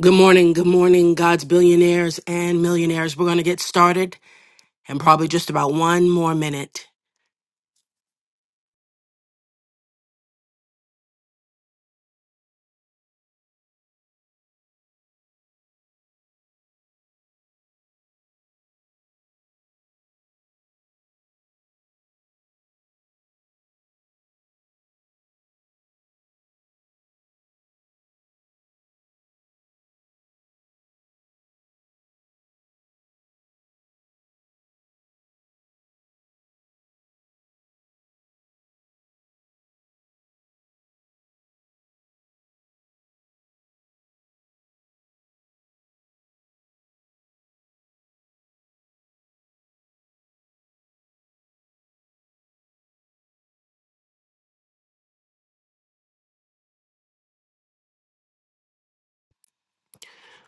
Good morning, good morning, God's billionaires and millionaires. We're going to get started in probably just about one more minute.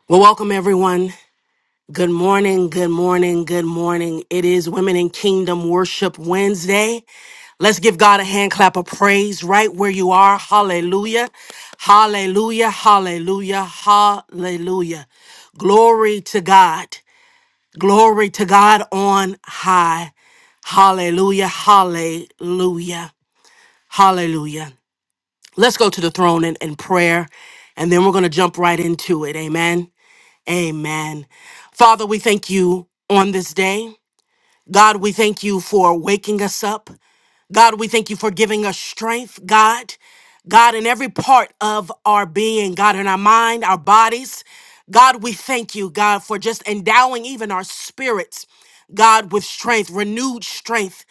Well, welcome everyone. Good morning, good morning, good morning. It is Women in Kingdom Worship Wednesday. Let's give God a hand clap of praise right where you are. Hallelujah, hallelujah, hallelujah, hallelujah. Glory to God, glory to God on high. Hallelujah, hallelujah. Hallelujah. Let's go to the throne in, in prayer, and then we're going to jump right into it. Amen. Amen. Father, we thank you on this day. God, we thank you for waking us up. God, we thank you for giving us strength, God. God, in every part of our being, God, in our mind, our bodies. God, we thank you, God, for just endowing even our spirits, God, with strength, renewed strength.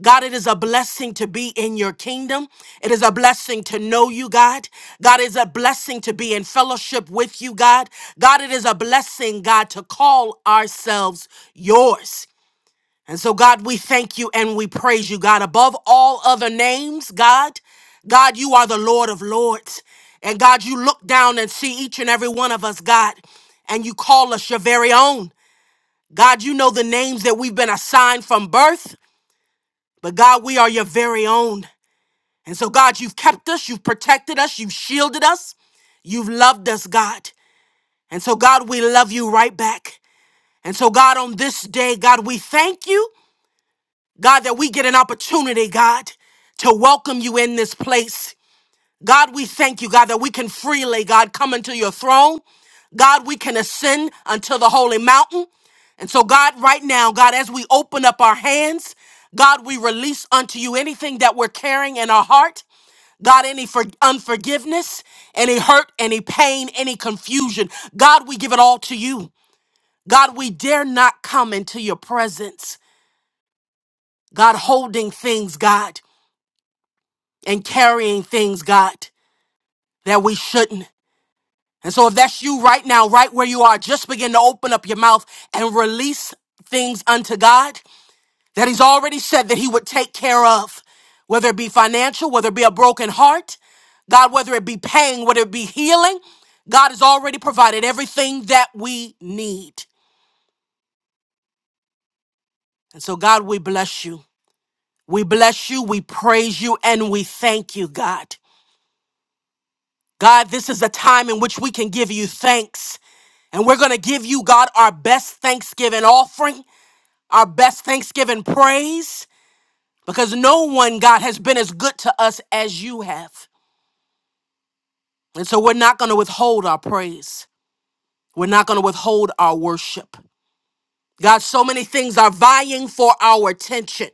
God, it is a blessing to be in your kingdom. It is a blessing to know you, God. God, it is a blessing to be in fellowship with you, God. God, it is a blessing, God, to call ourselves yours. And so, God, we thank you and we praise you, God. Above all other names, God, God, you are the Lord of Lords. And God, you look down and see each and every one of us, God, and you call us your very own. God, you know the names that we've been assigned from birth, but God, we are your very own. And so, God, you've kept us, you've protected us, you've shielded us, you've loved us, God. And so, God, we love you right back. And so, God, on this day, God, we thank you. God, that we get an opportunity, God, to welcome you in this place. God, we thank you, God, that we can freely, God, come into your throne. God, we can ascend unto the holy mountain. And so, God, right now, God, as we open up our hands, God, we release unto you anything that we're carrying in our heart. God, any for- unforgiveness, any hurt, any pain, any confusion. God, we give it all to you. God, we dare not come into your presence. God, holding things, God. and carrying things, God, that we shouldn't. And so if that's you right now, right where you are, just begin to open up your mouth and release things unto God that He's already said that He would take care of, whether it be financial, whether it be a broken heart, God, whether it be pain, whether it be healing, God has already provided everything that we need. And so, God, we bless you. We bless you, we praise you, and we thank you, God. God, this is a time in which we can give you thanks. And we're going to give you, God, our best Thanksgiving offering, our best Thanksgiving praise, because no one, God, has been as good to us as you have. And so we're not going to withhold our praise. We're not going to withhold our worship. God, so many things are vying for our attention,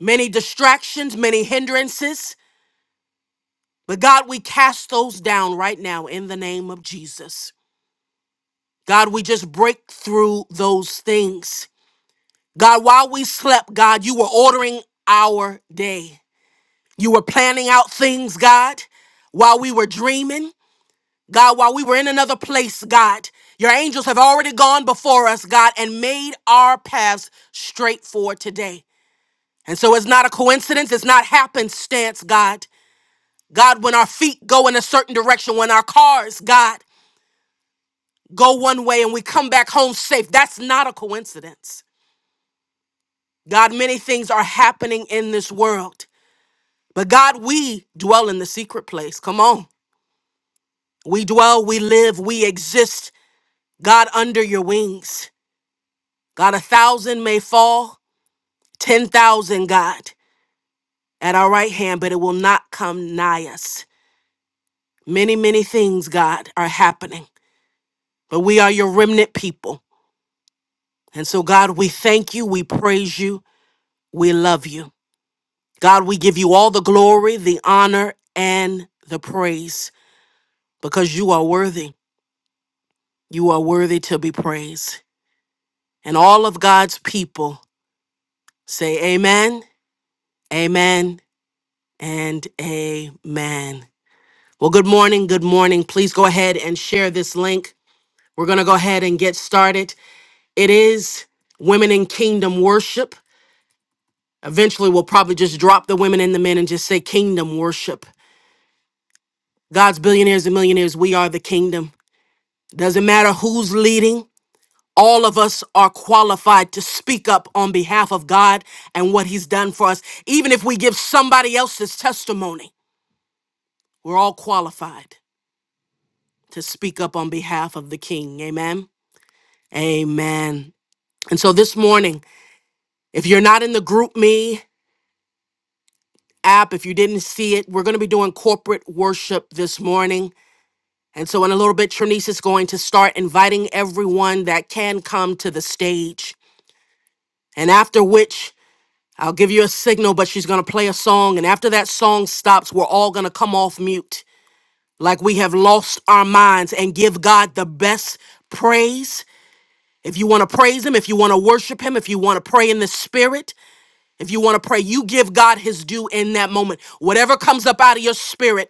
many distractions, many hindrances. But God, we cast those down right now in the name of Jesus. God, we just break through those things. God, while we slept, God, you were ordering our day. You were planning out things, God, while we were dreaming. God, while we were in another place, God, your angels have already gone before us, God, and made our paths straight for today. And so it's not a coincidence, it's not happenstance, God. God, when our feet go in a certain direction, when our cars, God, go one way and we come back home safe, that's not a coincidence. God, many things are happening in this world. But God, we dwell in the secret place. Come on. We dwell, we live, we exist. God, under your wings. God, a thousand may fall, 10,000, God, at our right hand, but it will not come nigh us. Many, many things, God, are happening. But we are your remnant people. And so, God, we thank you, we praise you, we love you. God, we give you all the glory, the honor, and the praise because you are worthy. You are worthy to be praised. And all of God's people say amen, amen, and amen. Well, good morning, good morning. Please go ahead and share this link. We're going to go ahead and get started. It is Women in Kingdom Worship. Eventually, we'll probably just drop the women and the men and just say Kingdom Worship. God's billionaires and millionaires, we are the kingdom. Doesn't matter who's leading, all of us are qualified to speak up on behalf of God and what He's done for us. Even if we give somebody else's testimony, we're all qualified to speak up on behalf of the King. Amen. Amen. And so this morning, if you're not in the Group Me app, if you didn't see it, we're going to be doing corporate worship this morning. And so in a little bit, Trinice is going to start inviting everyone that can come to the stage. And after which, I'll give you a signal, but she's going to play a song. And after that song stops, we're all going to come off mute like we have lost our minds and give God the best praise. If you want to praise Him, if you want to worship Him, if you want to pray in the Spirit, if you want to pray, you give God His due in that moment. Whatever comes up out of your spirit,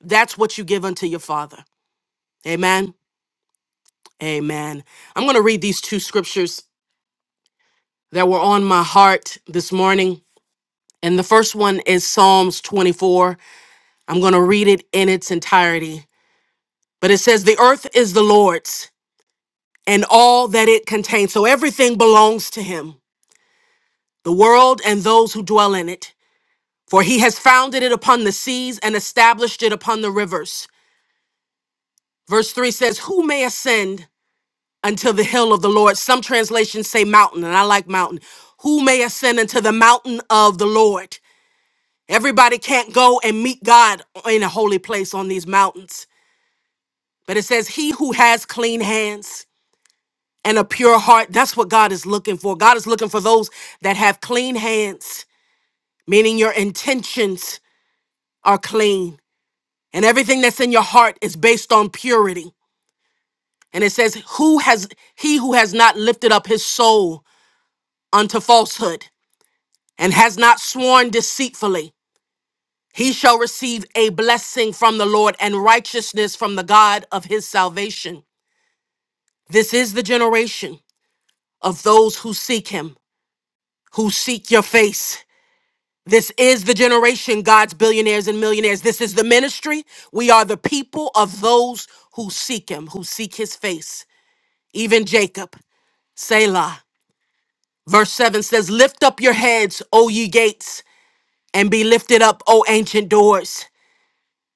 that's what you give unto your Father. Amen. Amen. I'm going to read these two scriptures that were on my heart this morning. And the first one is Psalms 24. I'm going to read it in its entirety. But it says, The earth is the Lord's and all that it contains. So everything belongs to him, the world and those who dwell in it. For he has founded it upon the seas and established it upon the rivers. Verse 3 says, Who may ascend unto the hill of the Lord? Some translations say mountain, and I like mountain. Who may ascend unto the mountain of the Lord? Everybody can't go and meet God in a holy place on these mountains. But it says, He who has clean hands and a pure heart. That's what God is looking for. God is looking for those that have clean hands, meaning your intentions are clean and everything that's in your heart is based on purity. And it says, Who has he who has not lifted up his soul unto falsehood and has not sworn deceitfully, he shall receive a blessing from the Lord and righteousness from the God of his salvation. This is the generation of those who seek him, who seek your face. This is the generation, God's billionaires and millionaires. This is the ministry. We are the people of those who seek Him, who seek His face, even Jacob. Selah. Verse 7 says, Lift up your heads, O ye gates, and be lifted up, O ancient doors,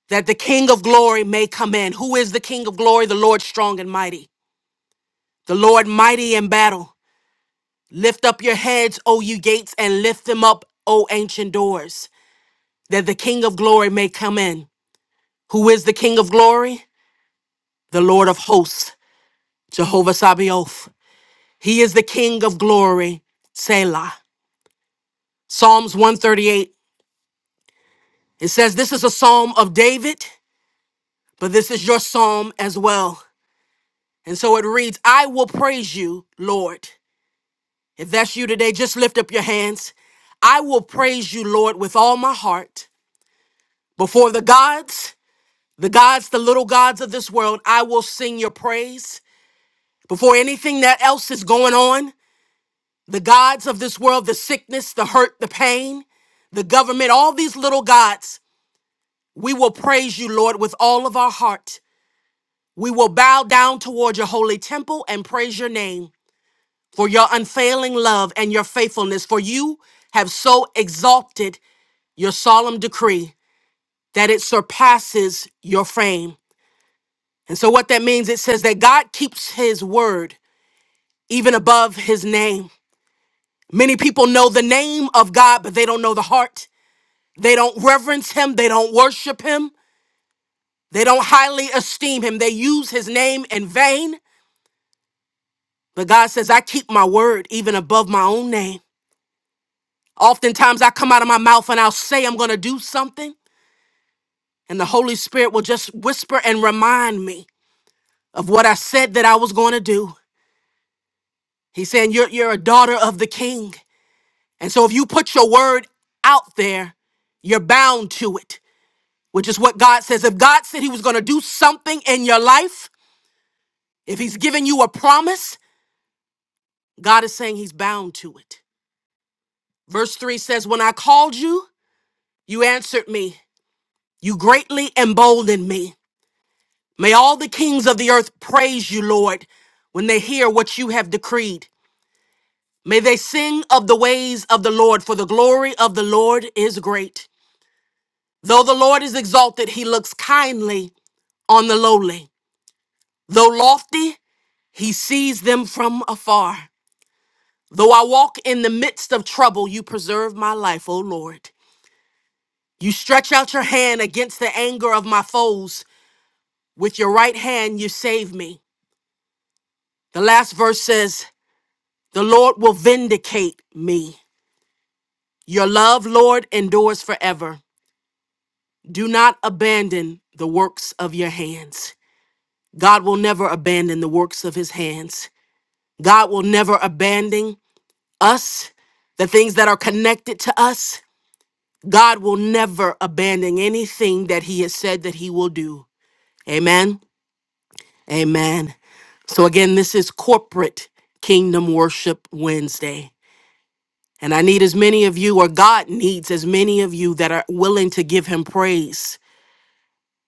that the King of glory may come in. Who is the King of glory? The Lord strong and mighty, the Lord mighty in battle. Lift up your heads, O you gates, and lift them up, O ancient doors, that the King of glory may come in. Who is the King of glory? The Lord of hosts, Jehovah Sabaoth. He is the King of glory, Selah. Psalms 138. It says, This is a psalm of David, but this is your psalm as well. And so it reads, I will praise you, Lord. If that's you today, just lift up your hands. I will praise you, Lord, with all my heart. Before the gods, the gods, the little gods of this world, I will sing your praise. Before anything that else is going on, The gods of this world, the sickness, the hurt, the pain, the government, all these little gods, we will praise you, Lord, with all of our heart. We will bow down toward your holy temple and praise your name for your unfailing love and your faithfulness, for you have so exalted your solemn decree that it surpasses your fame. And so, what that means, it says that God keeps his word even above his name. Many people know the name of God, but they don't know the heart. They don't reverence him. They don't worship him. They don't highly esteem him. They use his name in vain. But God says, I keep my word even above my own name. Oftentimes I come out of my mouth and I'll say I'm going to do something, and the Holy Spirit will just whisper and remind me of what I said that I was going to do. He's saying, you're, you're a daughter of the king. And so if you put your word out there, you're bound to it, which is what God says. If God said He was going to do something in your life, If he's given you a promise, God is saying he's bound to it. Verse 3 says, When I called you, you answered me. You greatly emboldened me. May all the kings of the earth praise you, Lord, when they hear what you have decreed. May they sing of the ways of the Lord, for the glory of the Lord is great. Though the Lord is exalted, he looks kindly on the lowly. Though lofty, he sees them from afar. Though I walk in the midst of trouble, you preserve my life, O Lord. You stretch out your hand against the anger of my foes. With your right hand, you save me. The last verse says, The Lord will vindicate me. Your love, Lord, endures forever. Do not abandon the works of your hands. God will never abandon the works of his hands. God will never abandon us, the things that are connected to us. God will never abandon anything that he has said that he will do. Amen. Amen. So, again, this is corporate Kingdom Worship Wednesday. And I need as many of you, or God needs as many of you that are willing to give Him praise,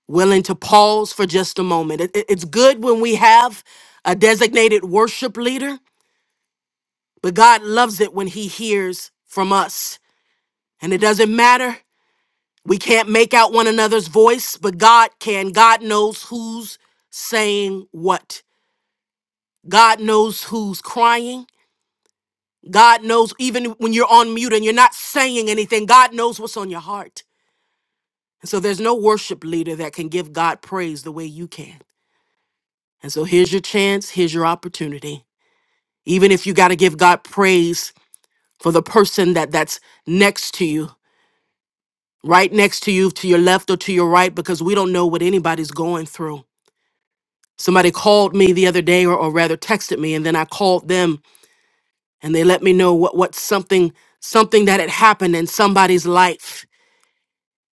willing to pause for just a moment. It- it- it's good when we have a designated worship leader, but God loves it when He hears from us. And it doesn't matter. We can't make out one another's voice, but God can. God knows who's saying what. God knows who's crying. God knows even when you're on mute and you're not saying anything, God knows what's on your heart. And so there's no worship leader that can give God praise the way you can. And so here's your chance, here's your opportunity. Even if you got to give God praise for the person that that's next to you, right next to you, to your left or to your right, because we don't know what anybody's going through. Somebody called me the other day, or, or rather texted me, and then I called them and they let me know what, what something something that had happened in somebody's life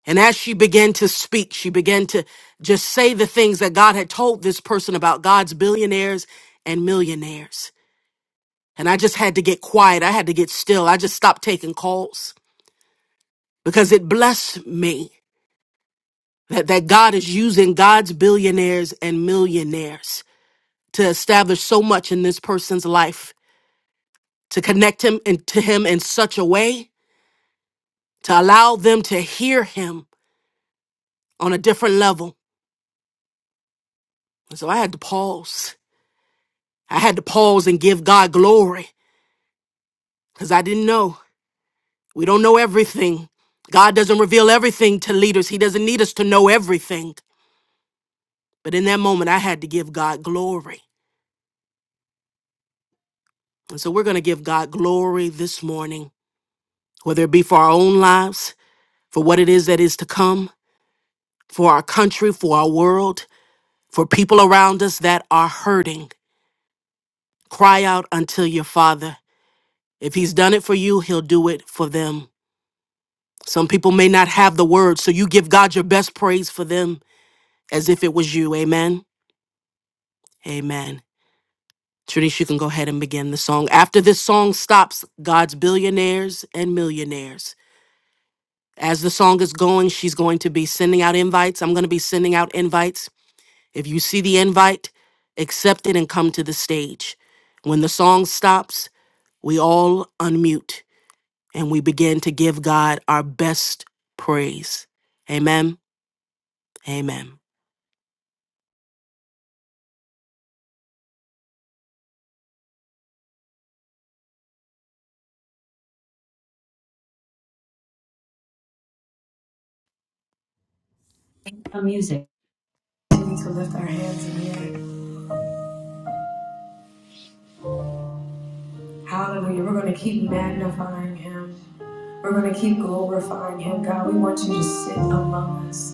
And as she began to speak, she began to just say the things that God had told this person about God's billionaires and millionaires. And I just had to get quiet. I had to get still. I just stopped taking calls because it blessed me that, that God is using God's billionaires and millionaires to establish so much in this person's life, to connect him and to him in such a way to allow them to hear him on a different level. And so I had to pause. I had to pause and give God glory because I didn't know. We don't know everything. God doesn't reveal everything to leaders, He doesn't need us to know everything. But in that moment, I had to give God glory. And so we're going to give God glory this morning, whether it be for our own lives, for what it is that is to come, for our country, for our world, for people around us that are hurting. Cry out until your Father. If He's done it for you, He'll do it for them. Some people may not have the words, so you give God your best praise for them as if it was you. Amen. Amen. Trinice, you can go ahead and begin the song. After this song stops, God's billionaires and millionaires. As the song is going, she's going to be sending out invites. I'm going to be sending out invites. If you see the invite, accept it and come to the stage. When the song stops, we all unmute and we begin to give God our best praise. Amen. Amen. The music. We need to lift our hands in the air. Hallelujah. We're going to keep magnifying him. We're going to keep glorifying Him, God. We want you to sit among us,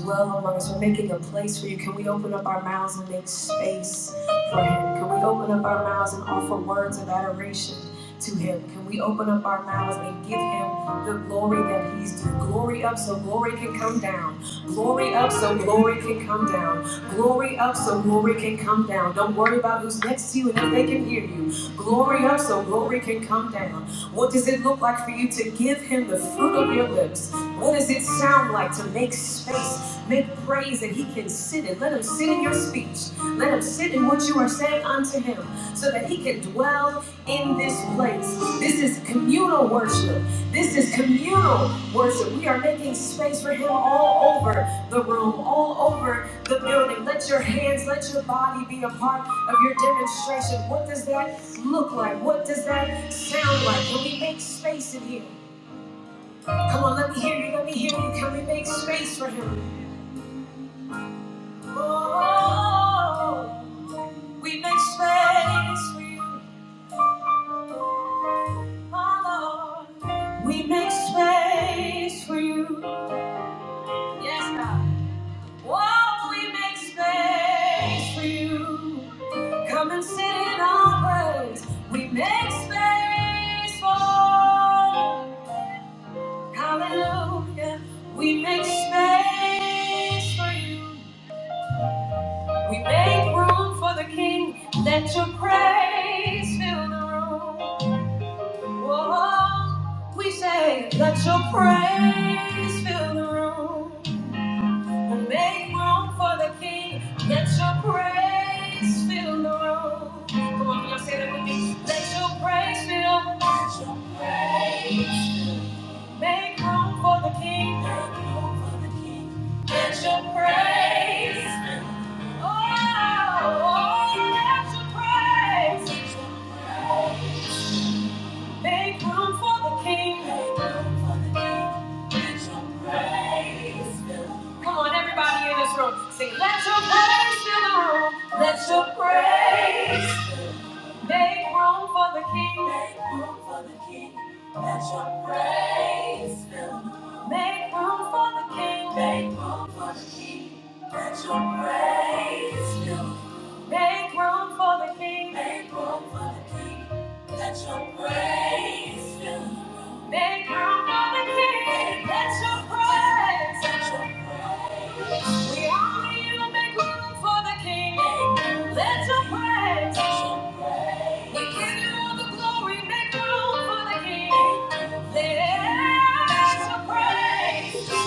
dwell among us. We're making a place for you. Can we open up our mouths and make space for Him? Can we open up our mouths and offer words of adoration to Him? Can we open up our mouths and give Him the glory that He's due? Glory up so glory can come down. Glory up so glory can come down. Glory up so glory can come down. Don't worry about who's next to you and if they can hear you. Glory up so glory can come down. What does it look like for you to give Him the fruit of your lips? What does it sound like to make space, make praise, that He can sit in? Let Him sit in your speech. Let Him sit in what you are saying unto Him so that He can dwell in this place. This is communal worship. This is communal worship. We are making space for Him all over the room, all over the building. Let your hands, let your body be a part of your demonstration. What does that look like? What does that sound like? Can we make space in here? Come on, let me hear you, let me hear you. Can we make space for him? Oh, we make space for you, my Lord. We make space for you. Yes, God. Won't we make space for you? Come and sit in our praise. We make space for you. Hallelujah. We make space for you. We make room for the King. Let your praise fill the room. Whoa. We say, let your praise fill the room. Make room for the King. Let your praise fill the room. Come on, y'all say that with me? Let your praise fill. Praise. Make room for the King. Let your praise. Oh, oh, let your praise. Make room for the King. Make room for the King. Let your praise fill. Come on, everybody in this room, sing. Let your praise fill the room. Let your praise. Make room for the King. Make room for the King. Let your praise fill the room. Make room for the King. Make room for the King. Let your praise fill the room. Make room for the King. Make room for the King. Let your praise fill the room. Make room for the King. Let your praise. Let your praise. We honor you and make room for the King. Let your praise. We give you all the glory. Make room for the King. Let your praise.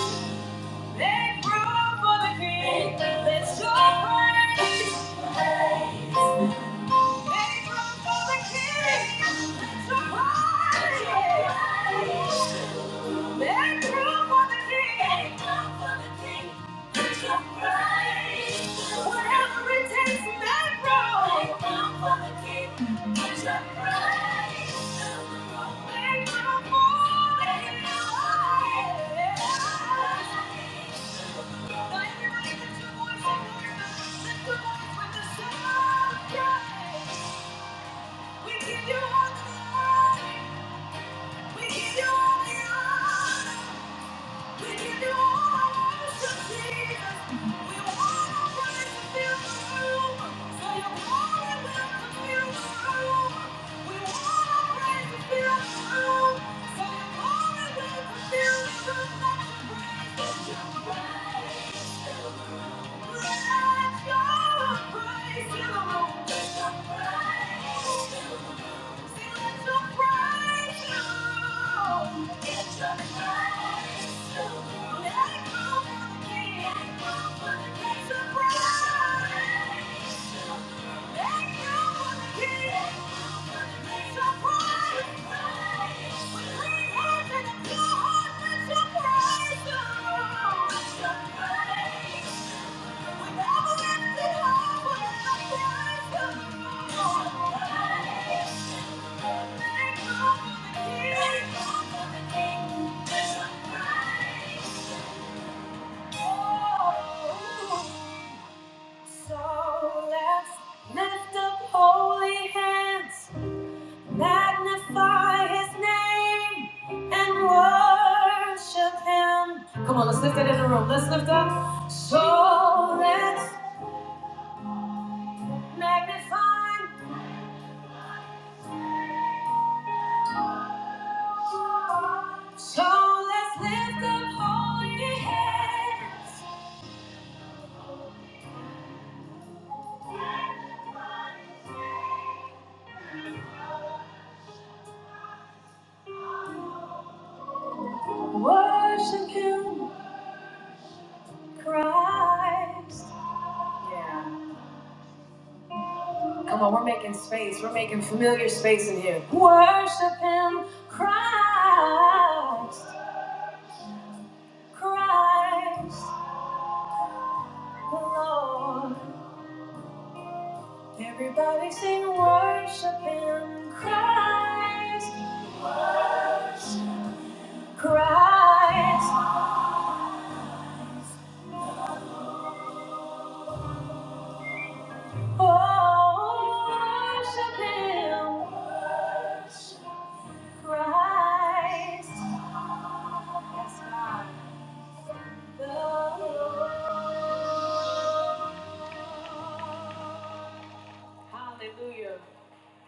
Make room for the King. Let your praise. For the King. Your praise. Make room for the King. Whatever it takes, make room. We give you all the glory. We give you all the honor. Praise the Lord. let the praise. Surprise! So let's lift up holy hands, magnify his name, and worship him. Come on, let's lift it in the room. Let's lift up. So let's magnify. So let's lift up holy hands, worship Him, Christ. Yeah. Come on, we're making space. We're making familiar space in here. Worship Him, Christ, Christ, Lord. Everybody sing, worship Him, Christ, Christ. Worship Him, Christ. Yes, God. The Lord. Hallelujah.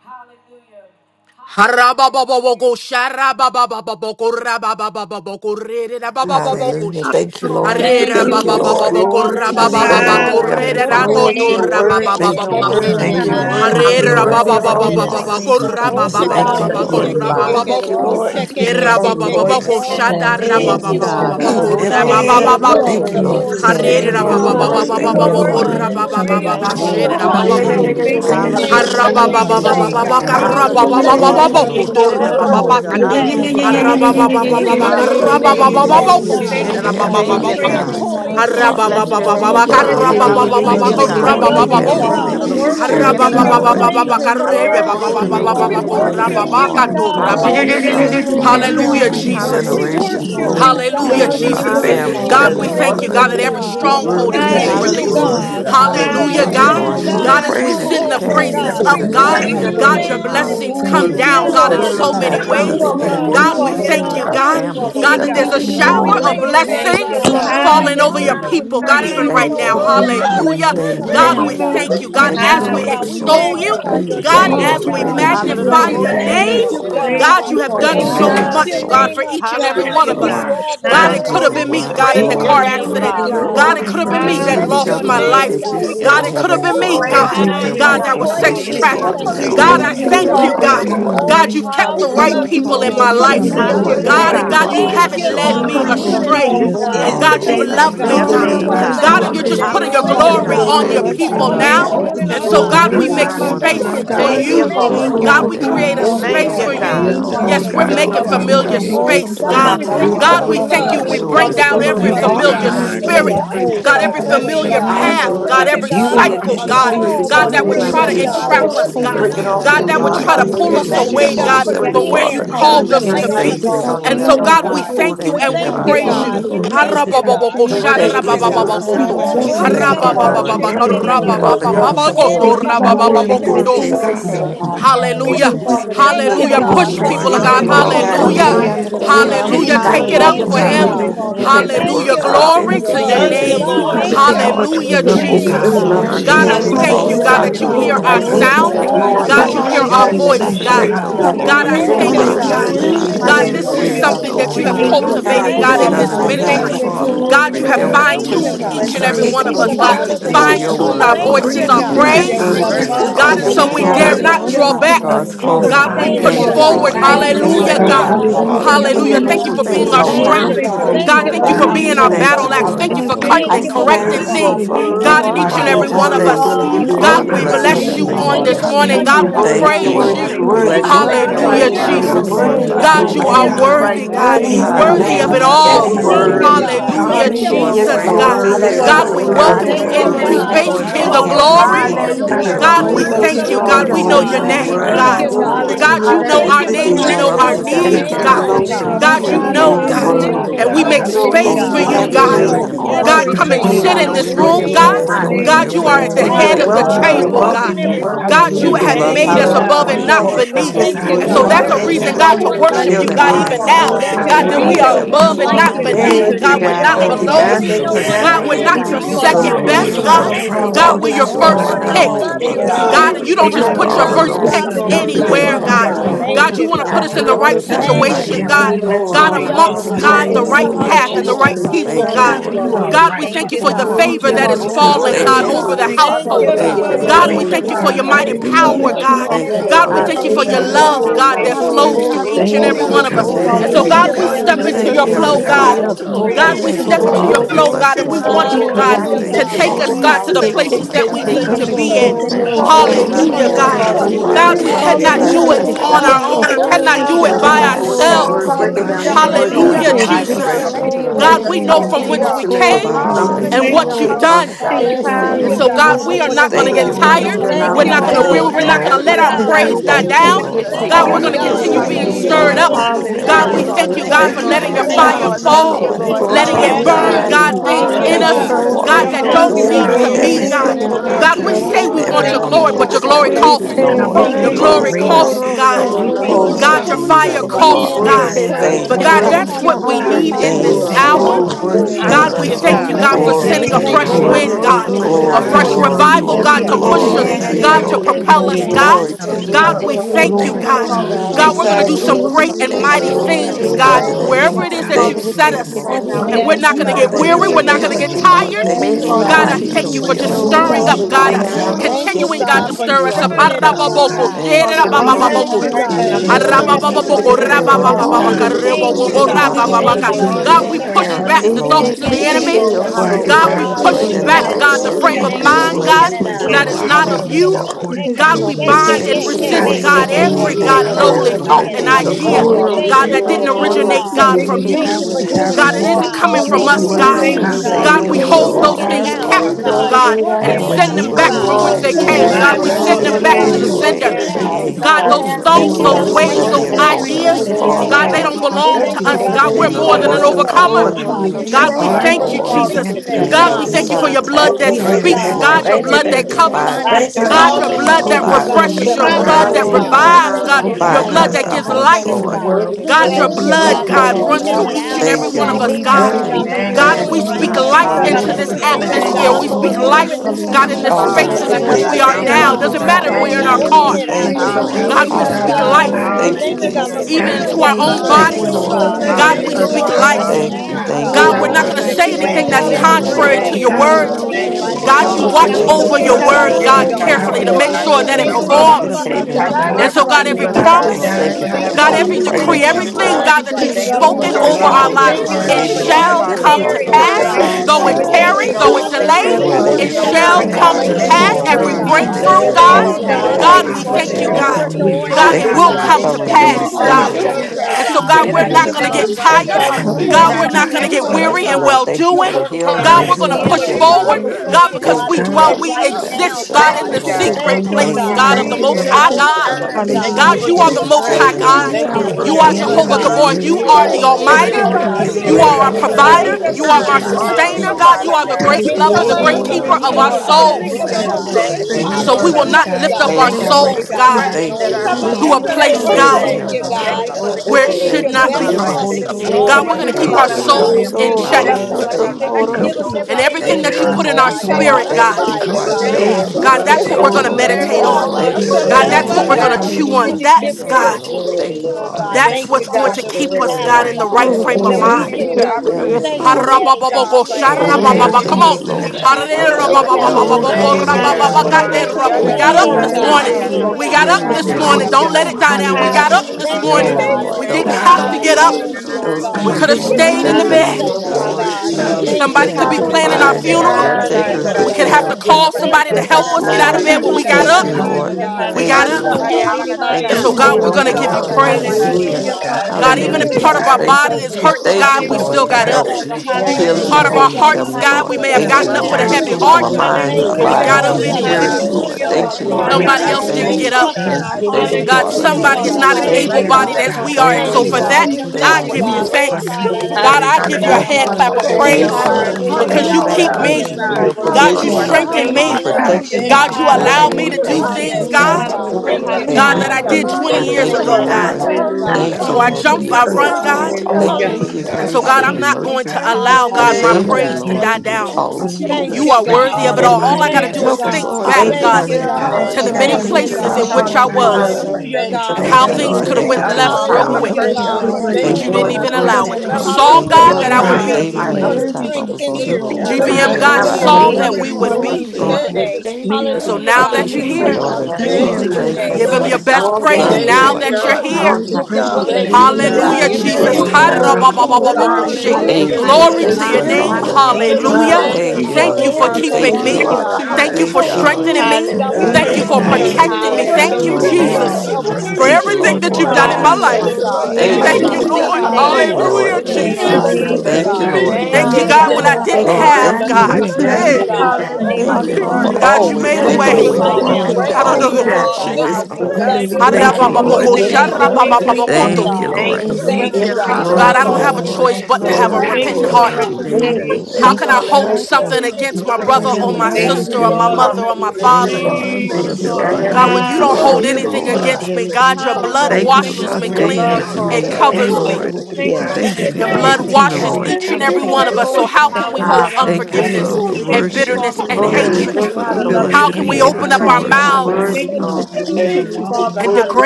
Hallelujah. Hallelujah. We're Harababababoko, sharababababoko, rababababoko, rerababababoko, Hallelujah. she. Thank you, Lord. Thank you, Thank you, Lord. Lord. Harerababababoko, Glory to your Just Hallelujah, name, oh thank rababababoko, Lord. you, God. Heavenly Father. Lord, Roshekere, reratoto, you're Thank you, Father. worthy, rosheke, Thank you're you, de, rababababoko, de, Lord. she. worthy, de, Thank you, you're de, Hallelujah. Lord, de, for worthy, Thank all de, Hallelujah, you, you're your Lord. Hallelujah, goro, worthy of blessings, te, Father. all Heavenly te, Father. the We de, de, thank ro. Father. Jesus, you, Harerabababababoko, praise. Father. thank you, We Just give Lord. you Roshekara, thank Bless you, all your Hallelujah. the Thank you, rabababababoko, Lord. glory. name, rosheke, We give Lord. ke, Father. ke, Glory, de, Thank you you, rabababoko, all to. the Lord. glory Thank to you, rosheke, honor, your Come ke, Lord to Father. ke, name, Thank the you, We ke, give you ke, Lord Herababababoko, Lord. Jesus. ke, Jesus. just all ke, the ke. praise. Yes, Hallelujah, Lord. Thank Thank Yes, you, you, God. Jesus. Yes, oh God. this Lord. Thank shatarababababoko, in, morning, God. in Yes, Father, all, Lord. because We Lord. Bless Thank you the love you, rababababoko, are name you, Thank of to. you, the Jesus. worthy Lord. Lord, to for Lord We be Yes, You're just thank praised, yes, today. you, being worthy, yes, you, Father. Lord. you're And You are only Lord. yes. worthy. you Thank you, are worthy Hallelujah, to Harerabababababoko, worthy be Lord. to Hallelujah. be praised, hallelujah. praised, rabababababa, Jesus. Hallelujah. you, Father. Oh Thank God. Hallelujah. Hallelujah, Father you. God, Yeah, yeah, yeah, God, And how we we we sherabababoko, yeah, Thank yeah, you. Hallelujah. lift to. the yeah, thank yeah, you yeah, Thank yeah, and praise you, your name bless of Hallelujah, the Hallelujah, Hallelujah, Lord. your yeah, name, Lord name, hallelujah. Jesus. Jesus. Father. today, We You Hallelujah. Father are God. God. praise welcome your to Hallelujah. We Hallelujah, Hallelujah. you, name, bless Lord your hallelujah, Thank Father. you, We God. name, give Lord. you hallelujah. God, We Thank with all you, the Jesus. thank all you glory, that for the we your honor, Hallelujah, Thank you, the have, Lord. Hallelujah, presence, Father. Thank praise, God. you, Lord God. God. Lord. Hallelujah, Father. We Thank We thank you, you, What thank you is bless Lord. your for Father, in who Hallelujah, Thank you, you, name coming you you are, today, Father? Hallelujah. Jesus. Jesus. We Lord God. thank Hallelujah, on you, God. yeah, yeah, We behalf Father. of hallelujah, We We our Thank thank Hallelujah. you you, yeah, lift for praise up yeah, yeah. how hallelujah. you, God. families, you Yes, Father. holy Heavenly love yes, We us, hands Thank yes. Father. thank and you, Thank you, we Bless your Lord. Jesus. you, Father. We name, worship Lord. Thank you, you, Lord, Hallelujah, bless O Hallelujah, Father. hallelujah, mend you, God. any hallelujah. God. hallelujah, Father. Hallelujah, We breaches, We Hallelujah. God. hallelujah. thank Lord, you, that love Hallelujah, you, O families Hallelujah. Father. may We be God. hallelujah, Hallelujah, We worship you, sing experiencing, hallelujah, your Father. hallelujah, Lord, Hallelujah. hallelujah. Hallelujah, We praises, O Thank you, hallelujah. Lord worship God. especially, you, Lord, We Jesus. Father. for Hallelujah, Hallelujah. Only mothers worship and Hallelujah. you, Lord. Hallelujah. you, You daughters, are Father. Thank you, God, in Lord. fathers and worthy, Only spirit and Hallelujah, in Hallelujah, God. you, sons, worthy, truth, thank glory you, to Father. O Lord, worthy to Everything God. be God. Jesus. You're Yes, belongs Thank you, We Jesus. praised, to yes, Hallelujah, you, yes. Father. generations, Thank Jesus. worship you, Lord, Father. Jesus. worthy, you, Hallelujah. Lord. God. And Hallelujah, You're praying God. God, we for Glory we our worthy, thank to bless Jesus. We your you, God. you sing with families, Hallelujah, our Father. your God, name. We we Heavenly Glory mouth, Oh, thank bless you, Jesus. praises, Father. we God. Hallelujah. your God, O that need name, to every Jesus. Hallelujah. God. I You're Father. I We stronghold We worthy, is Thank to bless Thank just your you, God. being you Glory thank with name, Lord. thank you, you, Hallelujah. to You're your released. your Hallelujah. Thank spirit Lord. worthy, name. you, that God. God Lord. is Jesus. Glory to for weak. your Hallelujah, Hallelujah, Thank bringing you, name. Hallelujah. God. Lord. down, Hallelujah. Hallelujah. Lord, God, hallelujah, I'm Hallelujah. oh Hallelujah. God, as You Jesus. are we praying Hallelujah, that hallelujah. you send God. worthy, the Hallelujah. strongholds, oh cast Glory praises back to God. God, to We your the up, Hallelujah. Hallelujah, you Jesus. pits are God, name. Father, of our Bless bring your you hell you are source. God, name, your Hallelujah, worthy, down, we Father. Lord. Father. blessings Hallelujah. bring Thank come you, you Glory any You to down, down, Lord. God, are God. in God, tricks the and worthy, so Mm, many hallelujah, Father. tactics of praises You the hallelujah. ways. are Hallelujah. of Hallelujah. worthy. God. enemy We You God, that's Hallelujah. Glory we are to bring used it to thank worthy. God. all keep you, We our Only down God. to you your are families you. God, feet, magnify hallelujah, worthy, Thank that you, you, there's God. a God. Father. separated, Jesus. Bless We shower Lord. your of Hallelujah. lay name, it Hallelujah, Father. there, Thank you, blessings God, God. hallelujah. Jesus. knowing, falling Thank over Hallelujah. you. God, your that Hallelujah. Hallelujah. when people, God, Just even Hallelujah. We praises right thank worship go you, be now. you, up, Hallelujah. Lord. Thank Thank the Hallelujah. Hallelujah. you, Lord. you. Hallelujah. blessings Father. It's Thank Thank Hallelujah. come you, you, Lord. hallelujah. God, We raining down, we Lord. on Jesus. God. us, thank Hallelujah, you, Thank magnify you, We God, God. Jesus. Thank you, you, Jesus. as thank you, Help we Lord, Lord. me, for God. We Thank Hallelujah, Lord Hallelujah. you, extol joining us Father. you, God. We magnify back thank Hallelujah. your Jesus. you, Hallelujah, together, God, I Father. God, Thank name, Lord, Hallelujah. as the you, we we way hallelujah. Lord. God. that need We Hallelujah. you you. Hallelujah. bless magnify We I your Your intended, name, Hallelujah, Thank Heavenly you, thank name, Yes, you, Father. Lord. Jesus. Father. Jesus. Thank God, you, you God. have have Pray Father. done for We Thank That Yes, you, you so are lift our Hallelujah, Lord. God. marriages, your much, God, Lord. Hallelujah. source. name for Jesus. up, each and every God. one Yes, Hallelujah, We of You give are us. Lord. you our God. all the For God, it strength. could husbands have Glory and praises been and We Hallelujah, be me, the God, wives, Father. to in You the praise God. glory your are car and Lord, our the name, Yes, Thank grace. honor, accident. you, yes, Father. The You God, are God. Father. it our could yes, have yes, that been We they me yes, yes, yes, mercy. see that bless each Hallelujah. lost your other Hallelujah, yes, Hallelujah, my the Hallelujah, way God. Father. name, life. that yes, Jesus. you God. We see God, them, come yes, it Lord could yes, shake have Heavenly it. been The before Thank me, you, Father, Lord Jesus. Praise God, and God, we shake your take God, it. their name, The I God, with Lord need God. that saw you, rightful was shake Hallelujah, it. The God. about Thank sex Father. Lord it. It We places, you, praises ain't shake bless and Lord, Lord, trafficked. on it. in The your my We their day name. God, need hallelujah, Hallelujah. I homes, thanksgiving, Hallelujah. oh you Heavenly thank hallelujah, every you, Hallelujah. Father, God. Father, we day, God. bless God. Lord shake it. The hallelujah. Lord Lord. your Hallelujah. Oh, God, shake Thank it, name. you've Hallelujah, you, kept Lord how Father, the Thank we we you, God. Jesus. right thank love Lord hallelujah, you you, Hallelujah. people so in much. Jesus. my Lord. To hallelujah, life. Yes, lead Lord, us Hallelujah, Thank and shake you, to We Hallelujah. Lord. Hallelujah, hallelujah, it. God, God. thank and hallelujah. Praying guide you us. God. for God, Lord Thank Jesus. you all you, so the Thank haven't you, much, God. Jesus. led God, Lord, children, Hallelujah. Thank for me Yes, Father. you, Mm. You doing Lord. are Lord. it Lord. Hallelujah, astray. so all, Thank Jesus. This Yes, you, God. worthy, And Lord. hallelujah. is We All Lord. the God, you those Father. day thank Hallelujah, that You Thank you, that are love you, in you me, Thank have hallelujah, you, Lord. God, are Yes, You so schools, are worthy. Haya God. Lord Lord. made, for Heavenly God, Yes, hallelujah. God. worthy, for God, and blessing you're Lord. Father, just masiande allowing today. Yes. putting Jesus. Thank We ya us your you, to Thank that thank are Hallelujah, you, Father, you, in Father for glory Hallelujah, God. Lord. these God, we get on God, sokororo on your failing this hallelujah, bless for your restoration, earth, people all schools, Lord kushanda. that name, you're Father. now. Thank hallelujah. Lord. you, God. Thank doing you Give in you for And Jesus. Thank our Thank You you, so, are you, glory, Jesus. Lord. God, restoration lives, give we you Place worthy Jesus. of Ikande make God. to honor, We be and Thank upon my the give you, you family. thank Lord. God, you, space praised, hearts for of God. the masianda that praise, Thank Father. We Thank you, you, ya you'll you. give Hallelujah. Father, their teachers, everybody. Lord. Thank for you magnify God, Lord, heart, you, for we the who God, I a create sokomosa. you restoration a God, of are, thank my you, worship, Lord Thank in space Hallelujah. administrators, you, the for Lord Thank marriage. God, God. that God. Lord, they you. you, and God. Thank you, name Thank give you Thank all Lord. Jesus. you, for Yanda, Father, of all Yes, those for in you've we're God, Jesus. done Hallelujah. you making Yes, charge, are over our to Jesus. restoration You God. familiar are Lord, Hallelujah. creator. continue Oh, welcomed space, that they of doing God, here, my our their need God. we to heart, Lord mother You thank Thank meet you and the are lives, you, for our my God. God, God, the we Lord. way that Lord. needs Father thank of you Thank blood. the they God, and you, maker. Mm. We we We let use it in be give a bring thank you the Father, you children, Lord. book for down sweet thank the you Thank glory, Lord. you, every for sound You we to Thank blood, give are Yes, your you, you our familiar Thank God, God. Jesus. you, honor, yes, restoration ears, mind we give that Lord. that you we spirit. are yes. Jesus. regulator, praise, washes whole, it God. God, Lord We every all God. Father, and Thank And we bless you, away, your familiar take love Lord. you, I God. name, heart, ask, We path, Father, Lord Lord Lord, thank and God, God. God, we you, We every that you I love You God, bring thank are thank for that, you, each you, cycle, our that and other. God, spirit Jesus. everything heed Jesus. all that's to the and what God, Father, it that our Oh, all between would Thank and is my in you that Thank try miracles, have you, to they're Thank all. kids you you, God, for God, for your to called your entrap both supposed us to us, Jesus. to be protection. seen I God, and Thank meditate, love presence, Break it doing, you. to thank each you Lord off for to Lord, the other. So God, them, God. in unseen, that their we would Thank blood. Lord you love I God. try for to God. rightful you. Father, thank this you, Bring pull We thank fair them you us places, so thank back in Hallelujah, t- their much you, away, Glory Jesus. for exchange, God, the God, roles, for to Jesus. where your they Heavenly people Jesus. from that where used you Father. you've have hands, Thank you, God, We called placed that in us my can't young lay Hallelujah, to Just Lord. make life, on it us be. thank Jesus. you, siblings, to Father. without Father And you, heal, God. Lord. I so, Thank Thank you, don't oh you God, for want we Jesus. to God. God. pull thank this you We Thank into you, and the we creativity thank and Heavenly We you, Father. new give In them the praise don't what you. name Hallelujah, God. Father. want ideas to We that you Lord of make you bring it thank get God. to Jesus. you, without the you, Harabababoko, God. leaders and And We Thank God. you, you whatever get it thank Thank to you, the you, is, is it Jesus. Lord. God. Los We shararababababakoto, don't Angeles Oh, want to Just Thank make Rosha experience, it you, thank you, Garada Lord without Father, God. you. Lord. Rosha because harabababababaka, you are so Kekegera Hallelujah. worthy, Hallelujah. to But Father Rosha. walk, love Tarabaresenamarerereorerereorerere. God, and Father. Eh, forgive. We rababababakoto, ba, Thank you, ba, need ba, I ba, Hallelujah, Father, more pray that and you next Rosha to more Jesus. the oh hold of the Garada you, Thank world you, God. in disappointment, Jesus. Rosha Lord your God. Hallelujah. God, hand. Kekegera Thank that As Hallelujah. you you, Hallelujah. Thank Rosha. we receive Father, that you you, Thank as you, Hallelujah. nothing her enter Hallelujah. your Yes, can Lord God. Push and Jesus. Hallelujah. pluck people presence Lord, of you, and Thank praying Savior, God. you, we for lift Lord Lord. up all Hallelujah, pluck God, Thank Hallelujah. and us you, your those holy Hallelujah. Jesus. love, who out Hallelujah. Hallelujah. are of Jesus. hands Hallelujah, your supposed oh your to be Thank you, love, God. hand. and your we Hallelujah. Thank teaching you, your God Jesus. We Jesus. Take it worship word, love up you, Thank Father, thank Hallelujah, for you, that you, God. Lord you thank God. him. you, have. Hallelujah. God. Jesus. Hallelujah, Father. that Thank Thank Jesus. you their you, for Thank your word Hallelujah. you, is Can't Jesus. grace God, for and the Glory authentic Thank and you, to your your true blood. Thank to Oh, you, Jesus. mercy, Hallelujah. name. We God, you, come Lord. Father. to thank Heavenly say you how for much Father. fresh we Hallelujah, love Hallelujah. Take you, over and rain, then God. any Hallelujah. Jesus. they And they God. love Glory, that Hallelujah. aren't Glory, they Thank God, have Thank I teaching Jesus. you in the for you, glory, this the thank Thank false you, you, world to Hallelujah Jesus. God, finish, glory, for do oil, Hallelujah. Thank your that Lord. God, that. you grace doctrines, hear That's glory, God. Glory and to why you, our your I Lord, Thank and mercy, God. you thank glory, for Jesus. Oh the you. I Father. sound. protect glory oil God, We have to that your glorify your God, come Thank you to you, thank you. you, way, I hear name, say runs that our God, we through Hallelujah and have Jesus. for magnify bless voice, Jesus. your through, you. your Thank you, I you, way, oh, Jesus. protect grace God. God. lift and God, oh you God. your those, up, have God. Lord. God, mercy, your I Thank way, you, Protect Hallelujah, Father. Thank the saying Thank you, thank You're God. yes you, you, Lord. to You're your minds God, Lord. and Hallelujah, God. the worthy, for will Hallelujah. and Let worthy me sending to Jesus. eyes Jesus. us yes God, and say, be to the your this fresh is way, Hallelujah ears praised, of for Father oil, something Jesus. your Jesus. that oh, those, you God. have grace We Jesus. Thank Lord, God. and bless your you, Father your God, Hallelujah. God. I cultivated, mercy, who Thank name, God, pray, you, sit in may Father. under this Glory God, Father Jesus. them, to in the Thank God. Heavenly you ministry. that Hallelujah. God. name that of Thank your you, Father, Glory Lord. Glory mercy God, you Jesus. is to that to have your they'll Oh, God. new have fine the name, every thank Lord take you, Thank tuned wisdom you, morning. God. and God. Thank each God, a you, Bless and you, every discernment Lord. one taste God. of Thank for us, the bud, you, God. God, blood Father, of take to the the know thank you Fine your Lamb. taste for the tune Oh, buds word, our of the blessings. for thank Lord, voices, you, bringing weed, us our Yes, take and thank you. the God. through Thank Hallelujah, the not you Yes, taste Oh, just that bud we fire. what's are thank of Jesus. Lord. praise. you, the, being above Yes, God. and taught, God, the and and I'm Yes, so Thank Heavenly out of baby, beyond we you, not blessed, a dare God, Lord. Father. it. for not Father. What generous Hallelujah, draw Thank is being amount you with I'm God. of it. out for Draw back. us of us It's it? in all the closer, God. Okay, God, I'm we Thank Lord. out of you, provision, Thank fire. it. push I'm Hallelujah. you, we Thank Father, you, and out Jesus, forward. praise God. Lord. you of in it, Jesus. We Thank guidance I'm for you, just oh advance Hallelujah. out of Hallelujah, for our thank it. God, you, Hallelujah, that, God. lives, Lord Heavenly Hallelujah. God. Father. hallelujah, for Father. Hallelujah. Thank you hallelujah, never that In the Hallelujah. you Hallelujah, Hallelujah. God. leaving Thank name you love us for of your being You Thank Jesus. Jesus, you, our and are I'm people. Lord. not Thank Thank Thank you, you, nor you, going be strength. to worthy to God. Glory, Thank kill you God. to glory, God. him You God. that if be You Thank fine. forsaking are God, you you you us, thank for you love right. for glory, Lord, our, I'm praised, worthy, being peace, just your our Father going oh to glory, hallelujah. Thank let you, God. Jesus. battle you children, God. axe. glory, work Lord. it Thank Yes, glory. And you out. Father. as for yes, God. we Thank Hallelujah. I Thank Thank cutting you, you, go and you just for through, Father. yes, Lord. planted You correcting the God, are You Lord. are our seed, peace, things, oh Father, hallelujah, Glory Thank God. you you, God, God, worthy. strong in are each tomorrow's our and You Lord. going Father, to to tower. are every one just water, strength. of you're the thank us. going Father, to worthy. you Lord. I give You the Thank You for bless you, all are of are God, you. your Hallelujah, we Lord. our increase to worthy. blessings, God. I bless hind Thank you I Heavenly you, thank everybody. legs, on you, got Thank it you Father. this Lord. Lord. up. for morning. But I Thank you're you, God, touching hallelujah. we I us, got it. worthy, Lord. Thank thank you, you're God. You you, are praise worthy, the Thank Glory you, Lord. Lord. you. you're I truth to Hallelujah, Lord. worthy, that Thank I bless you, goes you, thank God, worthy, you hallelujah, for Hallelujah, right Thank worthy, before you, hallelujah, being us, magnify in now, you, worthy, and Lord. Lord. Jesus. worthy control, Thank hallelujah, is you, glorify hallelujah, the God, God, your Lord. glory I you to in name, are thank hallelujah, Thank every Lamb. you God. you, Lord. right Father, worthy, we Lord. bless now, God, Worthy situation God. your And Thank is you the right you, are name. the now, We worthy Lord. of Lamb, truth it bless God. Hallelujah, You're you, that Lord Lord Yes, God, so all. in God. you the Jesus. stands are Yeah, the Lord. Thank yeah, you, Thank name you, within worthy, worthy, yeah. of Hallelujah, us, God. God. Lord. Father. Jesus. Hallelujah, Jesus. Yes, Thank you you Hallelujah. for are Lord, hallelujah, Yes, Jesus, worthy, praying You Lord. corporate God. for Father. Say us, glory to dear yes You prayer, worthy, to are Hallelujah, you Thank God, God, your God. Sister you, we worthy, will Lord. glory and worthy, Father. welcome to Erica, you yes you Lord. Thank to You God, are you, your in Lord. this worthy, way. Thank worthy, Hallelujah. God, glory you, to Have space, your Lord, from and for King God. way, this Jesus. of all you Father, have and your mothers world only who've glory. to way, you. the have your lost other In the their God, Hallelujah, name way. Hallelujah, of our worthy. world, to God, children, Yeah, Lord. the we soul Thank Lord, love ends God. you, you, Yes, thank of hallelujah, Jesus. you. the Lord, God, earth, we Jesus. hallelujah. know Lord And We your God. especially the You only God. hallelujah, name, you, magnify Thank worthy, you, you tragedies, God. Father. on Lord, hallelujah, because Lord. God. Ooh, today. we God, know you at Hallelujah. the know end Thank of our hallelujah, you the for day, name. Lord. You those hallelujah, Lord know that God, our Mothers you who know that Hallelujah, the your have hallelujah. And to our worthy, needs, God. victory name, carry souls their hallelujah, oh God. say belongs yes to Hallelujah, God. to children, Ahora hallelujah, you your God, and you Thank Lord. you carry sana you, will and know, alone, God. to You babies, marere We hallelujah, your God. Father re Lord, o way, lift worthy, God. Father. oh you And okera we You God. are Yes. up God. make so So marere we today, worthy, space sana ask only Thank you for to to Hallelujah, you, God, Father. have you, You have to marere de your Ooh, God. God. Jesus. way, bury for them, over orera. Yes, Lord. Father, have God, Lord. thank Yes, your come God, and you, you Ah, everything, way, are sit Father. Father. in Holy But God, we this Alpha in Thank know the Spirit, hallelujah, and you, room, your Yes, you in our yes, name are God. Father. of plans, Jesus. lives, Lord, and Thank Jesus. Lord Omega. God, you, Thank your worthy, you, you God. are at plans Father. the You God. work are God. Thank You're head the you, of together Yeah, the for the God, welcome, beginning Hallelujah, God. for good you're and of table, you Father, all are each you and God. welcome, the you're hallelujah. Hallelujah. are every end. worthy. welcome home God, you in Hallelujah. who Thank this have you, Yes, love Thank represented you made moment, and You you, us live here, Heavenly Hallelujah. are Jesus. God. above our and Yes, according God. You Father. to are not hallelujah, Lord strong your worthy, We beneath. tower, Yes, God. purpose, thank Thank Father. yes, you, you, God. Lord. Lord And You so You But Yes, Handle the favor, God. and Daddy. God. are that's heal a There Yeah, Lord. only yeah, our them, is God. you, reason, yeah, Lord. God, battle no yeah, Father. to Worthy, We axe. one hallelujah, yeah, like bless yeah, worship Heal you, Lord you, your their Hallelujah. God, yeah, Jesus. name, God. yes. even yeah, minds, Father. God. now. Thank Lord. Favor, There you, Heal God, Hallelujah. their We can God, yeah. we that Thank we be thank bless you you, God. bodies, yeah. are no that your we Yes, Heavenly Lord, name, one above thank don't you're you, and go like Father. Lord. into not Father. We you, hallelujah. worthy, war bless you're Hallelujah. Bless beneath. your God. Thank worthy, you, you, God, without we're name, you. There God. God. not Father. Oh, Thank We you, can God, bless you below. God. Hallelujah, are your be Jesus. name, so Thank no Hallelujah. Yes. you, Jesus. Touch one God. worthy. them to God, where Thank do we're Father. they you, Thank what We need not you, to you your God. thank be You you are Lord, do, that Father, so we touched, we God, second don't in Lord. thank the go Thank And you. bless best, worthy, you, through your name for our God. of the Thank God. God. name, Thank Thank Hallelujah. you, you, Father, trials God. Jesus, God, God. we're because fathers Thank God. you, your without you, you too, Oh, are you. Lord, Lord. Lord, God. first Not worthy, how thank we pick. only you, Father. the Hallelujah, love Oh, you, Thank Lord. you, mothers, Yes, We Jesus. God. God. God, Lord. Lord, thank God, and you Thank you Hallelujah. you are For you, don't right you so just are How God. now, we but put there your Thank all to love Father, you, of you, first because worthy. Bless God. hold those God, your you us picks that are who up, name, have you Thank you, Hallelujah. been worthy, God. loved Yes, Lord. anywhere, You us, Yes, are Father. Thank Jesus. Lord there impacted, God. you, Lord. God. to We Thank God. Lord. Lord. you, Thank hold thank God, You us you you, you, want need to put Lord. God. not us together. in Father. the your Praise your right own Yes, God, God, Impacted you Thank yes, are Hallelujah. by you, your situation, temptation. we there any to Then God. God. we God, give will. us Oh, bless your God, our name, Hallelujah, We Father, abortions, the Father, instructions. amongst will which worthy because Lord. art have God, you to the in are be Yes, hallelujah, right here. Jesus. heaven, worthy, Thank Hallelujah, Lord. path hallowed you, and the be hallelujah, Father. thy right oh Jesus. We will have Jesus. God. name, And people, Thank thy you, to Yes, be only God, God. for you kingdom Lord. are here. you Lord. Thank are you, come. worthy, Yes, God, we Father. Thank righteous thank you you, Jesus. for Lord. Thy and the you God. will are Thank be favor you, We will that done have Hallelujah. is to holy, Father, Yes, on for be Lord. God. so. Thank falling, you, earth Thank you, God, Woo, Hallelujah. provision. as We over Jesus. it God. the so. Father. Thank is you, in Thank Father, you, heaven. households. that we Thank Give are God. you, us We're this blessed God, Yes, Lord. Thank we Hallelujah, going day, you, thank grateful, and you God. this for God. day. your blessed God. Give mighty coming us in. this Hallelujah. Thank day, Hallelujah, power, Thank hallelujah, Lord. you. you, Roshe God. Jesus. Father, Thank kerere Yes, you, Yes, that God, we we Our are roshe Father. Thank Lord. thank you you, for daily your favor. teke bread. God. We Hallelujah, are love, Give kete found us God, our hallelujah, that favor roshe with you and Praise flows trespasses. kara. hallelujah, hallelujah, through your favor Give each and with Oh, us man. Thank every Jesus, hallelujah. you, hallelujah. one those Papa, of Thank who you, God. us. Lord. And roshe Thank you, trespass so, Father, bo Thank Jesus. Thank bo Thank you, bo against you, God, Lord. thank we us Lord you. God. roshe step We Lord. kere into bless bo Jesus. Thank and your you, bo your Hallelujah. lead bo Heavenly flow, us name, you, God, bo we bo God. Father. not bo Hallelujah, just Father. We Jesus. into come to Lord. praise say God, Thank Yes, Thank your we bo bo bo bo temptation, you, you, bo God. Thank name, thank you step but for Lord. Lord. you on into kere Father. all your We of your deliver today. roshe. flow, thank us you, God, Hallelujah, and from we blessings, Father. Yes, evil. We want Lord. We Lord. you, thank For Yes, come Glory, you, to God, thine Hallelujah, lift is Father. the to your We Thank Thank you, God. you. thank you. take Ro kingdom, name the Lord. us, ro on Father. We glory. God, ro power, to and the the today. Thank you, thank roshe glory places you, kere that I we forever Father. Jesus. ro We and ro Thank need give come to you. to ro ever. Yes, say be ro We Lord. we in. Amen. Lord, you Jesus. ro thank praying you, for worship glory. Hallelujah. all of you For ro Father. Thank and We those Jesus. Hallelujah, you, who we are Hallelujah, example, ro ro thank you, dealing God. with God. ro hallelujah, Father. any ro. We continue adore to thank you. God, chronic hallelujah, you, we press, Hallelujah. Hallelujah. Ah, Father. shake Thank We cannot it, illnesses, you, hallelujah, bless do ro ro thank Hallelujah, it Heavenly God. Christ you, ro ro, hallelujah, on Jesus. shake Father. and Father. our it, own. We on Bless ro hallelujah, your ro God. ro name, cannot Thank you do ro for it Heal the their by hallelujah. Oh, Bring Hallelujah. ro ro women We of bodies, Jesus. forth ro ro ro ro thank your God. God Oh, you, Lord. and word, ourselves. ro ro on the Give break Father. it them We ro line the down hallelujah, in the thank Glory, today. Jesus. you, ro strength ro word and ro to Thank us, ro Father. you hallelujah, Hallelujah, the revive We glory. for the ro. all thank of Bible us, hallelujah. you, Eh, Jesus. God, spirit direction Father, ro that's of Thank to you, the because ro still God. only right God, we Jesus. ro Jesus, you know are God. standing, from ro worthy God. whence Continue to be Hallelujah. ro, we to Hallelujah. let the ah, praised, came ro people ro ro, providers, Father. come We shake as Heavenly you it, and Hallelujah. thank see Hallelujah, what you, Father. ro. you've Thank fit, Father. Father done. hallelujah. God. in Thank you, the you name for Thank all you, the Jesus. of And Jesus. Hallelujah, so, Lord. women that, Hallelujah, God, God, Yes, Hallelujah. I we for are that's Hallelujah, what just not We going hallelujah, you've to still thank pray get you, you done. going hallelujah, Lord. hallelujah. continue tired. on Oh, to in Yes, the Thank allow We're us hallelujah, God. you, name to not of going I have the to an Thank Thank weary. you, God. hallelujah, Lord, thank We're you, you, not Thank God. Father. going to Lord. Oh, you, let interactive hallelujah, Jesus. our you God, Bible Hallelujah. for God, praise study that worthy. die hallelujah. Thank open we you, thank you, can healing. Thank down. doors have, Lord, for for you, Jesus. them, Father. Thank God, Thank we're all you, you, going the Father. God. to Lord. God, Door, continue for In blessings open you've being the Jesus. doors for healing. name bestowed stirred Hallelujah. us, of up. Thank upon God. you, my Jesus, Make family, Thank God, Yes, have Hallelujah, you, God, we Lord. ways your Lord. for thank way, Father. us, you, for have Thank God, you, Thank your God. for Thank you you, Lord. Glory, peace. for way, letting your Holy the Father. Thank Thank Thank you, you for fire you, Spirit. Lord. challenges, God. Thank fall, Hallelujah, favor you, Lord, Father. on and You Lord. for Thank the you, the letting are deal, God. Lord. it the Yeah, trials, God. great Hallelujah. Thank burn, God. I Lord. you, am, God, Father. Hallelujah, Thank things your you, in Jesus. Thank glory, Hallelujah. you Hallelujah. us, Thank God. for glory, you, helper, God, Hallelujah. glory, walking Father. Thank that you, with Thank Thank don't you, you, glory, us Thank and Jesus. need God, Hallelujah. you, God. the to Jesus. in Thank Hallelujah. every be, you, As we season step God. Thank of and go the Jesus. you, on out name way of our Lord. Thank God, through you, we Thank jobs, you, each say that season. and Jesus. God, we Oh, Lord. glory, every want your Thank Thank Thank one you, you, of you, glory, but Lord. God, Hallelujah, God. your those, Jesus. for Thank glory Lord. Father, you, Oh, Thank I you, because we blessing. costs. God. know, you are Lord. Jesus. God, Oh, Lord, worthy. we that Thank Thank they Your thank you, you you, worship, brought for glory Hallelujah, glory us God, to the for Jesus. Lamb. Lord. closer, costs, raises. Father, you you healing. are God. Glory Thank We you, Thank to the worthy Lamb. God. are Thank you, thank to Lord. be you, Lord. you closer God, God, Lord. to your praised. Thank you, you, You Hallelujah. are fire the for Heavenly for Father. We Glory You're to Jesus. peace costs, the glory to thank Hallelujah. the Father. on you worthy, Lamb. our answered God. right Just Lord jobs. God, prayer. now, Glory. But you're thank Thank you, God, Father. you. worthy Thank you, Lord. that's Thank true Hallelujah. to you, what be God. We we God, Jesus. thank God. need Hallelujah. praised. we you Thank in thank right you, You're you Thank this Glory. Thank now, you, Lord. you, that God. Thank Father, all hour. you, Thank so Lord. you, in God. worthy, Lord. the Bless name Hallelujah. you, confusion Lord yes, Jesus. Thank God, you, Thank of we God, you, Hallelujah, yes, of Lord. We has Jesus. yes, thank all Lord. you, the God. thank yes, Hallelujah. Father, left God, Thank of we you, the you. yes. for praise. thank yes. Glory Lord. sending Thank you, to a Thank you, building. you, Father, Thank you, fresh you, Lord. Lord. Jesus. God. because Thank Worthy you, you wind, of are Hallelujah. all the God. God, so praise, Glory to worthy a Glory, to Thank Yes, God. be Thank fresh you, you, Thank hallelujah. God. glory, praised. revival, hallelujah, That we glory, God, have to Father, hallelujah, push peace yes, we you, us, glory on Thank thank to our Hallelujah. you you, you, yes. God, God. right jobs. to hallelujah, now, Lord. In the propel Father, Oh us, God, because how hallelujah, Bless- you we God. Glory name are to of Oh, you, praise worthy you. to Lord. God. God, hallelujah, be You're Lord. we Hallelujah. Jesus. the praised. Oh only thank Hallelujah. you, Glory God. true Thank to and you. God. God. living Father, we God. Thank God, thank hallelujah, we're Thank you. you going to right do you. Besides, now some Thank there is hallelujah. because Glory no great to you and are one. Thank Have mighty God, you, your worthy way, Lord, glory Hallelujah. for Yes. have to to things, your you, my be way, God, God, have brother Yes, your Thank way, praised. you, glory Damon, Lord. Holy you. wherever to it God. Thank is Lord. you, God. that Father, Spirit. you've Thank we you for set thank him, you hallelujah, us. Lord. right Have your Thank now Glory. you, And way, we're Yes, God. have because not oh your Hallelujah, going you to way, are God. get God. have Thank your you worthy weary. way, Whatever Thank We're hallelujah, for to it be not is Yes. going Holy to that healing get him, praised, you Spirit. want to Lord. In Father. tired. do the with you, Thank Yes, you us, oh for name Father, of God, I God, God. I we thank hallelujah, Jesus. thank miraculous you you. Thank I for surrender, just bless healing, and Thank we For you, Lord, your you of stirring God. his are Lord. submit the name. up, I to God, great I you, thank I mind, us, you. I am. God, bless Lord. Thank your you, Yes, continuing, to name. do I God, God, to Lord. what for thank you've stir you. us I Yes, up. called stirring Lord. bless us it your to up, do, hallelujah, oh name. God. Harababoko, just God. Thank you, Father, want Lord. All Thank You Lord. to you, Continue thank right, to are thank God. baby. Thank Have you a sherababababoko you, Yeah, mold tu. great God. you, God, and and day. I for Thank you, shape bless the us your Lord. stirring great and up hallelujah, the name, make us Father, Harababababoko, into praise, because the Praying, oh you Lord, I women are for of God. all worthy of rababababaka, We God to the be thank we praised, you, that reboboko, give single you've Father. the God. glory mothers You called of Oh, you, us are Thank rabababaka. you, to worthy am. Jesus. be, kararoro hallelujah. to God, Jesus. oh be we Morning. Thank Lord. you, God. push praised, shekerere, parents, back Jesus. Father. the oh, Hallelujah. Thank thoughts Lord. of you, the Thank Thank you, Jesus. enemy. shekerere, Thank Father. oh, you. For Yes, she- our yes, God, Hallelujah, yes, we desire is Ah, to yes, ro Pray push hallelujah, that yes, the do back, shekerere, right yes, God, ro the yes. circle, frame hallelujah. the and of to shekerere, right You are ro mind, village is stand, God, welcome. to shekerere, to the placed ah, God. that go. Thank she- is you, around them, she- not she- of Father, Heavenly she- Hallelujah. you. ro- you. Father. Lord. According she- because to God, you your Hallelujah. are we The she- will. worthy Have bind she- extent to and be she- she- We she- praised God, resist, let supports she- and she- your God, that honored, she- they will every to ro- need, the your the be way, God Lord. Father. done have shekere, your in way, lowly ro- our We have your encouragement Thank thought thank that way. lives. you you, and they for shekerere. need, your Worship Have your you, idea, Lord. love, Lord. Hallelujah, way, We Father. Lord. Holy We thank God, you Jesus. thank that Thank you Spirit, you, didn't for right have your your way, now, Holy Jesus. originate, favor. God. We God, Hallelujah. Spirit, thank have We from you Hallelujah. your way, we- thank you. God, you we for for have your way, who desire have doing for it, God, you your it oh men way. to are, isn't God. Hallelujah. It's We see coming so Father. you from God, We're Have thank you your us, just through You're Hallelujah. us, We way, right praying oh have worthy, God. for you're good. your the thank now, you, God. way, have God, Thank Glory, Father, God, safety, your worthy, we way, for that Hallelujah. you're you're Holy Lord, you. We of hold Yes, glory, who all Thank those Spirit. working glory. worthy, Thank you. our it desire Thank you're things you you, you. out, oh are, children worthy, You Jesus. captive, are and God. Lord. the Father. You're God, And great we I working and that say it am. Yes, that adults when Lord. send thy out, as them oh men well, will Hallelujah. back their be You from God I which are done the just they in minds, We our that great see I am. came. Lord, You bless are us, the your God, from lives, we Hallelujah. God, these name, that Yes, send only Father. them they one want situation, and to different back Have see to God. Jesus. only the your You're You video you Thank are true way, and working sender. it have games, living thank and for your they out, worthy God. to way, see oh any the be And God, God. hope God, those of you- praised. have your We Thank thoughts, way, you, you, glory on There God, those bless the Father. your for is influences no ways, Glory, Thank of name. you laying inside for the other, those of the us, there glory, is occult, plan hands no glory. that right other, Heavenly ideas, that you there now, Lord. they is have may Father, oh for no God, ask, they our other. God. Lord. don't What must We lives, I belong There Father. is thank to do to you, no us. be other, God, May God, there they that we're is you saved, know to more no Father, God? other, than stirred an up thank there worship you is that our you, for no other. overcomer. Jesus. For one idea, blessing and God. truly, only Thank We you, GBM. we true God, thank you, we Lord. God, are God, Thank for Thank thank you, you, le- Oh, Lord, you, Lord. Thank Father, Jesus. glory releasing to and ambassadors that that God. in we for God, are we job, those your Mm-mm-mm-mm-mm-mm-mm-mm. Christ. oh thank you for God. subtle your children. We blood Father, Thank that tactics We you, thank you and are are you, thank you, tricks, speaks. doing Thank God, thank you, ambassadors God, mighty Lord, your you, for and for thank Jesus. you, you, great blood that Hallelujah. thank that God. things releasing you, they Thank those in thank you, our covers. you, lives. Lord. thank bypass finances, you, our God, thank God, God. you, your Father, thank children, we We you. Thank blood Lord, we go you, that thank give you you, Lord. before God, for you, Thank glory. you. refreshes, bypass the your We our you, are an blood, blood family, oh that Hallelujah. Lord, God. example Hallelujah, We revives, Lord. Thank thank God, Thank of you, you, Jesus. hallelujah, your your Thank Lord. God, you, Tyra. for blood hallelujah. bypass that our kingdom gives Father. homes, revival, life. in oh the Lord. God. Thank Worthy is world. you, We the God, your Yes, thank Lamb, you, Jesus. Hallelujah. blood, Thank God, worthy, worthy, you, for worthy Glory God, is Father. to runs Hallelujah. working through God. it the each and Lamb. out, Hallelujah. every oh Thank you, And one we of God. you, Thank We us, you, Lord. need thank more God. you, Lord. of God. Worthy Papá, God, you, Thank is for you, la the Thank sé God, you, Lord. de God, And that and Lamb, ti. we we just healing may right speak be plead Jesus. the now, Sí, oh life blood of papá, hallelujah, Oh, God. able into la to thank this sé, you, We lo Jesus Hallelujah. que over thank reflect you, papá, Thank you atmosphere. Jesus. God, you, I We papá, even for all speak more. removing life, just Jesus. the God, in cancer, want the Hallelujah, all oh And Isabala God. so those Jesus. spaces to sala in We which everyone who Hallelujah. we connected cabala are thank to you, sounds Thank me, God, sele my now. you, we thank God, Heavenly Doesn't voice, Lord. cabolo desire matter for if Father, solo like that our we're Thank you're in if our you, lives Lord. cabala to you. working everyone car. is Just sele it going to Jesus. que out, be thank reflect the you, you, Lord. God. loved, We God, we yes, situation, Hallelujah. desire God. speak for Isabala Hallelujah, our God. Thank you, sale Lord. life que Lord lives, We se God, Thank you, and thank you, pide give God, sele us Hallelujah. for a Jesus. even Lord Thank cabala God, to clearing God, into you, our be that every Jesus. you're an la own self Thank sale is mind, example you, que and a oh bodies. se supposed to Lord. be God. cabala We roadmap Bless in God, to you're the Thank your sele we thank you're you, you. so Holy name others. name, speak of Hallelujah. God, God. cabolo right solo life. Jesus. Hallelujah, Thank you, now, God. Hallelujah. We thank God, you, You God, desire we're Asabala for not our going Lord. remain, to sele you lives that que say to remain, le you've be you a Thank anything Thank sele you, you, answered that's Hallelujah. la that remain, Thank you, you Lord. God. testimony. sole contrary Lord. prayer, remain. to Thank cabala oh And your you, you God, sele God. we We God. word. remain. know thank cabala that Thank you you sele right for everything Thank you, God, that now, you all cabala we It's Lord. of the God. your la go watch Lord The through Thank who is you over blessings, for your not tells for the God. God. baby worry Isabala word, Lord, Thank is you just God, Satan, sele how for que gone, and our you the carefully oh Lord. solo to for make parents benefit, God. how cabala of but the sure you it's that sele it And for que Thank the show for you, pide up God, baby benefit Lord. for of performs. cabala changing others, how Tavian, a you sala God. And Lord. Yes, heart never so, cabala God, right leave every sele It's now, us, que amen. our God. God. All the Thank promise, Thank you desire, thank power We you for Thank to for you, the God, thank go to you, never God, God, healthy Father. every for the hallelujah, so decree, forsaking changing Thank from a us, you, the pregnancies, Jesus, God. everything, Lord. Father, mind God. so God, that because to we right you've Thank now, love you And you, for oh I spoken endure your pray God. Father. over good, for love good, our all We Hallelujah. and of every your lives, thank those you, who it may Yes, God, mercy, be for hardship, Lord. Father, good. having God, shall we healing as a a love Jesus. come good you, to difficulty Hallelujah. marriage, with oh Father. their soldier, pass. Thank Thank you, God. I you, Though just pregnancy, it hallelujah, God. We Father, want for Lord. thank tarry, to We Jesus, you, So don't creating though us it God, Yes, yes, that yes, deserve delay, you yes, it, thank that clean, but where you God, and they worked others it be it that show renewing are the out shall up, right considered in a coming yes, Praise up high come Yes, God, spirit to yes, so risk, we behind us every can pass. relationship, yes. Lord. We oh might serve Every know time, you Thank God. you, see you, nothing God. is breakthrough, We Lord. yes, for the the We yes. thank God, rest don't you, of impossible have roadmap or to God, our yes. high and that God, days. worry I we you risk follow Father, with whether Lord. you thank you, Thank you, yes, there you're you know sent going for to Lord. the God. your fresh be with king's here or oil, God, God, miracles. calling it Thank oh you in Thank not, will Hallelujah, for you, your God, you. God, come will hallelujah, God. to covering hallelujah, because of into Thank you We Thank Jesus, are can you, rejoice. pass, you, that hallelujah, turn God. uh, a they, it anesthesia, God. always Jesus. whichever church, here, Lord. way hallelujah. you oh And God. so, please God. We God, as they And Thank the we're God I have you, thank and Thank the not you, river you, going to thank soul, hope God, get Jesus. flows. you, right Jesus. Thank of you, now tired. just God. for that Father, my you Lord. you coming hold Thank Hallelujah, And sent the Thank God, out, you, God. you, we're I Lord. not God, going king's hallelujah. to as thank get finances, heart in you, well, oh Jesus. your weary Thank God. you, hand, and God. Lord. well Thank you You've for and doing. you the can worked it healing of God, my turn out we're it going to Hallelujah. sister whatever hallelujah, Oh, again, way push the oh Kim, Thank Hallelujah. God, you, Jesus, Lord. God. forward. Lord. We river God. thank God, flows, thank you, you, Thank Lord. because you Father. God, Thank we you, that for you God, God, your God, God. dwell, As are Lord, we right you for love. see Elder now, fit, exist, God, Shalom, Thank God. in the Father. you, the He God, is God. we're Lord. secret your Thank Thank going you you, son, for on in place, Thank the your you, Father. God God, of Thank name grace of the He Lord, the you, is and your that God. your Hallelujah. Most you're Lord. an Lord, High son, mercy, Thank on you, for Father. God. God. He Lord. her is time, Hallelujah. Thank your Thank you, Lord. Thank you, God. you son. vision hallelujah, We God, for you that your thank are the you've you, Jesus, most God, Lord. strength. that high instilled Father, he in Thank is her you. and God. your you Thank for you God, her You're have we're for You your son. worthy, are favor, Lord. standing endless Hallelujah, Jehovah on You're your perseverance God. Jesus, Gabor. love You hallelujah, we word. You know are son, the worthy, favor hallelujah. you're and ain't like Almighty. worthy, fair, never devotion God, to but and Yes, your you You before. Lord. Thank granted know are our her people, Hallelujah, God. ability you're provider. every to Jesus, Thank You are because your our you, time execute You word all you'll is of are work a those it true. sustainer, worthy. out, God. things You provider, that are God. you the And God. we great placed In thank Oh, the you lover, for the upon the her, great name Holy of keeper Lord. Ghost of that our lives Lord, Jesus, you. on we the thank souls. you, thank hallelujah. inside of you, God. us, Lord. yes, Thank that you, Thank Thank And you, you, Hallelujah. yes, leads so we Lord. us yes, will Lord. and Thank not Jesus. Hallelujah, you, guides Thank lift us Lord. God. up you, Thank our We and Thank Thank you, God. you thank you, for directs you, souls, Lord. this For us, God, that thank loving God, breath God. you, you're an your Thank that on you, Lord. I Thank And children, the time Lord. to you. God. a breathe Holy God. Ghost Thank place, every you, also We Thank God, you, God. thank day. reveals you, Heavenly all For things Thank God, you to being Father. us, for a the woo, thank where God. it you, Hallelujah. that savior, should you're Thank continuance Lord. you of God. not Thank for you my better your be. for Above to the Yes, life. all us Holy Thank Lord. you than blessings, Ghost we for that the saviors, Yes, are Lord. God, gives God. we're Lord. us going to Thank blessings keep Thank our you, over you, ourselves, comfort. my God. God. Lord. We souls Yes, family. in Lord. thank Hallelujah, you, Thank check you God, Jesus. Yes, for Hallelujah. the Hallelujah, Lord. Thank you, that you He Jesus. give protection Thank comforts us Jesus. God, over us and my thank you, everything we you. in Thank everything family, you that for you our Lord. put God. times need, in of our homes, Thank God. You you, Thank storm. are Lord. you. spirit, God. our In Thank the God. He you name for provider, of our comforts God. us You Thank You shelter. are are our and you, Jesus. the he Thank you God, Thank for peace, God. great I you, that's what Thank we're God. shelter, shows God. going you to am. us for Lord. You love meditate every For You are your are even on. when the our Thank moment you things for are faithfulness, that God, glory going that's food. to God. sustainer, what your we're I well. going to Thank have Towards God. Lord. you. us, chew That Hallelujah, on. God. Hallelujah, you Thank here. give Jesus. That's us you, Thank you, God. Jesus. That's God. the For everything Lord. we Lord, Thank the waking Thank you us need, for oh you, up. Lord. all God. the son, son. God. Thank you That's Thank Thank for you, you, what's going loving resources, God, God, That's to us, the that Lord. to Lord, keep we God. Oh, the make us, it have a Thank God, Lord. Lord. in right, Thank you the And you, right Father praying for God. for for frame of you these Hallelujah, that Oh, to keeping we how give us mind. we me can the love hallelujah, go you, to. God. opportunity. families, Thank you, Father. Lord, Daddy God, Harabababoko, for the that are grace Thank everything, Oh, of yes, sharabababa. you, Come how yes, we caretakers, us. on. give Jesus. bless us, Thank Lord, you. you, God. yes. of Thank hallelujah. Father. el- you, Thank Eh, you, the God, in Lord. the Oh, elderly, Hallelujah. Thank how Harerabababababoko, name we Lord, Thank of you, of lift those your who God. Jesus. are Hallelujah. God, I name. Hallelujah. rabababacaterabo. We Da, thank da, got ba, you. Yes, Hey, up sa, da, this yes, da, Oh, Hallelujah, Thank da, God. morning. you, how ya, sa, Hey, God, we ba, Hallelujah. We ta, for hallelujah. got God. ka, this up da, mentally Thank this you, ya, world, ill, ya, Thank Lord, morning. ya, God, acknowledge ba, for in Lord. Don't Hallelujah. you. sa, the let all Oh, da, it that ba, name die da, Jesus, you of down. da. We yes, do. got hallelujah, Jesus. up hallelujah, this God, Jesus Hallelujah. Thank in you, the Yo, morning. God. Thank you, name God, Hallelujah. of as Lord, We we Jesus. Father. Thank didn't you, those you, walk Jesus, who through have are, God, to God, I our get don't Jesus. up. Jesus. Hallelujah, Na, Hallelujah. homes, na, oh understand. na, Jesus. those sa, with We God, na, any could Thank I have ba, you, ta, Thank form give that of it you you, stayed ta, God. all in the keep to special hallelujah, ta. Thank us you, bed. you, needs, safe, God. Jesus. Hallelujah. I oh Thank God. give you, Lord, you God. my may Hallelujah. God, you nephew, thank you Thank Jesus. for you, God. the Somebody equip I could Hallelujah, give be and God, you activity that of my planning we hallelujah, our our provide Hallelujah. Thank don't Da, husband, you, their have ja, limbs. God. to sa, I funeral. ba, God, Lord. give do you thank ta, you my hallelujah, sa, caretakers, for anything da, our We their but Hallelujah. children, could ya, have Jesus. God. sa, portion to ask. of ta, parents. I ta, call health ba, give and ta, you Thank my somebody ta. to you, strength. Shi, help da, Yes, God, us sa, that get ma, grandchildren, we out Thank da, of Lord. you, can God. na. bed. God, In But Shi, Hallelujah, the we da, trust Hallelujah, da, got thank name and Thank of Jesus. you. ta, you, up. believe ba, i, in a Lord. Jesus, ta, hallelujah, ya, God, God. I Hallelujah. sa, We We da. Thank thank got got you, Thank you We you, for up. up. a hallelujah, Lord. don't hallelujah, new have Jesus. life, hallelujah. God. anybody Thank And you to so, for Hallelujah. Thank Someone you, my God, talk we're didn't Lord. to, health, going wake hallelujah, to up give this God, you Father, Lord. I that you're morning, thank but you right praise. for we my there, Hallelujah. did, hallelujah, mother. God. Hallelujah. Father, God, and Your God, we have even a Hallelujah, Hallelujah. if ears Thank are part you of Jesus. for hallelujah, our desire to always Thank opening body Father, you. up serve is open. you. Your Hallelujah. doors, hurting, God. heart Thank Thank you, God, is we We you, have Thank a Lord, still always for got you. hallelujah, Father, hallelujah, Jesus. open. desire health, to up. Jesus. Thank Father, you, bless You you. Yes, always Thank healing, God. you, and Part know Jesus. of Yes, Hallelujah, hallelujah, our what we God. wholeness, Father, Jesus. hearts, need Jesus. Heavenly Thank you God, we even Father. for may We have this Yes, have before I Thank you, we hallelujah, gotten a Thank breath. am up you, with a a Lord, desire ask, Father, Oh, to heavy oh baby go God. of Jesus. our God. when heart, forth I Hallelujah. don't in mind. minds, you, Thank our you, but we Thank God. you hallelujah, God. got bodies, for Yes, All our up we Thank this Father, got you, Hallelujah. to Lord. To do anyway. I job. is spirits, don't do Even Jesus. Lord. lift hallelujah, understand up though it's our Thank Touch my you, Father, a now, hard, baby Lord. hands, great God, God. when I Somebody I In work, Thank the else you, God. God, name didn't hallelujah, Thank know of thank to get they you. you, up. don't Trust Jesus. Father, God. in share Thank Jesus. our I you. heart Thank of thank you, and your God, you. believe, Father. mind. Thank hallelujah, you, So oh somebody I Thank kingdom, is you God. not for as to need the Jesus. Thank We Thank able you, you, share lessons thank your bodied God. you, Lord. that as you're we Father, are. God. gospel. And teaching Thank Thank so me, you, you, Thank for Jesus. you, God. Lord. Hallelujah. God. that, We Thank hallelujah, For you Jesus. for love I Thank you. you, you, what give Father, you Oh, you're you God. Lord. bringing Oh, are me thanks. not God, God. I dead, through. will God, God, I Thank shake you, yes. but God, give it Yes, you you a God, Hallelujah, are Thank you, up. you Father. hand still are Oh, Father. clap bo, God. of putting alive bo, me Thank in Thank and you, the you bo, you, Thank are praise you, fire bo, still Lord. Lord, to Lord. Jesus. bo. we bring God, making Hallelujah, me because thank I you out ways don't you on know, out Father, the keep of for Hallelujah. no shake other me. because Thank it this you way. up. for you time. You're Hallelujah, side. your are Oh, bo, still Lord. worthy, God, bo, you You provision, are bo. healing. Hallelujah. Father. Lord, strengthen for teaching Thank Thank me, your me. you, you, God, God. I Hallelujah. Father. God. Hallelujah, thank protection, you Thank your Thank for God, you, you God, you, God. provision, healing God. for allow your Thank me you those to Lord. Thank for Hallelujah. you, that Hallelujah, do your strength Thank need to you. God. every things, be hallelujah, Thank Hallelujah. day, you, God, healed. steadfastness God. God. and hallelujah, your Thank Oh, you, Hallelujah. God, God, Thank Jesus. you, we Hallelujah, that dedication. God, I Lord. hallelujah. did curse for Thank you, 20 Thank And hallelujah, you years God. for thank Hallelujah. everything you, your ago, that you're Lord, hallelujah, God. for doing, Hallelujah. love, oh hallelujah. Crohn's God. Hallelujah, And God. thank Hallelujah. you, so Thank I you, disease Jesus, Lord, Thank and for jump, we your I Jesus. Jesus, curse you, yes, run, growth, Hallelujah. God. God. Lord. Hallelujah. Jesus. yes. all Thank the you hallelujah, for Thank you, your different And Hallelujah. God. types so, of grace, Hallelujah. for God, I'm your cancers, not Hallelujah. going mercy, to God, Thank and you, we, allow, for God, we my Thank Jesus. come you, saving Hallelujah. up hallelujah. me, praise God. to against Lord, Thank die from Thank you, doing you. down. Thank all you, Jesus, those um, Thank Jesus, You foolish you, are Jesus. things, worthy depression God. Jesus, of it and all. Thank Lord. Thank Jesus, you, All I mind Hallelujah. got to Thank And do battles, you, Thank Jesus, is help you, us, God, Jesus. think God. Lord, Jesus, to back, Jesus. Thank God, babies. Jesus, impart you, schizophrenia, that Hallelujah, Jesus. God. God. to Thank knowledge the and hallelujah, you, Asana many God, Thank wisdom Maria, Yes. we you, to our places come hallelujah. Jesus. Dio, in God. which Thank against Cara I you, children, high Maria, Hallelujah. Lord, blood was Hallelujah. No, Jesus. Amen. Hallelujah, pressure thank and and to God, and you, sugar for those Thank how Para you, that are things Jesus. Lord. could diabetes, have Lord, leadership. went Thank connected I Maria, you, God. God, will to left us, Father. real God. We forever Lord. come Hallelujah, quick, Bless praise you. against Hallelujah. God, you We and all for the Bless thank you. but Thank Asana you you, you, strength didn't in Lord, God, the diseases, Lord. even Lord, God, because church. allow Maria, that it. You Thank you, without come Amen. you, I We saw, Thank Jesus. you, to Oh, wouldn't Bless God, Hallelujah, that Lord I be Lord, thank Thank for you, would try God, you, God, be here. God. and You saving my here. are me I for Lord, every plague Jesus. wouldn't worthy, time be I Thank strength you, was in on Jesus. the the your You here, are Jesus. road schools. God. people, I Thank you, worthy, you. GBM Yes, wouldn't drinking God. or God be God. Hallelujah, worthy, here Jesus. God. driving, saw We Thank Thank you, that without Lord. Hallelujah. pray you. we worthy, for For you, our would your Lord. be word Jesus. worthy. teachers here. Thank said you, Thank God, Thank you that in thank you, the today. name you. Jesus. Thank many you, are And the so Jesus. God. Hallelujah, for now afflictions God. that Me We of you're keeping the my Hallelujah, too, pray Hallelujah. Oh, here, for God. Lord, righteous, our that God. daughter, but Thank I you you, Touch need Thank Thank now, you, Lord. Lord. you, children deliver God. This us Thank you, is Thank Lord, that out you I of Heal you, it. Jesus. today. give for need them him your Lord. sickness, you, all. keeping Jesus. best God, my Thank all you, we that And God, I praise ask Lord. I that son, Thank that do, by now you, Lord. Thank Hallelujah. you, thank you that you're you. Jesus God. Lord. Christ here. Lord, bind we that I are Give them depression, Hallelujah. do. healed, God. what and Hallelujah. they Thank In that Hallelujah. the you, need, name Jesus. Thank of healing you I God. is God, for Hallelujah, Jesus. need Yes, every keeping you, children's Thank Lord. my Jesus. Jesus. day Thank you, Lord to Thank you, brother, bre- go God. you, to God. Lord. bread. Lord. You're school, Oh, Jesus. God, God. and We to Hallelujah. worthy, Thank You Karabababababokoshe. you, bind the be also worthy, Hallelujah. Thank you said everything So for arthritis. that Jesus. that Glory Oh, worthy, Thank you none to Thank worship of you, keeping the your God. need you, We us them you, to worthy name. all, bind diseases the to Lord. be, Jesus. that Lord. your Jesus. you to pains. Thank Oh, name, you, placed be Hallelujah. upon God. Thank Hallelujah. Jesus. In you, Thank the focused, Hallelujah. Jesus. you, Jesus. to name of Thank Lord. you Hallelujah. for listen, hallelujah. Glory to to Jesus. Thank Thank keeping your you, Thank you, you, Thank me. learn, Hallelujah. you, name, Lord. Father. God, Lord in the God. God, Thank Jesus. you in Jesus. name Thank for the of you, Hallelujah. name of Lord. strengthening Jesus. Hallelujah, Thank Jesus. me. you, God, Lord. yes. we Thank God. They'll Thank Thank you, pray Thank Hallelujah, you you. for you, Thank yes, come the God. Thank God, for you, in you nigh Father. the for your parents Thank Lord. name yes. Thank you, Jesus. of protecting today me. Lord. that Thank are God. you, Jesus, God, in Thank going you keeping to you, We're need Oh, for Hallelujah, me. Hallelujah, your the Jesus. strength standing name Lord. to on Jesus, of your Father. Lord. Thank help you. Oh, Just Jesus, God. for Yes. promises. thank these We're you, Hallelujah. everything Lord, Thank standing that children for you've on it you, your Lord. done in I my word, all. Hallelujah. succeed, just oh life. Thank Thank God. want to you, you for God, thank Hallelujah, Lord. you, let Thank and Thank it Thank to you, Lord you, Everything you, Father. protecting do Thank all that you, God. Lord. me what Yes, God. you've flow, Hallelujah. they, and Lord. Jesus. God, they said keeping in me. Oh, In need Thank the name of- let it all flow, God, in the yes, to Hallelujah. name you, of Also, do Lord. Hallelujah, in Thank Lord. the the name of yes. Hallelujah, Lord. Jesus, you, Thank God, in name of Thank you. Thank God. the Jesus. concerning Father. you, name you, Jesus. of our Thank Thank Jesus, Jesus, you, you, God, lives, Lord. Thank Lord. Thank in you, Thank you, the Jesus. Thank you, God. God, you, Lord. we Jesus. name Thank Lord. Thank you, Thank of- Thank Mm. Lord. you, you, believe Lord. Jesus. you, Give it, God, them when a, God. Thank I you God. God. for Hallelujah, a didn't a Thank all you, my Lord, Hallelujah, Thank new Father. have God. thank We you. Jesus, Thank You God, in you, new God. bless the blessings, have your name God. strength, God. name. never of Hey, Thank Jesus, Thank you, failed God, you God, in us the in for God. name the and all thank you name you, my Hallelujah, of of Thank Lord. you, never Thank Jesus, Lord, Jesus, God, Father. you, for will. in Hallelujah. Yeah, trials. Thank God. Lord. God, Thank you you, you, don't made always the We a Thank God. you making name a even you, of- Hallelujah, way. for pray Thank you, way, Lord. Hallelujah. right leading Lord. Thank Father. me now Lord. You in you. the Glory Hallelujah, are to For right I bother. Thank name don't God. Jesus, of know Thank Thank worthy, God, the God. in you, the here. you. always, Jesus, God. Lord. name of you, Father. God, bullshit Jesus, Thank always, how thing. you God, we for God's in love Lord. Thank always. you, doing Hallelujah. you, Thank Thank God, Thank God you, there's you, thank you, the a name you Father. thank for of- you, in Lord. Lord. Harabababoko, the thank Yes, holding Thank you, millionaires, us you, name Lord. Ana of up thank Lord. Lord. sana you, Thank Thank Thank Jesus, you, Yes, thank you, bir Thank you, şey you, in oh the thank Father, sharababababokoto. demem. Thank you. you, you, midst God. Thank of thank thank Lord. you, We you, you. for Yıkılacağım Thank thank ana. thank Jesus. you, yes, you. you, bereavement, God, God. Lord. So, for Lord. restoration, Glory God, Oh I to holding us. don't Yes, you, Allah'ını Father. Hallelujah. Jesus. have We Lord, a have we Hallelujah. Lord. choice lost thank but seversen. to you. We loved Lord. Thank Thank have Thank a ones. you, Glory you, love Thank you, to you repentant your Lord. Lord. for Jesus. heart. mighty Hallelujah. I name, Thank Jesus, pray you. Lord. for me. God, How Thank reconciliation, Thank can you're Jesus, I you, you, Father. hold God, Thank you. worthy. you, Hallelujah. Praise God, for something I Jesus. Thank give you against you you, You're today, my honor this comforting brother Yes, this worthy. or them, Oh, my You're morning. Jesus. God, Thank God, I in the thank sister you, you, worthy. or give name my you You're of worthy. Father. Lord. mother glory or this Jesus. my this Hallelujah. Thank Thank you You're Thank for you, father? Thank morning. the you, you, yeah, Lord. Lord, peace Thank for the Thank you, Thank that Jesus. you, you you, worthy. Father. ability Lord. to Glory God. supply God, learn your when Thank Thank you to you, you, how to don't Thank Lord. people your hold you, God. name, forgive, Thank you, Thank Lord anything you, on Jesus, Hallelujah. Lord. a Lord. God. against God. me, daily Thank God, you, your basis. Lord. Hallelujah, blood Hallelujah. Thank you Thank you, for Thank Hallelujah. washes for you Lord. me God's for Thank forgiveness. Glory your you, Lord. to Thank yes, you, clean, love, billionaires God. Thank Lord. and you, Lord. God. it yes, yeah, Father. Thank Hallelujah. God. you, And Thank millionaires, as covers we Lord. me. Hallelujah. you, Lord. go Thank you, through, Thank yeah. you God, Lord. Show for Yes, Thank you your for Your Thank you, Elder love, blood Thank Lord. yes, continue you, to Patina, Lord. Lord. washes carry us. Father. Lord. each God. Thank God, and Thank me you, Thank we you every you, Thank how thank you for you, you one for of Lord. the Lord us. So, showing Thank really me how you, footsteps can Jesus. how we in the to hold God. love. spirit. Thank you Hallelujah. unforgiveness for the Hallelujah, Lord. Thank you, Jesus. and Thank you, worship, bitterness Father, Jesus. thank and for capture you you. Oh, Lord. Thank you're yes, you, God, in Thank teaching you hatred? our me for worthy, how the to yes. lives. Jesus. we love yes, ability Hallelujah, Lord. How to your can can be we able people, open up acknowledge Lord. to Worthy, our Father. that Jesus, in I you're our worship, Thank you. Lord. lives. Lord. mouths Thank worthy, you, Lord. Thank Thank We you, mean, you you for know Thank you, that Lord. Lord. get on we it. teaching are Thank me, you, Jesus. This Lord. is Thank you, Father, walking, Thank and how you, to worthy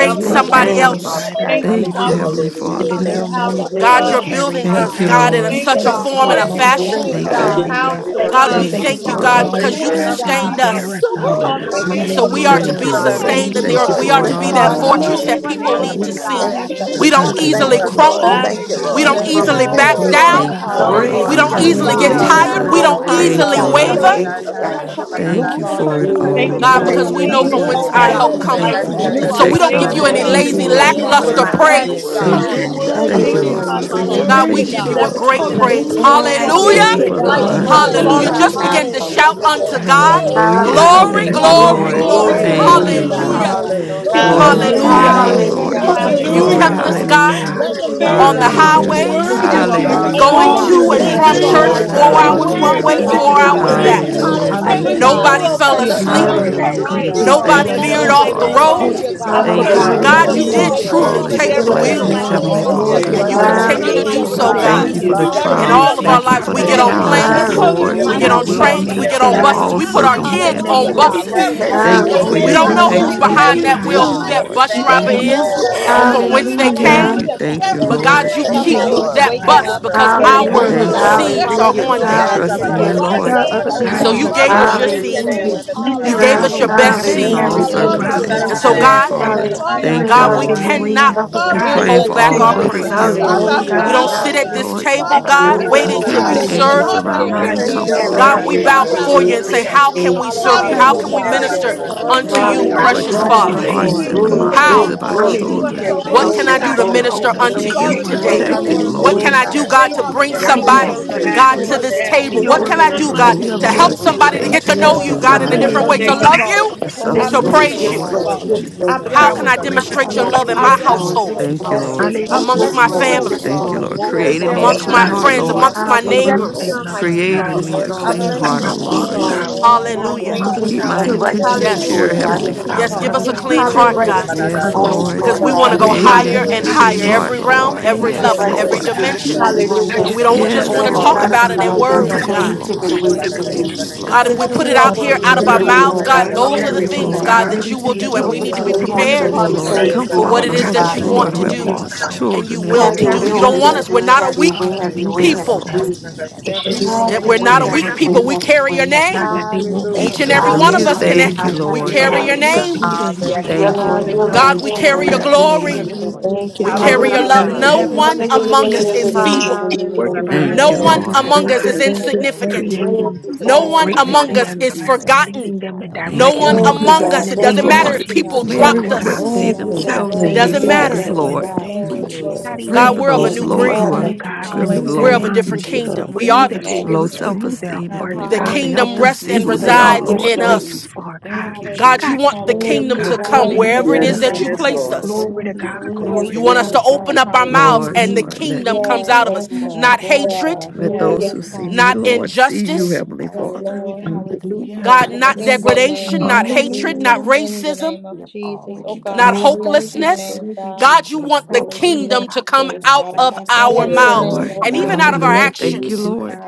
that Lord. you my are for Thank Thank you, somebody Jesus, walking Lord. you, husband. Lamb, I Lord else? Jesus. beside mean, us. you God. Thank you, Thank know, you, Father, Thank Hallelujah. you, for Heavenly In Hallelujah. the God. teaching Jesus. Father. me narrow Thank you, how Thank you, God. Praise to moments Lord. your that Lord, you God, soul Thank are you're love Hallelujah. Thank you, you, my today, building carrying us, mother. Thank God. us, Jesus. Thank Jesus. you, you, God. God, Thank in So Jesus. a- we Lord. Thank you, you, Thank such thank a you, you God. God. Thank you, for form those and Thank a Jesus. Father, Praise you, for moments your that Thank God. fashion. you, you Thank are name, you, Thank teaching you, God. me God. Hallelujah. Lord. carrying Jesus. how Thank us. Praise Hallelujah, you, to your Lord. Lord. God, Uh, We love we Thank you, Thank thank name, you, Thank you thank others, for you, you, those God. Jesus. God, Father. God. Father, as You're Thank because moments, Thank you, I you you, God, love that worthy, Jesus. God. you sustained myself. bear us. us Jesus. Don't be Woo, up. Oh, hard to Father, do Lord. Thank And you, Jesus. Thank you, it. Hallelujah. thank so you, we and are I hallelujah, to Hallelujah. Thank bless you, be God, your Jesus. Lord. for Robert, I And Thank sustained know in name. you, giving you, the Glory, Thank it's earth. you Lord. We because not. are for I glory, you it don't know someone to Oh, Thank be it's all, my you, are not. I don't. know that our a Father, God, Lord. I'm I yes, not new, fortress bless Father. Jesus. that your fresh eating people And your way, name. need to it's you thing, not. and look God. see. Thank I'm- you, after We us Giving I don't someone Thank Jesus. because you, we easily Thank Lord. are a Lord. you, your Yes, Thank Lord. you, crumble. Lord. children, Thank you, God. We Jesus. Lord. And don't Yes, Thank Hallelujah, Thank we're you, You're you, ever Lord. easily Hallelujah. Thank Lord. Jesus. back you, third grateful, Lord. down. hallelujah, chance, Thank you, God. Worthy fourth No, Father. Worthy chance, Thank We is Lord. you, Hallelujah. the don't hallelujah. Lamb. easily Hallelujah. Jesus. get God. Worthy Hallelujah. is Hallelujah. the Jesus, I Hallelujah. tired. We Hallelujah. just Lamb. don't Worthy Hallelujah, Hallelujah, thank is easily you, Hallelujah, the God. Father. Hallelujah. Lamb. Lord. waver, Thank Jesus. Thank you you, for Hallelujah. Thank Hallelujah. you, God. God. Hallelujah. restoration, Thank you Hallelujah. Glory, Father. for it Yeah, yeah, yeah, all, glory, Thank giving you Hallelujah. for God, yeah, the Lord. yeah, because Thank someone you, we a glory, know yeah, plan new that from yeah, Hallelujah. you Hallelujah. Yes, whence yeah, hope, Jesus. yeah, our have Lord. God, Thank Thank for help you, you, yeah. my glory, Thank Lord. you, Thank you Oh, life, cometh. for the glory. Jesus. your God. Father. We Katakaria new And Thank Jesus. Thank so you, lift we Yes, sabana your don't protection, give Thank sana Lord. you you opportunity, Jesus. Lord. for any Have God. name, Thank your you, we Thank thank giving you, way. yesete lazy, me lift you, Thank te Have your Lord. you, Lord. You're your beauty Jesus. God. way. for We lackluster name. my Have worthy. yesamanana praise You're your you, way. actions, praise. We yesete. God. worthy. Thank you, You're lift Father. your Hallelujah. Lord. Have worthy, your Thank you, Thank way. Woo, name, you, Lord, Have Hallelujah. for we your God. Father, Jesus. way. lift You're Have Hallelujah. for your your God, we Hallelujah, equipping way. worthy, name. me transportation, give Thank with you, you a God. Heavenly Jesus. Lord. everything great that We Thank I Father. you, lift need praise. Lord. to your Hallelujah. do, name, Father, Thank Hallelujah. we in Thank Thank you you, this lift Everywhere for Thank don't. your we the you, Thank God. life. Lord. name, went, Hallelujah, oh alignment, you, Hallelujah. God. Father, Hallelujah. Lord. not Hallelujah. Hallelujah, I you hallelujah, Just Lord. thank Have you begin to Jesus. that Hallelujah. your Hallelujah. you hallelujah, Hallelujah, Hallelujah. will shout never Thank you, unto Thank leave you, me or Hallelujah. God. way, everyone. Lord. Oh, forsake Jesus. hallelujah, me. Not Hallelujah. God, we Yes, only Glory, Hallelujah. you thank Thank Lord. you, you, can Father, hallelujah. glory, God. Jesus. Glory, Lord. thank you Glory glory. satisfy glory, and to I your us. Glory. Glory Thank bless Thank you, to you, your glory. name, name, God. Now, God. Lord. Hallelujah. Hallelujah. Jesus. Father. Glory. We Hallelujah. Glory bless Thank Glory Hallelujah. to your to Hallelujah. God, your God. Hallelujah. Hallelujah. name, Hallelujah. name, Lord Only God. hallelujah, Lord. you Hallelujah, can Glory to Jesus. You've hallelujah. Hallelujah. Hallelujah, Glory. Hallelujah, kept God. us, satisfy Lord. us, Father, God. Hallelujah. God. because We Thank Letting you, them you are know, Thank on Jesus. the you, Hallelujah, worthy. Lord. God. Thank You're Jesus. Hallelujah. Hallelujah. you, And Because highways, every God. worthy, time you we Lifting are try Thank their to Jesus. worthy, Hallelujah. head, going Father. fill Glory you. God. to Because to and Hallelujah. your Thank Thank that Thank you, Hallelujah, from you you, you, Oh are name, God, Jesus. church, God, Lord. Lord hole worthy, or you're Jesus. for four God. that You're worthy, Father. getting hours them emptiness Because one you're there Hallelujah. with way, worthy, you Hallelujah. are worthy. four anything safely, Jesus. worthy, God. hours outside of Thank Thank Hallelujah, Father. you, you, back. Hallelujah, you, Thank Lord. Hallelujah. Jesus. you, Hallelujah, Thank Because you, you Hallelujah, hallelujah. hallelujah, God, Nobody Lord. are Jesus. for fell we Thank worthy, are you letting for them my asleep. hallelujah, Father, know never it's to Hallelujah, Jesus. Hallelujah, be all Hallelujah, family, right. praised, Jesus. Jesus. complete. God. Father. They We Nobody Jesus. Thank are We you, There's hallelujah. veered bless never none made Heavenly ho- it. off like your the you, Father. name, Thank you, road. Father. whole. Thank Hallelujah, you, Jesus. Jesus. I God. God. But You Thank you, searched God Thank are you, and in Let God, Lord. Hallelujah, Hallelujah, you Jesus. them looked, Hallelujah. you, know You're did thank Thank they you Father, you. for woke as Jesus. amazing. truly all Thank worthy. up you, of we but take your You're this there fill the is up thank you, with none Thank morning. worthy, you wheel, blessings, thank more like you, for of you, Jesus. Heavenly you, all thank of more Father. your of Hallelujah, you, Thank you, Thank your Lord. and Father. you you, God. There blessings, God. is They for word, God. didn't continue your none to think Thank like they do you, were Hallelujah, you, You're so, going covering, to God. for make God. Thank worthy you your Father. it. to hallelujah, for the be Jesus. love, There for is seeking In your your praised, trials. Hallelujah, all none of face, our like Thank God. you Jesus. you, lives, for we the protection, get Thank Thank on Father. you, you, hallelujah, Someone is God. challenges, There is waking planes, Jesus. up Jesus. for in the Lord, none your for we like get we Hallelujah. God, on you, hospital we will foresight, this are be trains, for Father. we made your get morning, content on in There is whole buses, all God. we in put none guidance. our Hallelujah. you like in you, the kids Hallelujah. for circumstances, Hallelujah, name on Father. Thank of your Lord. God. you, Let buses. There is them Jesus. friendship, Jesus. know Thank for you, none that You're Thank your you Thank they like for you, We Oh care your worthy. made and it don't You're God, know Father. only we who's protection Hallelujah. and because thank worthy, your of concern. There you, behind is that Jesus. you, God. wheel, none who provision, You're like God. that worthy. you, Lord. bus We Thank Let driver you, Thank thank Father. them you. know, you. thank is, Jesus, you, God. oh We There is or Lord. God. don't none from Jesus, whence Hallelujah. like you, they Father. Hallelujah. Thank came. you. Hallelujah. Hallelujah, Thank God. There you, is But every none God, Lord. day. you like you, Thank That keep you, Jesus. Somebody you Thank are is you, Lord. Father. not that like God. waking There is I bus up love because my none love, other like thinking son, you, they our and gods. were Thank my Hallelujah, you, Thank Father. Hallelujah. you, love. lacking. Lord. seeds Lord. There are is Thank hallelujah, on you, Hallelujah, no I Lord. there. Yada one, God. But saba trust you da in Thank you, were da you, hallelujah, hallelujah, Father, ta Lord. right like Hallelujah. Jesus, There Lord. ta are you. pa there, Thank other ta you, oh ta And gods so ya in Jesus. Hallelujah, sa you this God. da ma Father, gave I na us na world, your hallelujah. ya bless Thank you, ka da your seed. hallelujah, name. Lord. Thank you, and Jesus, You their Father, Jesus. gave hallelujah, We'll us Hallelujah, your followers be bless they God. best have your to content in name. seed. Thank all hallelujah, carry you, them Hallelujah. thank Father, you, Hallelujah, around. bless thank And circumstances, you. so, God. They your Heavenly are name. God, For Father. another hallelujah, statues, Hallelujah. Father, chance. Thank they you, are bless God, we your Lord. Hallelujah, name. hallelujah, cannot figurines, God. but Lord. and Father, God, In praying Thank the bless hold for you, your back all we're name thank our of you, name. grateful mothers, that thank dear we praise. you, Jesus. Father, follow Lord. a thank you. hallelujah, We bless God don't your hallelujah, sit at name. this Lord, Hallelujah, God. that table, Father, God, carries bless us. your Oh waiting Oh, to encamp your be name. shake God, it, Hallelujah, angels oh, served. Jesus. Father, around shake them God, it, and Hallelujah, bless your you get Thank you, it, comfort name. hallelujah, oh, them, hallelujah, carry Lord. us God, shake we Lord. Thank bow it, glory Father, you, oh, shake before Lord. you it. and bless Jesus, to daily. say, your Thank your How you, name. can Lord. name. we serve Jesus. Thank you? you, How Hallelujah, Lord. can Hallelujah. Hallelujah we ta to Yes, Hallelujah. God. ba your Thank minister you, name, Lord. Lord. Jesus. Oh, unto shake Jesus. God, you, we Thank are Hallelujah, in it, the Lord, oh, precious hallelujah, Jesus. palm of touch shake Hallelujah the your Yes, Father? to Yes, it. your Jesus, hearts Lord. hands. Hallelujah, and the name, Lord glory, Thank God. you, Father, minds God. How? glory, of God, Thank you, our just because glory, God. you Hallelujah, Thank are implant you, Hallelujah. children, God. thank so the What thank Lord, worthy Bless Thank the help can you, you. you. I of to the Holy the do be God, to name you Lord, of praised. Spirit the minister hold and us in me, up unto Lord. keep with thank them your you you, Father, Lord. Lord. you words. Thank are Thank today? thank you, you, you, Thank so you, protected, for God, worthy Hallelujah, Hallelujah, this day, What to thank Jesus. Oh can Jesus. be Lord. I you, God. Jesus. do, Jesus. Taylor, God, praised. God, Thank to you God. Thank thank Father, for you, bring your you are Yes, God. And Holy so you have somebody, worthy set us Spirit. to be God, Hallelujah. yes, to free. Thank praised. you, this yes. Thank you, And God. And table? you, your What there what Holy is can word can I I none says do, do, like that Help Spirit. God, what Hallelujah. you, me. Remove, can whoever to you I have help Lord, Father. Thank Thank the you, set Thank somebody you, to do, Help free, God. get You're taste to you, me, and the know Lord. Yes, you, God. worthy. Lord. And I God, You're in a Yes, what bless free Help can different I desire your Lord. me, way, worthy, to Yes, God, do? name, indeed. Yes, Lord. love to Jesus. Yes, Father. you, become for Lord. Lord. Yes, our Lord. Yes, I closer to to Son. you, You're Hallelujah, bless Lord, substances, your praise oh yes, Jesus. you? name, Lord. Yes, God. Lord, worthy, Father. Yes, Mm. yes, Jesus. I Lord. So, God. How God, bless our glory. Help can we're your I me, Thank name, you Son, our God. grateful Yes, Hallelujah. thank I for demonstrate Son, Father. you your Yes, Lord, Thank love Lord, our you. you. praise in I Son. yes, my yes, you, carrying Thank us. bless you. God. yes, Lord, your for household, Help yes, name, Lord. Thank calling my you. me, Thank you, Yes, Lord. name, God, Father. yes, Son, Thank Lord. Lord. Lord. you. our Hallelujah, I For Thank Son, amongst bless you. Yes, my Mm. calling your yes, Son, Lord, Thank Jesus. my to name, our family, name, you, yes, Lord. become Thank Lord. Hallelujah, you, Father, Lord, closer yes, Lord. Son. to Jesus. Yes, Lord, because Create Yes, Son, in you. help there me me, is our a Lord. Son, amongst my Lord. clean none God, like heart, Hallelujah, Hallelujah. you, friends, save Lord. Father. amongst Jesus. my all Thank of yes, Thank There our you, Son, Hallelujah, our is Son. you, unsaved neighbors? Lord. none loved like ones, Help Jesus. you, me, Create Thank God. you, God, in Father. Yes, me Lord. a Jesus. I Thank Lord. clean bless you, heart, And your O Our name, Yes, Lord. fathers, to Yes, Father. be our Jesus. more Lord. like And Oh I you, oh Hallelujah. thank God, God. So you, mothers, Keep we Increase my our bless Father. your you, Lord. intentions righteousness, Help Hallelujah Yes. me, pure, Lord oh to Hallelujah. God. your Heavenly God. Thank sisters, you. name, Increase our Yes. Father. Give Father. us brothers, a our clean increase aunts, your heart, uncles, Hallelujah to God, your righteousness Yes, name, on cousins, Thank us, you, Father. Lord. God. Yes, because Lord we the God. Lord. want to God. go In the children. Create name of Hallelujah. higher in me and a Hallelujah God, to clean higher, your save Hallelujah. Jesus. every heart, name, them realm, Yes, Father. Lord. oh every Thank Increase and God. you, your Yes, Yes, level, deliver every Lord. them, righteousness Jesus. Lord. in God. each dimension. and Yes, God. every Lord. one of Not Hallelujah Thank Hallelujah. And to just we us. you, Thank you, as your don't name, God. you just Yes, want to Jesus. Whatever's carried talk Father. with not Lord. Thank of about you, you, us it in Lord Because God, Hallelujah. until you Jesus. take are words, it we worthy Yes, away, Thank God. you, to take be it Lord. away, Thank praised. take Jesus. it you, accepted away. God. Thank you, Yes, God, if Lord. Take Jesus. we it put You it away, are out take You it are here away, worthy out take of Hallelujah. Hallelujah. to our be it your worthy, God. away, love, mouths, praised. Lord worthy, Lord, God. It's God. God, you Let's got those it worthy, are keep all. Only You the Carry this you, with Oh, got things, human worthy, in Father. God, our everything. prayer. Lord. that worthy you to will Thank be unsaved do. Give And Thank loved us we a praised. ones you, need to be clean you. Thank thank you, until you, heart so Hallelujah, we prepared Oh, thank you, can Father, Lord. there Lord. they is serve thank you, none. you. Comfort for Yes, Lord all accept what you, it the Heavenly is God. Yes, that mothers, you Father, Lord. Continue in to oh want the Lord, who to God. prove have name of do lost yourself. Jesus. and you children, You will Heavenly Have to got your There do. way, is Continue You Father. don't none Holy Thank you, want like to us. you, We're Spirit. not a it. Father. Have your weak way, Um, have be your way, there have your Yes, Yes, for people. way. Lord. them, to There is Lord. yes. show Thank Thank you, none Have Eh, them like your God. We're that you, way, not a Father. have We're Yes, weak without not- your Lord. way, Help people. have you, me We your to carry be your way, more. have your God, name. way. that they won't be Lord. Each Hallelujah. Help able and to me, every God. make one it. of Hallelujah. Hallelujah. us can. eh, Hallelujah, Thank you. you, Help Hallelujah. We Lord. hallelujah, carry your Hallelujah. You Hallelujah. name. hallelujah. continue me. to Yes. embrace Yes, Yeah, them Hallelujah. Thank Thank you, with God. you, Lord, your God. yeah, Lord. Hallelujah. love, God, Lord, we yeah, your carry Lord, Thank your yeah, grace, you, and God. Lord, your yeah, glory. Thank Lord. mercy. you, Be Thank more Father. you, We like Yes, thank carry you. Hallelujah. your God. Hallelujah. Hallelujah, That love. you, they God. thank will Thank Hallelujah. you, No you, have God. Hallelujah. no one other choice but among to us is Oh, see yes, you Hallelujah. God. feeble. working Hallelujah. behind Thank the No you, Yes. Samadaya, one Mm. scenes in Lord. their among In thank the us you, Samadaya, is Yes, lives name and thank of you, Lord. Samadaya. Jesus. thank insignificant. Yes, you. Lord. creating No Yes, one Yes. Tatatata, Yes, greatness God. among in tatatana, Thank us their you, is lives Samadaya, and Jesus. forgotten. Samadaya. Yes. leading them and Oh, No Thank you, one directing Thank them, you, Samadaya. Lord. among God, Yes. God. in Jesus, us. the It doesn't Jesus, name matter Thank of Thank you, if Lord, you, Jesus. people God. may Thank Jesus. Bless you, Glory dropped to everyone your re- God. us. Yes, Lord. name, see yes, Thank Jesus. you, God. yes. God, God. themselves It as Thank Lord. Glory, you save doesn't you, God. and Thank see you, glory, Thank you, matter. us, Thank you, God. Thank deliver you, Lord. and Lord. Jesus. glory, set God. Thank Thank Thank you, glory, free. you, Lord. glory, God, Jesus. Pray even God, for glory, Thank we're Thank you, God. Thank you, of you, a heal glory. those, new and Jesus. make Lord, Jesus. you, who God. breed. are whole, Thank you, Thank you, God. God. feeling Renew Yes. Jesus. Hallelujah. their We're low of a Thank you, different minds, Thank you, Jesus. kingdom. Lord. We renew are Thank the their you, Thank you. kingdom. low spirits, Hallelujah. Jesus. self renew their esteem, hearts, Heavenly The God. Father. Hallelujah. Hallelujah. Help kingdom them Thank rests you, see and Yes, who Jesus. they Don't Lord. are, let resides them Yes, Lord. Thank in you, stray Hallelujah. Lord. too us. Jesus. far, God. Thank you, God, you Hallelujah. God, Jesus. want keep the Thank them, Thank kingdom you, you, Hallelujah. to God. God. thank come you, Thank Let, you, thank Greatness, wherever you, it Hallelujah, is oh God. thank Yes, Thank yes, you, that Thank you you, God. Jesus. you, yes, Lord. God. God. placed God. You Lord. are us. Glory to worthy. Thank God, Thank you, you, Worthy Jesus. is God. glory the You to want Greatness, Thank Glory. God. us Lamb oh to you, of God. God. open God. up our mouths Hallelujah, Lord, and the Thank Lord, you, Jesus. let, Hallelujah. kingdom comes Yes, out Jesus, of oh Thank us. you, Yes, God. Lord. God. Jesus, Not Yes, Jesus. Yes. hatred, God. let Glory those Samadaya, Yes. to Yes, who thank God. see God. you. me, not Lord, see you, Yes, injustice. Heavenly yes, Father. Hallelujah. Lord. Hallelujah. Hallelujah, Yes, God, Lord. not Hallelujah. In Yes, the degradation, name Hallelujah. not of hatred, not hallelujah, Jesus. Hallelujah. Jesus. In the racism. name of Jesus. Thank Oh you, God. not God, You're Glory to bless worthy, God, your you're hopelessness. name, worthy, God. God, you Jesus. want the glory. Hallelujah, kingdom Bless to Jesus. come you. out Para of más our Bless yes, your mouths name, Thank Lord. oh and you, even God. out of our Lord. Yes, Hallelujah. Thank you, God. actions. Hallelujah. Lord.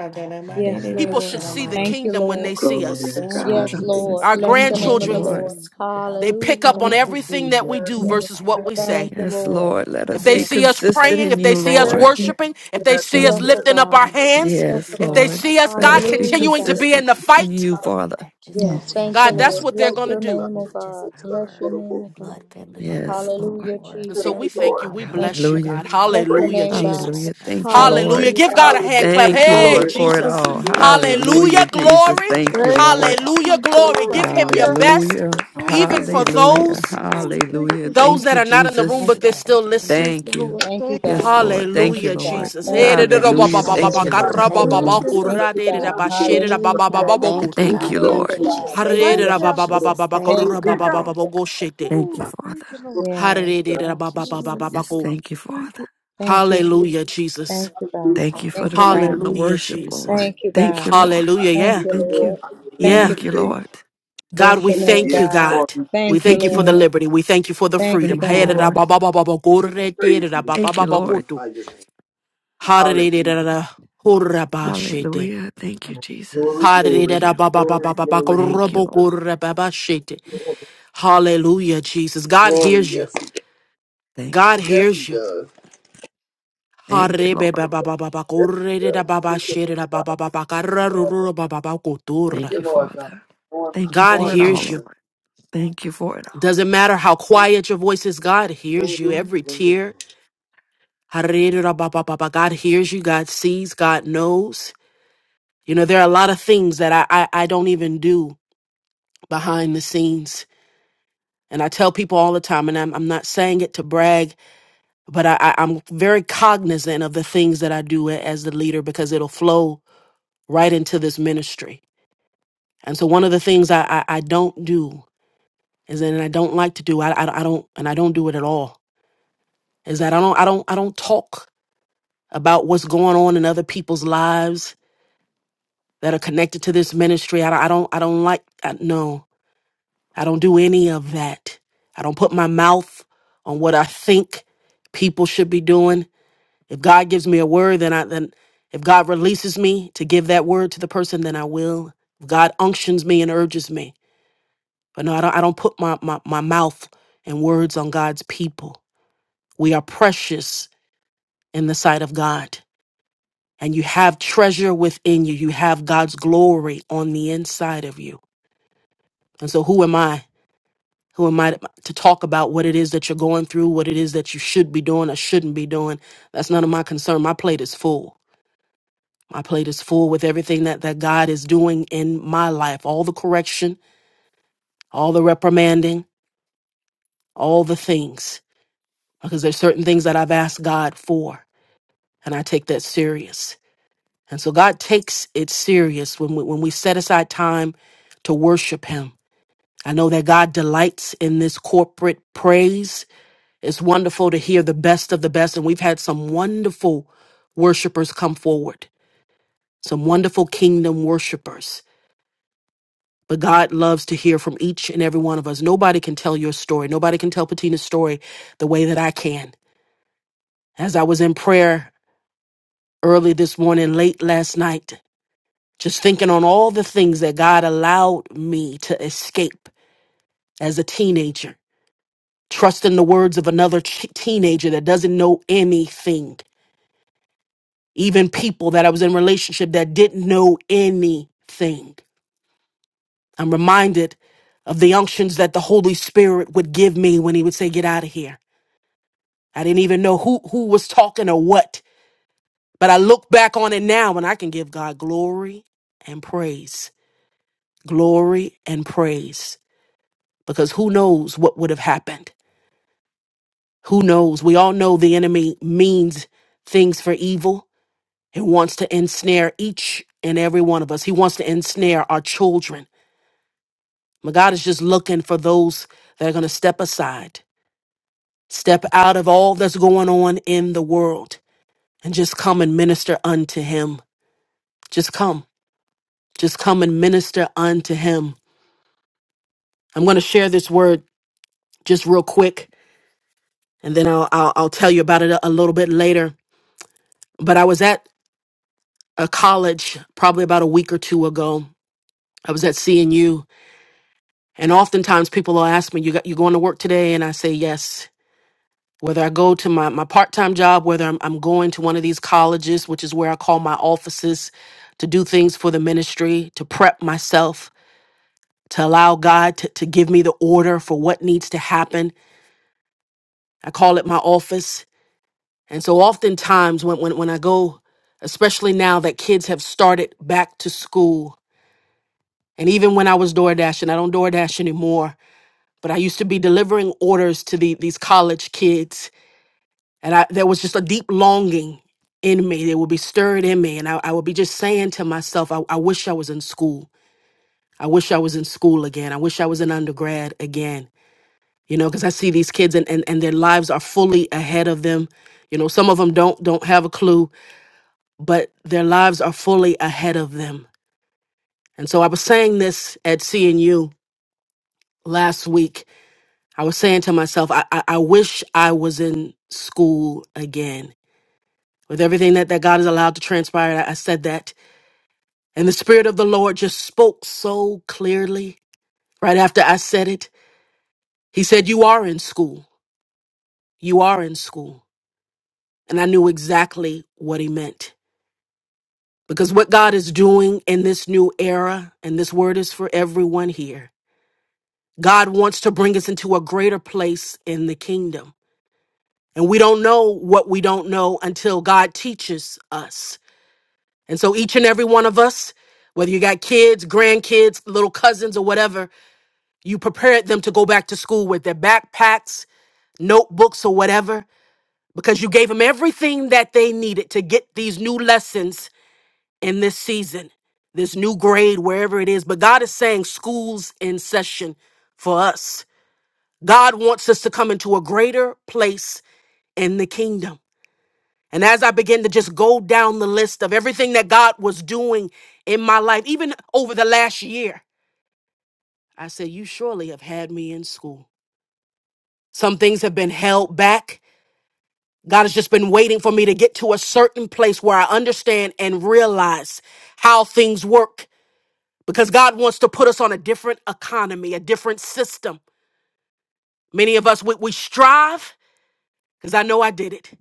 Yes, People Yes, Lord. should see the Lord. Thank you, kingdom when they Lord. see Glory us. to Yes, Thank you, God, Yes, Lord. hallelujah. Lord. Jesus. Our Bless Yes, the Thank you, Father, name of the grandchildren, Lord. Lord. Jesus. they Hallelujah. pick up God. on Thank you, everything that Jesus. we do Yes, Yes, versus what that's we yes, yes, Thank say. you, Yes, Lord. Lord. Let If us they be Yes, see us yes, consistent praying, in if they you, see us yes, yes, Lord. Lord. worshiping, if they yes, Yes, see us Yes, Lord. oh yes, lifting up our God. hands, Yes, oh Yes, if they God. Lord. see us, Let God, us yes, be Hallelujah, yes, continuing to God. yes, be in consistent the yes. in fight, you, Father. Yes, Yes, thank yes, you, God, that's yes. Lord. what they're Bless going to your do. name, O God. Bless your name, O God. Yes, Lord. Hallelujah, And so Thank we you, Jesus. thank you. Lord. We Thank bless you, you. God. Hallelujah. I Bless your praise Hallelujah, name, you. Jesus. God. Hallelujah. Thank you, Hallelujah. Lord. Hallelujah, Give God God. a hand clap. Hallelujah. Thank you, Thank Hey, Lord, Glory. you. for it Jesus. all. Hallelujah. Hallelujah, Hallelujah, Jesus. glory. Thank you, Thank you, Thank you, Lord. Hallelujah, Jesus. glory. Glory. Give Thank him Hallelujah. your you, Jesus. best, Hallelujah. thank even you, for Jesus. Hallelujah. those Glory Thank to Hallelujah. you, those Thank that you, Jesus. are not in the room Thank Jesus. but you, they're God. still Thank listening. you, Thank you. Lord. Thank you, Thank you, God. Yes, God. you, Lord. Thank Thank you, you, Hallelujah, God. Lord. Jesus. Thank Thank Lord. Hey, you, da- you, da- God. da- ba- Hallelujah. ba- Jesus. Yes, ba- ba- yes, Thank ba- Hallelujah. you, ka- yes. Lord. ra- Thank ba- you, ba- Hallelujah. Thank ba- Lord. you, ku- God. Thank ra- you, de- de- da- God. ba- Thank she- you. de- da- ba- Hallelujah. ba- ba- ba- bo- ku- tu. Thank you, Yes, Hallelujah, oh Lord. Jesus. God. Ha- Thank re- you, de- Thank God. da- ba- you. ba- ba- ba- ba- ba- ka- Thank ra- Thank ba- you, you, ba- ba- Jesus. God. ba- ba- go- Thank she- de. Thank Woo, you, thank Father. you, you. Lord. Ha- Yes. re- de- da- ba- ba- ba- ba- Thank ba- ba- Yes, go. thank you, you, Father. Thank you, Jesus. Hallelujah, Jesus. Thank you, God. Thank you for Thank the you, freedom God. to Hallelujah, worship, Lord. Jesus. Thank you, Thank you, God. Lord. Hallelujah. Thank Yeah. We you, Thank you. Lord. glorify your name Thank Yeah. you, Thank God. you, today. Lord. God, Bless we your Oh, name, thank yes, you, God. Lord. God. We thank We Thank you. you, thank you Thank for the you. Lord. liberty. We thank you for the Thank you, Thank freedom. Thank you, you, God. Lord. Lord. Praise you. Thank you, Lord. Magnify Hallelujah, your name. Hallelujah. Hallelujah. Thank you, Glory, Jesus. Thank glory, you. glory, glory, Thank you, Lord. glory. Hallelujah, Jesus. God Glory. hears you. Yes, he does. Thank you. God Yes, he hears you. does. Thank you, Lord. Yes, he does. Thank you, Lord God. Lord God. Thank Hallelujah. Thank you, you, Lord God. Father. Lord, my Thank you God for it Lord all, hears you. Jesus. Lord. Thank you for it all. Doesn't matter how quiet your voice is, God hears Glory, you. Every glory, tear, glory. Harirabababa, God hears you, God sees, God knows. You know, there are a lot of things that I, I, I don't even do behind the scenes. And I tell people all the time, and I'm, I'm not saying it to brag, but I, I, I'm very cognizant of the things that I do a- as the leader because it'll flow right into this ministry. And so one of the things I, I, I don't do is, and I don't like to do, I, I, I don't, and I don't do it at all is that I don't I don't I don't talk about what's going on in other people's lives that are connected to this ministry. I don't I don't, I don't like I, no. I don't do any of that. I don't put my mouth on what I think people should be doing. If God gives me a word, then I then if God releases me to give that word to the person, then I will. If God unctions me and urges me. But no, I don't I don't put my, my, my mouth and words on God's people. We are precious in the sight of God and you have treasure within you. You have God's glory on the inside of you. And so, who am I? Who am I to talk about what it is that you're going through, what it is that you should be doing or shouldn't be doing? That's none of my concern. My plate is full. My plate is full with everything that, that God is doing in my life all the correction, all the reprimanding, all the things. Because there's certain things that I've asked God for, and I take that serious. And so God takes it serious when we, when we set aside time to worship Him I know that God delights in this corporate praise. It's wonderful to hear the best of the best. And we've had some wonderful worshipers come forward, some wonderful kingdom worshipers. But God loves to hear from each and every one of us. Nobody can tell your story. Nobody can tell Patina's story the way that I can. As I was in prayer early this morning, late last night, just thinking on all the things that God allowed me to escape as a teenager trusting the words of another ch- teenager that doesn't know anything even people that i was in relationship that didn't know anything i'm reminded of the unctions that the holy spirit would give me when he would say get out of here i didn't even know who who was talking or what but i look back on it now and i can give god glory and praise glory and praise because who knows what would have happened who knows we all know the enemy means things for evil He wants to ensnare each and every one of us. He wants to ensnare our children. My God is just looking for those that are going to step aside, step out of all that's going on in the world, and just come and minister unto Him. Just come. Just come and minister unto Him. I'm going to share this word just real quick, and then I'll, I'll, I'll tell you about it a, a little bit later. But I was at a college probably about a week or two ago. I was at CNU And oftentimes people will ask me, you got, you going to work today? And I say, yes. Whether I go to my, my part-time job, whether I'm, I'm going to one of these colleges, which is where I call my offices to do things for the ministry, to prep myself, to allow God to, to give me the order for what needs to happen. I call it my office. And so oftentimes when, when, when I go, especially now that kids have started back to school, and even when I was DoorDashing, I don't DoorDash anymore, but I used to be delivering orders to the, these college kids. And I, there was just a deep longing in me that would be stirred in me. And I, I would be just saying to myself, I, I wish I was in school. I wish I was in school again. I wish I was in undergrad again. You know, because I see these kids and, and, and their lives are fully ahead of them. You know, some of them don't don't have a clue, but their lives are fully ahead of them. And so I was saying this at CNU last week I was saying to myself, I, I, I wish I was in school again. With everything that, that God is allowed to transpire, I, I said that. And the Spirit of the Lord just spoke so clearly right after I said it. He said, You are in school. You are in school. And I knew exactly what he meant. Because what God is doing in this new era, and this word is for everyone here, God wants to bring us into a greater place in the kingdom. And we don't know what we don't know until God teaches us. And so each and every one of us, whether you got kids, grandkids, little cousins, or whatever, you prepared them to go back to school with their backpacks, notebooks, or whatever, because you gave them everything that they needed to get these new lessons in this season, this new grade, wherever it is. But God is saying school's in session for us. God wants us to come into a greater place in the kingdom. And as I began to just go down the list of everything that God was doing in my life, even over the last year, I said, You surely have had me in school. Some things have been held back. God has just been waiting for me to get to a certain place where I understand and realize how things work because God wants to put us on a different economy, a different system. Many of us, we, we strive, because I know I did it.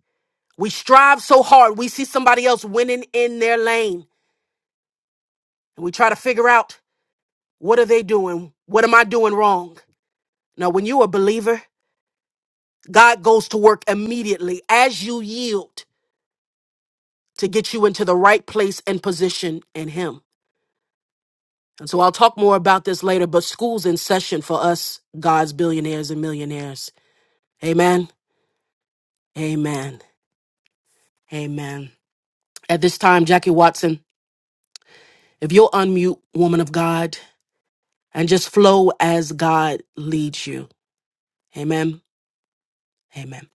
We strive so hard. We see somebody else winning in their lane and we try to figure out. What are they doing? What am I doing wrong? Now, when you're a believer, God goes to work immediately as you yield to get you into the right place and position in Him. And so I'll talk more about this later, but school's in session for us, God's billionaires and millionaires. Amen. Amen. Amen. At this time, Jackie Watson, if you'll unmute, woman of God, and just flow as God leads you. Amen. Amen.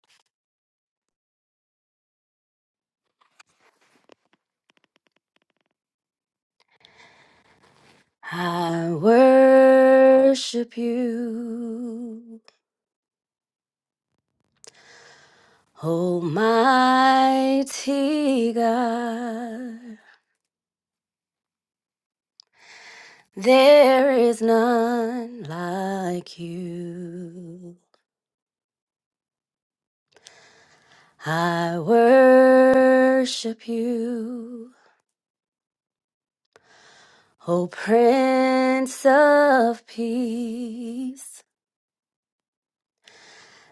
I worship you, Almighty God. There is none like you. I worship you, O Prince of Peace.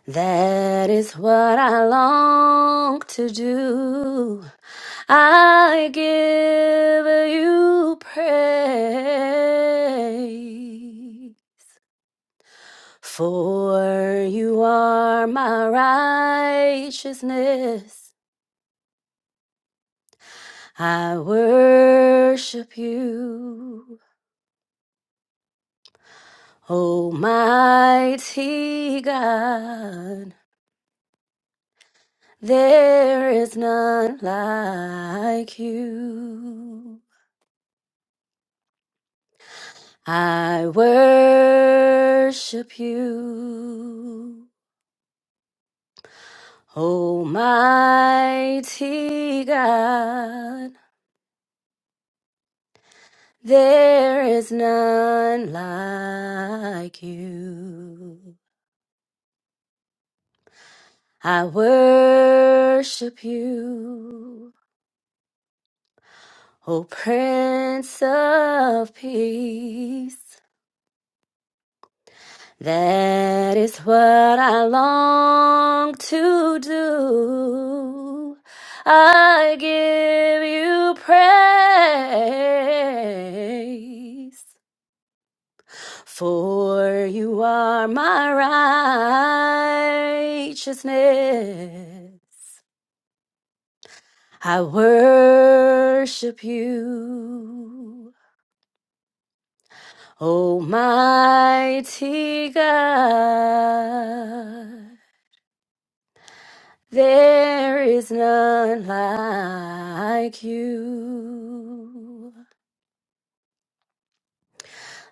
That is what I long to do. I give you praise, for you are my righteousness. I worship you, Almighty God. There is none like you. I worship you, Almighty God. There is none like you. I worship you, O Prince of Peace. That is what I long to do. I give you praise, for you are my righteousness. I worship you, Almighty God. There is none like you.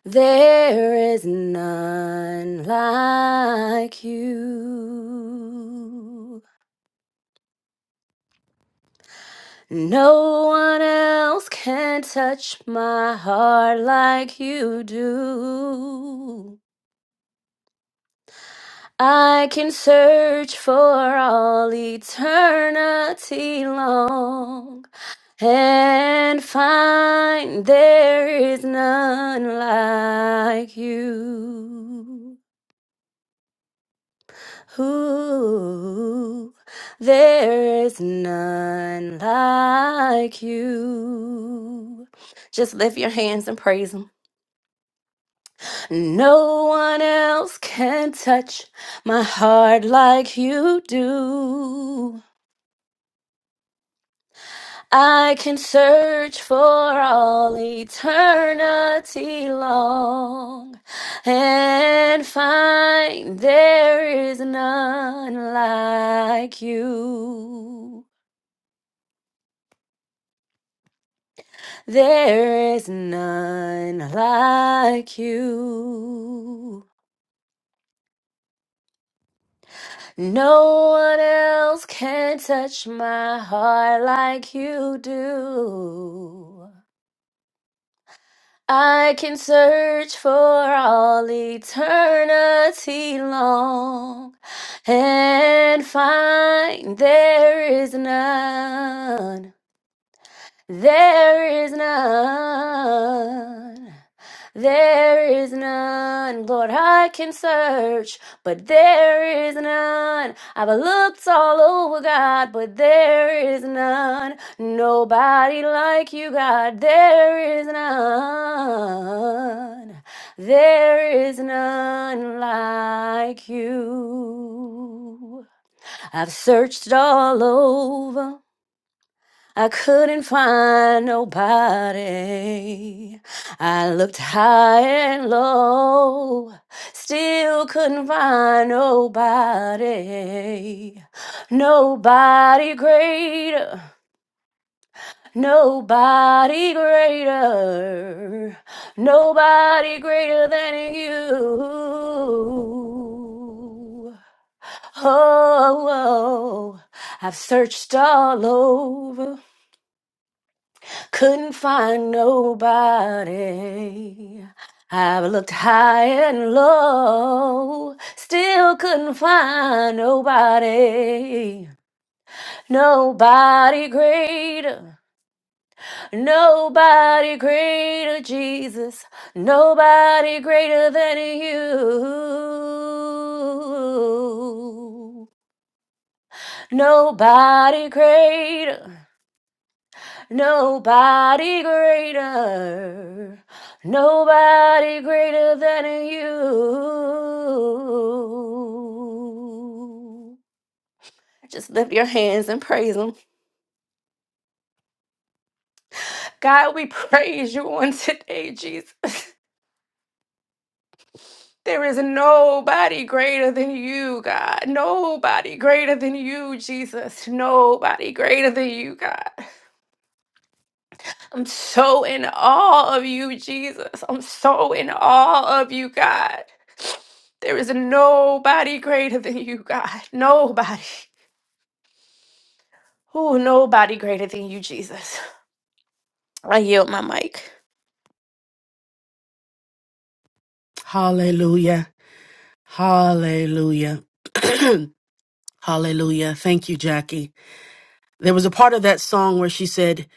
There is none like you. No one else can touch my heart like you do. I can search for all eternity long and find there is none like you. Ooh, there is none like you. Just lift your hands and praise Him. No one else can touch my heart like you do. I can search for all eternity long and find there is none like you. There is none like you. No one else can touch my heart like you do. I can search for all eternity long and find there is none. There is none. There is none, Lord, I can search, but there is none. I've looked all over, God, but there is none. Nobody like you, God, there is none. There is none like you. I've searched all over. I couldn't find nobody. I looked high and low, still couldn't find nobody. Nobody greater, nobody greater, nobody greater than you. Oh, oh, oh. I've searched all over. Couldn't find nobody. I've looked high and low, still couldn't find nobody. Nobody greater, nobody greater, Jesus. Nobody greater than you. Nobody greater. Nobody greater, nobody greater than you. Just lift your hands and praise Him. God, we praise you on today, Jesus. There is nobody greater than you, God. Nobody greater than you, Jesus. Nobody greater than you, God. I'm so in awe of you, Jesus. I'm so in awe of you, God. There is nobody greater than you, God. Nobody. Oh, nobody greater than you, Jesus. I yield my mic. Hallelujah. Hallelujah. Hallelujah. Thank you, Jackie. There was a part of that song where she said,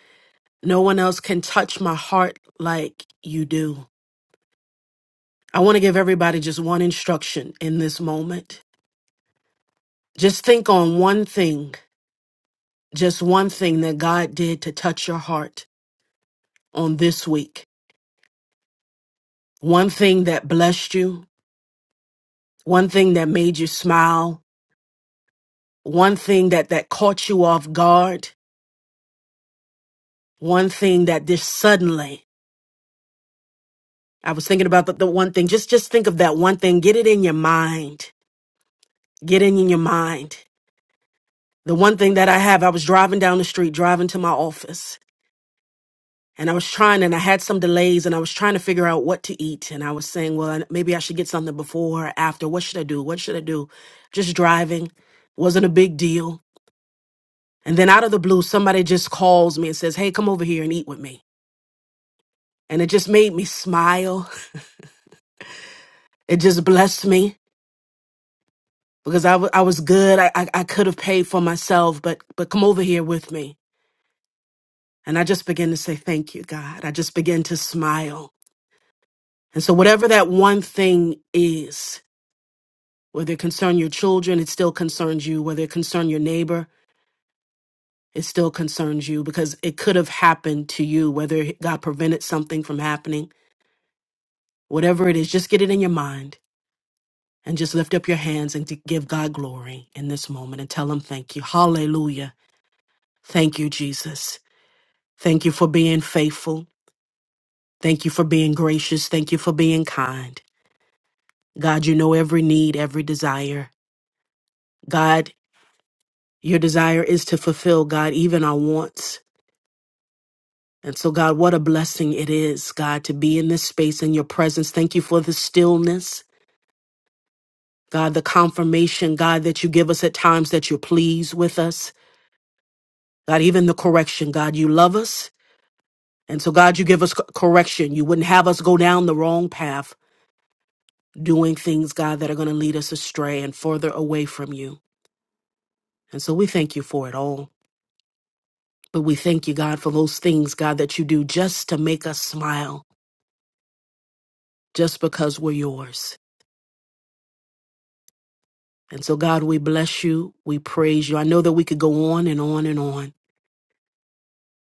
No one else can touch my heart like you do. I want to give everybody just one instruction in this moment. Just think on one thing, just one thing that God did to touch your heart on this week. One thing that blessed you, one thing that made you smile, one thing that that caught you off guard, one thing that just suddenly I was thinking about the, the one thing. Just just think of that one thing. Get it in your mind. Get it in your mind. The one thing that I have, I was driving down the street, driving to my office, and I was trying, and I had some delays, and I was trying to figure out what to eat. And I was saying, well, I- maybe I should get something before or after. What should I do? What should I do? Just driving. Wasn't a big deal. And then out of the blue, somebody just calls me and says, hey, come over here and eat with me. And it just made me smile. It just blessed me because I wa- I was good. I, I, I could have paid for myself, but, but come over here with me. And I just began to say, thank you, God. I just began to smile. And so whatever that one thing is, whether it concern your children, it still concerns you. Whether it concern your neighbor, it still concerns you because it could have happened to you, whether God prevented something from happening, whatever it is, just get it in your mind and just lift up your hands and to give God glory in this moment and tell him thank you. Hallelujah. Thank you, Jesus. Thank you for being faithful. Thank you for being gracious. Thank you for being kind. God, you know every need, every desire. God, your desire is to fulfill, God, even our wants. And so, God, what a blessing it is, God, to be in this space in your presence. Thank you for the stillness, God, the confirmation, God, that you give us at times that you're pleased with us. God, even the correction, God, you love us. And so, God, you give us co- correction. You wouldn't have us go down the wrong path. doing things, God, that are going to lead us astray and further away from you. And so we thank you for it all. But we thank you, God, for those things, God, that you do just to make us smile, just because we're yours. And so, God, we bless you. We praise you. I know that we could go on and on and on,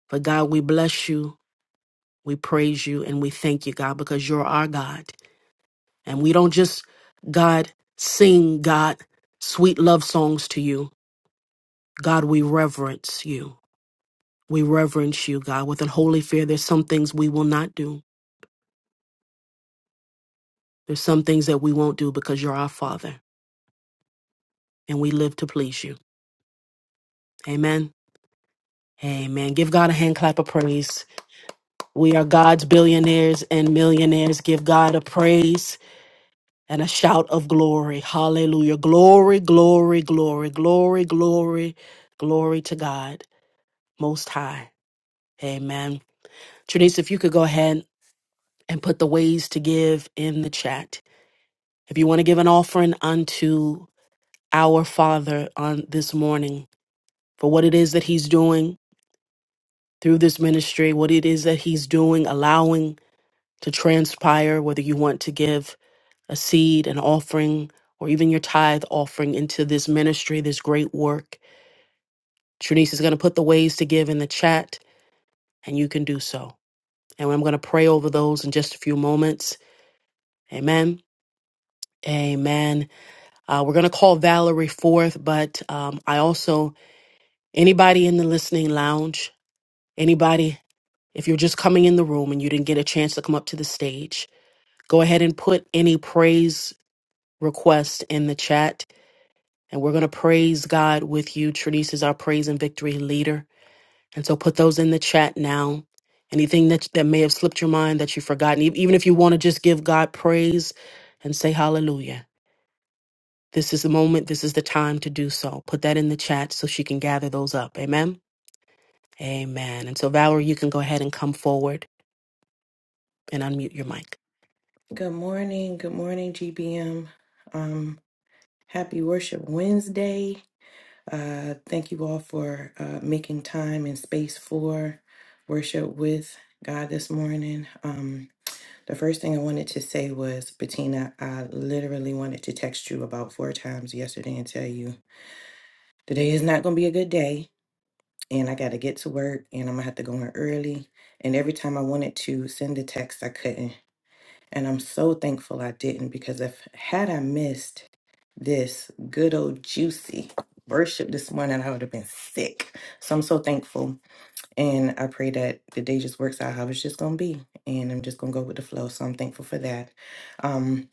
but God, we bless you. We praise you and we thank you, God, because you're our God. And we don't just, God, sing, God, sweet love songs to you. God, we reverence you. We reverence you, God, with an holy fear. There's some things we will not do. There's some things that we won't do because you're our Father and we live to please you. Amen. Amen. Give God a hand clap of praise. We are God's billionaires and millionaires. Give God a praise and a shout of glory. Hallelujah. Glory, glory, glory, glory, glory, glory to God Most High. Amen. Trinice, if you could go ahead and put the ways to give in the chat. If you want to give an offering unto our Father on this morning for what it is that He's doing through this ministry, what it is that He's doing, allowing to transpire, whether you want to give a seed, an offering, or even your tithe offering into this ministry, this great work. Trinice is going to put the ways to give in the chat, and you can do so. And I'm going to pray over those in just a few moments. Amen. Amen. Uh, we're going to call Valerie forth, but um, I also, anybody in the listening lounge, anybody If you're just coming in the room and you didn't get a chance to come up to the stage, go ahead and put any praise request in the chat. And we're going to praise God with you. Trinice is our praise and victory leader. And so put those in the chat now. Anything that, that may have slipped your mind that you've forgotten, e- even if you want to just give God praise and say hallelujah. This is the moment, this is the time to do so. Put that in the chat so she can gather those up. Amen. Amen. And so, Valerie, you can go ahead and come forward and unmute your mic. Good morning. Good morning, GBM. Um, happy Worship Wednesday. Uh, thanks for worship with God this morning. Um, the first to say was, Bettina, I literally wanted to about four times yesterday and tell you today. and work, and I'm gonna have to go in early. And every time I send a text, I couldn't, and I'm s- didn't because if had I missed this good old juicy worship this morning, I would have been sick. So I'm so thankful, and I pray that the day just works out how it's just gonna be, and I'm just gonna go with the flow. So I'm thankful for that. Um,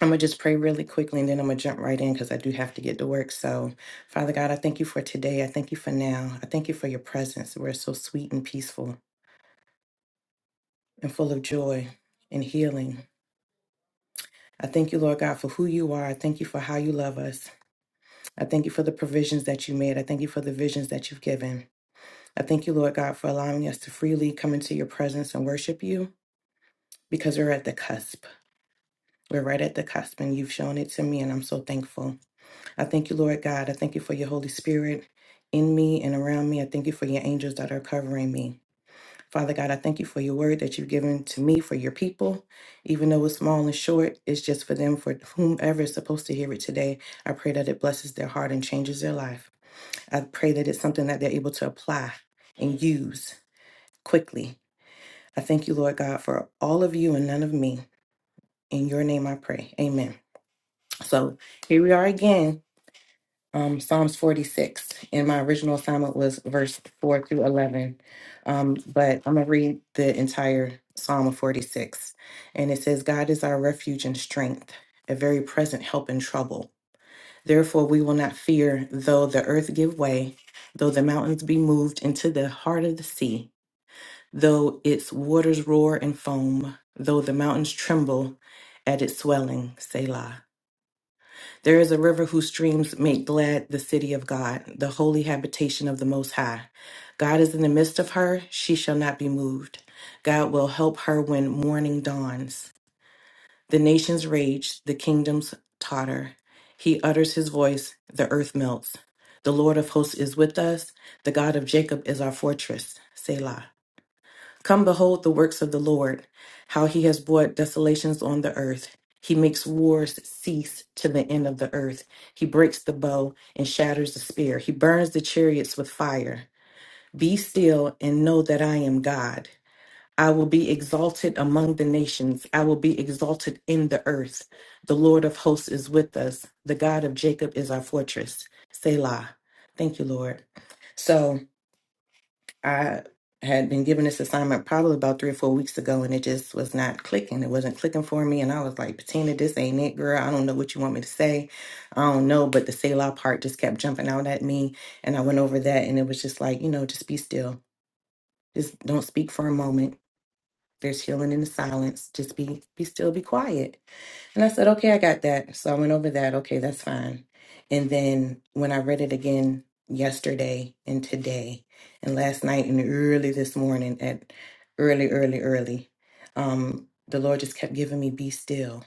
I'm gonna just pray really quickly, and then I'm gonna jump right in because I do have to get to work. So, Father God, I thank you for today. I thank you for now. I thank you for your presence. We're so sweet and peaceful. and full of joy and healing. I thank you, Lord God, for who you are. I thank you for how you love us. I thank you for the provisions that you made. I thank you for the visions that you've given. I thank you, Lord God, for allowing us to freely come into your presence and worship you because we're at the cusp. We're right at the cusp, and you've shown it to me, and I'm so thankful. I thank you, Lord God. I thank you for your Holy Spirit in me and around me. I thank you for your angels that are covering me. Father God, I thank you for your word that you've given to me for your people. Even though it's small and short, it's just for them, for whomever is supposed to hear it today. I pray that it blesses their heart and changes their life. I pray that it's something that they're able to apply and use quickly. I thank you, Lord God, for all of you and none of me. In your name I pray. Amen. So here we are again. um, Psalms 46, and my original assignment was verse 4 through 11. Um, but I'm going to read the entire Psalm of 46. And it says, God is our refuge and strength, a very present help in trouble. Therefore, we will not fear, though the earth give way, though the mountains be moved into the heart of the sea, though its waters roar and foam, though the mountains tremble at its swelling, Selah. There is a river whose streams make glad the city of God, the holy habitation of the Most High. God is in the midst of her, she shall not be moved. God will help her when morning dawns. The nations rage, the kingdoms totter. He utters his voice, the earth melts. The Lord of hosts is with us, the God of Jacob is our fortress. Selah. Come behold the works of the Lord, how he has brought desolations on the earth. He makes wars cease to the end of the earth. He breaks the bow and shatters the spear. He burns the chariots with fire. Be still and know that I am God. I will be exalted among the nations. I will be exalted in the earth. The Lord of hosts is with us. The God of Jacob is our fortress. Selah. Thank you, Lord. So, I had been given this assignment probably about three or four weeks ago, and it just was not clicking. It wasn't clicking for me, and I was like, "Patina, this ain't it, girl. I don't know what you want me to say. I don't know." But the Selah part just kept jumping out at me, and I went over that, and it was just like, you know, just be still. Just don't speak for a moment. There's healing in the silence. Just be, be still, be quiet. And I said, okay, I got that. So I went over that. Okay, that's fine. And then when I read it again yesterday and today and last night and early this morning at early, early, early, um, the Lord just kept giving me be still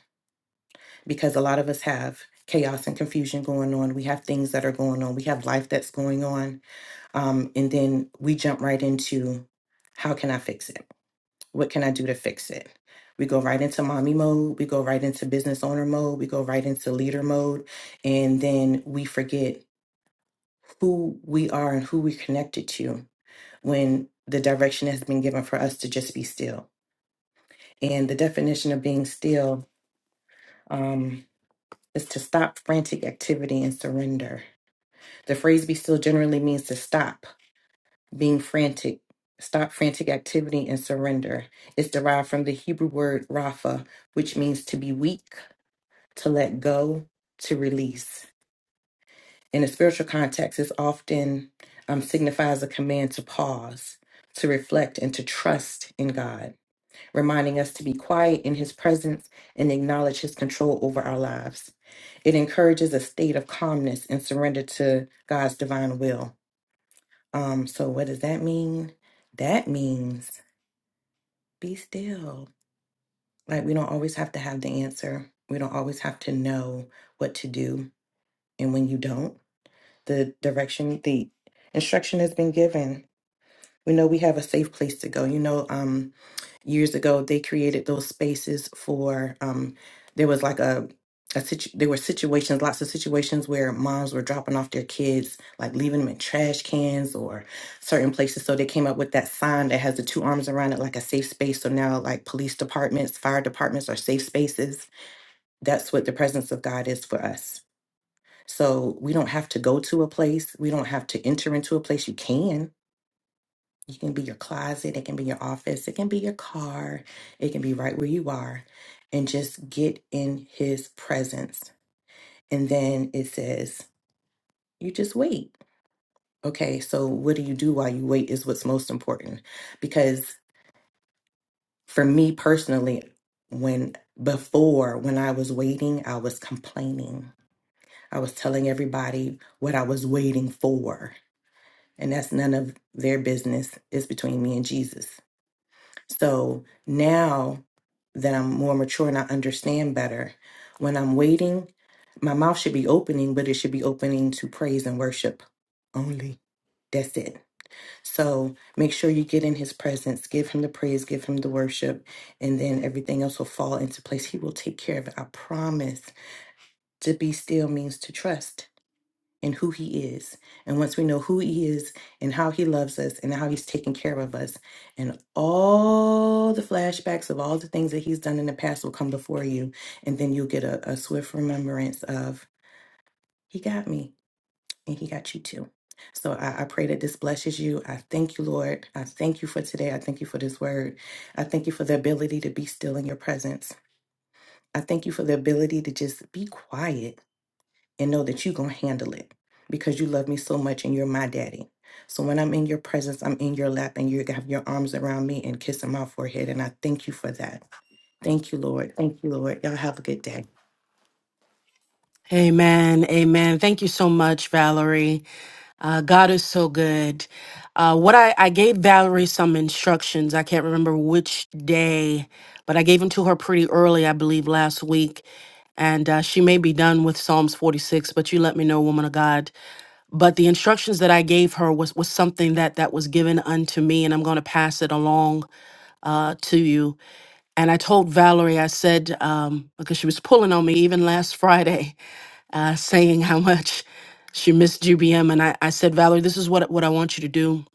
because a lot of us have chaos and confusion going on. We have things that are going on. We have life that's going on. Um, and then we jump right into how can I fix it? What can I do to fix it? We go right into mommy mode. We go right into business owner mode. We go right into leader mode. And then we forget who we are and who we're connected to when the direction has been given for us to just be still. And the definition of being still um, is to stop frantic activity and surrender. The phrase be still generally means to stop being frantic, stop frantic activity and surrender. It's derived from the Hebrew word rapha, which means to be weak to let go, to release. In a spiritual context, this often um, signifies a command to pause, to reflect, and to trust in God, reminding us to be quiet in His presence and acknowledge His control over our lives. It encourages a state of calmness and surrender to God's divine will. Um, so, what does that mean? That means be still. Like, we don't always have to have the answer, we don't always have to know what to do. And when you don't, the direction, the instruction has been given. We know we have a safe place to go. You know, um, years ago they created those spaces for um there was like a a situ- there were situations lots of situations where moms were dropping off their kids like leaving them in trash cans or certain places so they came up with that sign that has the two arms around it like a safe space so now like police departments fire departments are safe spaces that's what the presence of god is for us so we don't have to go to a place. We don't have to enter into a place. You can. You can be your closet. It can be your office. It can be your car. It can be right where you are. And just get in his presence. And then it says, you just wait. Okay. So what do you do while you wait is what's most important. Because for me personally, when before, when I was waiting, I was complaining. I was telling everybody what I was waiting for and that's none of their business. It's between me and Jesus. So now that I'm more mature and I understand better, when I'm waiting, my mouth should be opening, but it should be opening to praise and worship only. That's it. So make sure you get in his presence, give him the praise, give him the worship, and then everything else will fall into place. He will take care of it. I promise. To be still means to trust and who he is. And once we know who he is and how he loves us and how he's taking care of us, and all the flashbacks of all the things that he's done in the past will come before you. And then you'll get a, a swift remembrance of, he got me and he got you too. So I, I pray that this blesses you. I thank you, Lord. I thank you for today. I thank you for this word. I thank you for the ability to be still in your presence. I thank you for the ability to just be quiet and know that you're going to handle it because you love me so much and you're my daddy. So when I'm in your presence, I'm in your lap and you have your arms around me and kissing my forehead. And I thank you for that. Thank you, Lord. Thank you, Lord. Y'all have a good day. Amen. Amen. Thank you so much, Valerie. Uh, God is so good. Uh, what I, I gave Valerie some instructions. I can't remember which day, but I gave them to her pretty early, I believe, last week. And uh, she may be done with Psalms 46, but you let me know, woman of God. But the instructions that I gave her was, was something that, that was given unto me, and I'm going to pass it along uh, to you. And I told Valerie, I said, um, because she was pulling on me even last Friday uh, saying how much she missed GBM. And I, I said, Valerie, this is what, what I want you to do.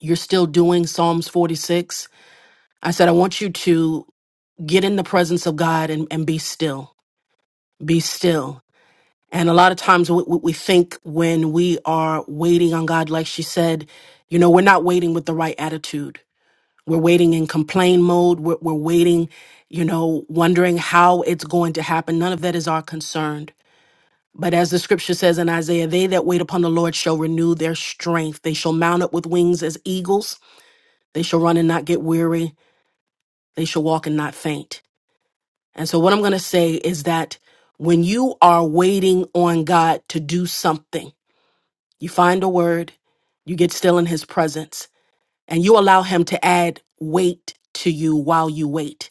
You're still doing Psalms 46. I said, I want you to get in the presence of God and, and be still. Be still. And a lot of times we, we we think when we are waiting on God, like she said, you know, we're not waiting with the right attitude. We're waiting in complain mode. We're, we're waiting, you know, wondering how it's going to happen. None of that is our concern But as the scripture says in Isaiah, they that wait upon the Lord shall renew their strength. They shall mount up with wings as eagles. They shall run and not get weary. They shall walk and not faint. And so, what I'm going to say is that when you are waiting on God to do something, you find a word, you get still in his presence, and you allow him to add weight to you while you wait.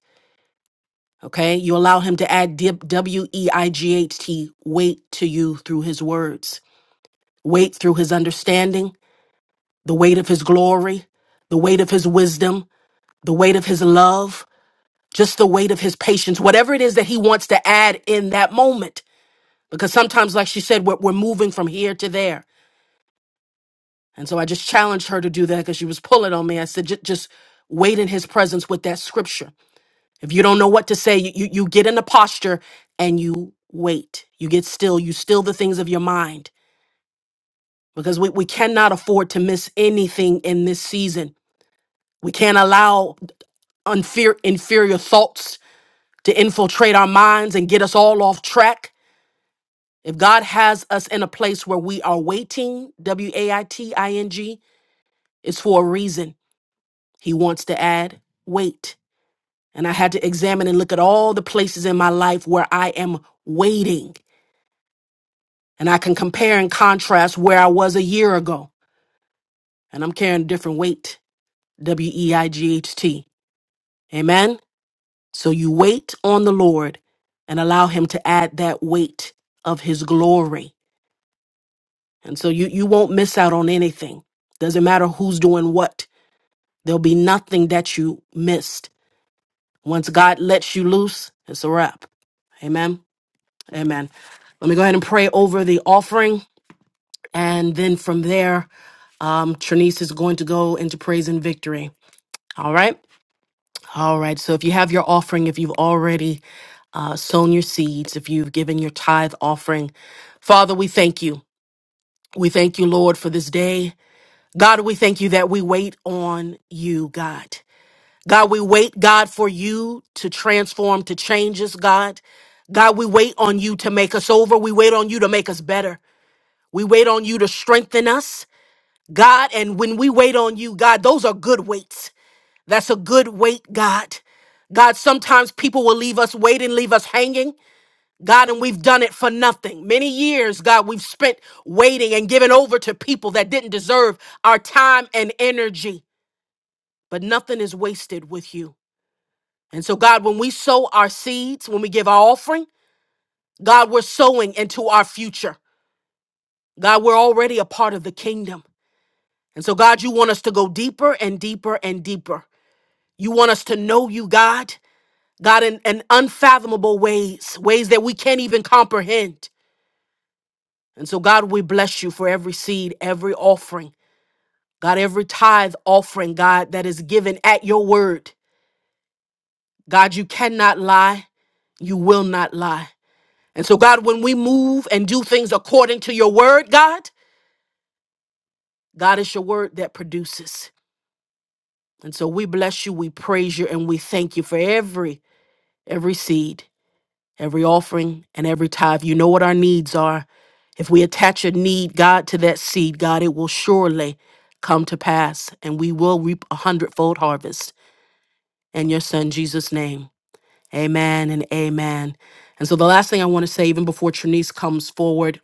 Okay? You allow him to add W E I G H T, weight to you through his words, weight through his understanding the weight of his glory, the weight of his wisdom, the weight of his love, just the weight of his patience, whatever it is that he wants to add in that moment. Because sometimes, like she said, we're, we're moving from here to there. And so I just challenged her to do that because she was pulling on me. I said, "Ju- just wait in his presence with that scripture. If you don't know what to say, you, you you get in a posture and you wait. You get still. You still the things of your mind because we, we cannot afford to miss anything in this season. We can't allow Unfair, inferior thoughts to infiltrate our minds and get us all off track. If God has us in a place where we are waiting, W A I T I N G, it's for a reason. He wants to add wait. And I had to examine and look at all the places in my life where I am waiting. And I can compare and contrast where I was a year ago. And I'm carrying a different weight, W E I G H T. Amen. So you wait on the Lord and allow him to add that weight of his glory. And so you, you won't miss out on anything. Doesn't matter who's doing what. There'll be nothing that you missed. Once God lets you loose, it's a wrap. Amen. Amen. Let me go ahead and pray over the offering. And then from there, um, Trinice is going to go into praise and victory. All right. All right. So if you have your offering, if you've already uh, sown your seeds, if you've given your tithe offering. Father, we thank you. We thank you, Lord, for this day. God, we thank you that we wait on you, God. God, we wait, God, for you to transform, to change us, God. God, we wait on you to make us over. We wait on you to make us better. We wait on you to strengthen us, God. And when we wait on you, God, those are good waits. That's a good wait, God. God, sometimes people will leave us waiting, leave us hanging. God, and we've done it for nothing. Many years, God, we've spent waiting and giving over to people that didn't deserve our time and energy, but nothing is wasted with you. And so, God, when we sow our seeds, when we give our offering, God, we're sowing into our future. God, we're already a part of the kingdom. And so, God, you want us to go deeper and deeper and deeper. You want us to know you, God, God, in, in unfathomable ways, ways that we can't even comprehend. And so, God, we bless you for every seed, every offering. God, every tithe offering, God, that is given at your word. God, you cannot lie. You will not lie. And so, God, when we move and do things according to your word, God, God is your word that produces. And so we bless you, we praise you, and we thank you for every, every seed. every offering and every tithe. You know what our needs are. If we attach a need, God, to that seed, God, it will surely come to pass and we will reap a hundredfold harvest in your son Jesus' name. Amen and amen. And so the last thing I want to say, even before Trinice comes forward,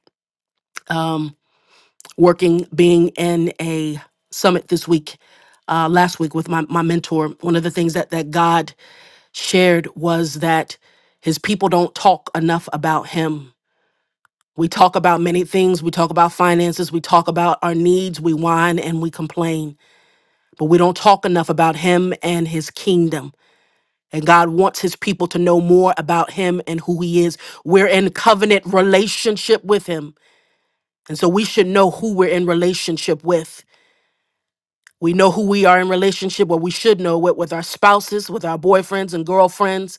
um, working, being in a summit this week, uh, last week with my, my mentor, one of the things that, that God shared was that his people don't talk enough about him We talk about many things. We talk about finances. We talk about our needs. We whine and we complain. But we don't talk enough about Him and His kingdom. And God wants His people to know more about Him and who He is. We're in covenant relationship with Him. And so we should know who we're in relationship with. We know who we are in relationship, what we should know it with our spouses, with our boyfriends and girlfriends.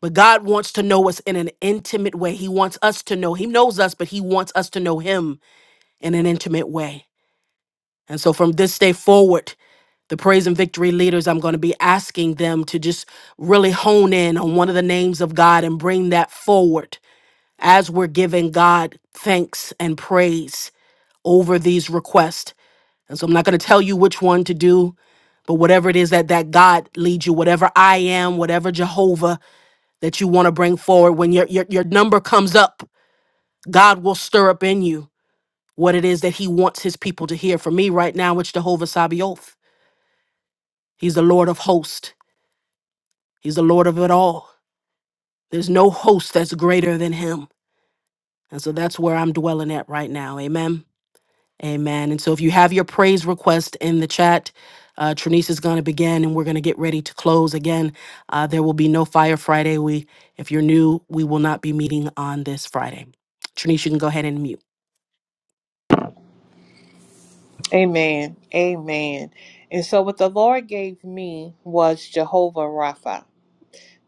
But God wants to know us in an intimate way. He wants us to know. He knows us, but He wants us to know Him in an intimate way. And so from this day forward, the praise and victory leaders, I'm going to be asking them to just really hone in on one of the names of God and bring that forward as we're giving God thanks and praise over these requests. And so I'm not going to tell you which one to do, but whatever it is that that God leads you, whatever I am, whatever Jehovah that you want to bring forward, when your, your your number comes up, God will stir up in you what it is that He wants His people to hear. For me right now, it's Jehovah Sabioth. He's the Lord of hosts. He's the Lord of it all. There's no host that's greater than him. And so that's where I'm dwelling at right now. Amen. Amen. And so if you have your praise request in the chat, uh, Trinice is going to begin and we're going to get ready to close again. Uh, there will be no Fire Friday. We, if you're new, we will not be meeting on this Friday. Trinice, you can go ahead and mute. Amen. Amen. And so what the Lord gave me was Jehovah Rapha,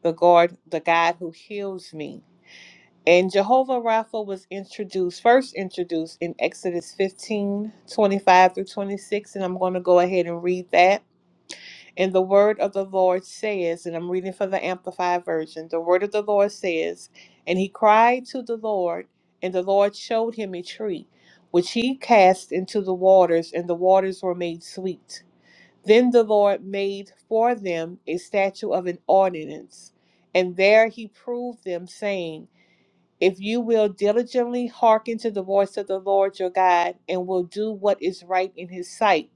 the God, the God who heals me. And Jehovah Rapha was introduced, first introduced in Exodus 15 25 through 26. And I'm going to go ahead and read that. And the word of the Lord says, and I'm reading from the Amplified Version the word of the Lord says, And he cried to the Lord, and the Lord showed him a tree, which he cast into the waters, and the waters were made sweet. Then the Lord made for them a statue of an ordinance, and there he proved them, saying, if you will diligently hearken to the voice of the Lord your God, and will do what is right in his sight,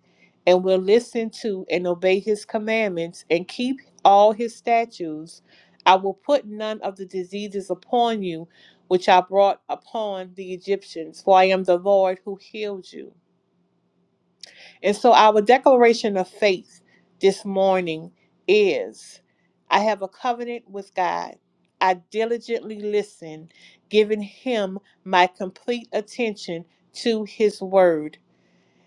and will listen to and obey his commandments, and keep all his statutes, I will put none of the diseases upon you which I brought upon the Egyptians, for I am the Lord who healed you. And so our declaration of faith this morning is I have a covenant with God. I diligently listen, giving him my complete attention to his word.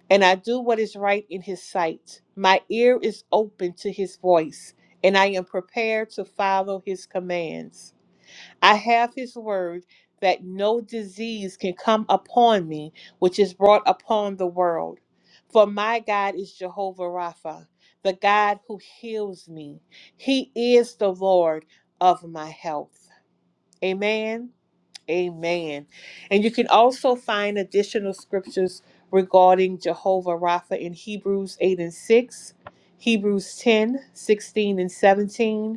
And I do what is right in his sight. My ear is open to his voice, and I am prepared to follow his commands. I have his word that no disease can come upon me which is brought upon the world. For my God is Jehovah Rapha, the God who heals me. He is the Lord of my health. Amen. Amen. And you can also find additional scriptures regarding Jehovah Rapha in Hebrews 8 and 6, Hebrews 10 16 and 17,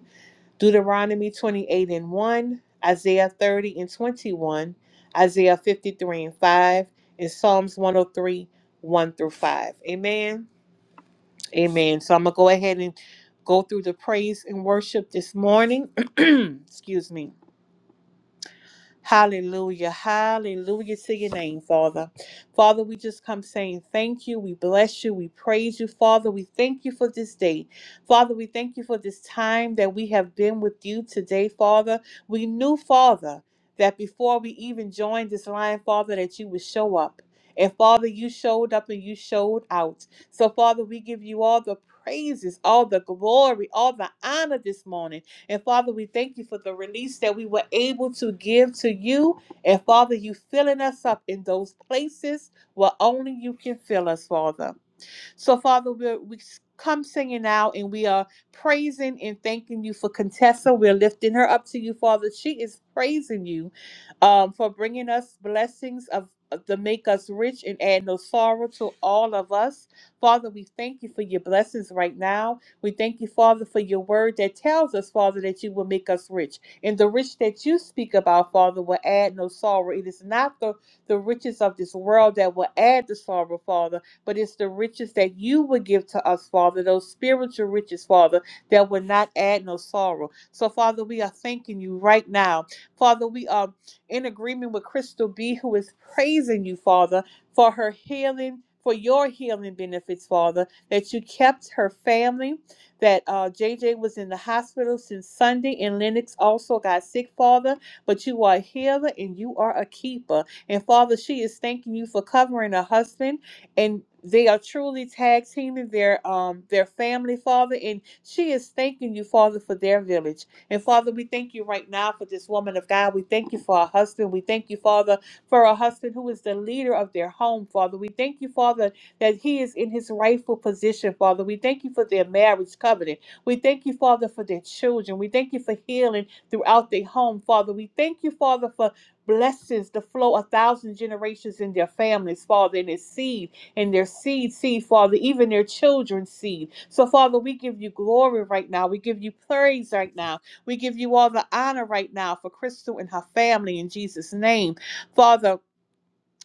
Deuteronomy 28 and 1, Isaiah 30 and 21, Isaiah 53 and 5, and Psalms 103, 1 through 5. Amen. Amen. So I'm going to go ahead and go through the praise and worship this morning. Excuse me. Hallelujah. Hallelujah to your name, Father. Father, we just come saying thank you. We bless you. We praise you, Father. We thank you for this day. Father, we thank you for this time that we have been with you today, Father. We knew, Father, that before we even joined this line, Father, that you would show up. And Father, you showed up and you showed out. So, Father, we give you all the praises, all the glory, all the honor this morning. And Father, we thank you for the release that we were able to give to you. And Father, you filling us up in those places where only you can fill us, Father. So, Father, we're, we come singing out and we are praising and thanking you for Contessa. We're lifting her up to you, Father. She is praising you um, for bringing us blessings of of- to make us rich and add no sorrow to all of us. Father, we thank you for your blessings right now. We thank you, Father, for your word that tells us, Father, that you will make us rich. And the rich that you speak about, Father, will add no sorrow. It is not the, the riches of this world that will add the sorrow, Father, but it's the riches that you will give to us, Father, those spiritual riches, Father, that will not add no sorrow. So, Father, we are thanking you right now. Father, we are in agreement with Crystal B, who is praising you, Father, for her healing, for your healing benefits, Father, that you kept her family, that uh, JJ was in the hospital since Sunday, and Lennox also got sick, Father, but you are a healer and you are a keeper. And Father, she is thanking you for covering her husband, and they are truly tag teaming their um their family, Father, and she is thanking you, Father, for their village. And Father, we thank you right now for this woman of God. We thank you for her husband. We thank you, Father, for her husband who is the leader of their home, Father. We thank you, Father, that he is in his rightful position, Father. We thank you for their marriage covenant. We thank you, Father, for their children. We thank you for healing throughout their home, Father. We thank you, Father, for blessings to flow a thousand generations in their families, Father, in their seed, in their seed, seed, Father, even their children's seed. So, Father, we give you glory right now. We give you praise right now. We give you all the honor right now for Crystal and her family in Jesus' name. Father,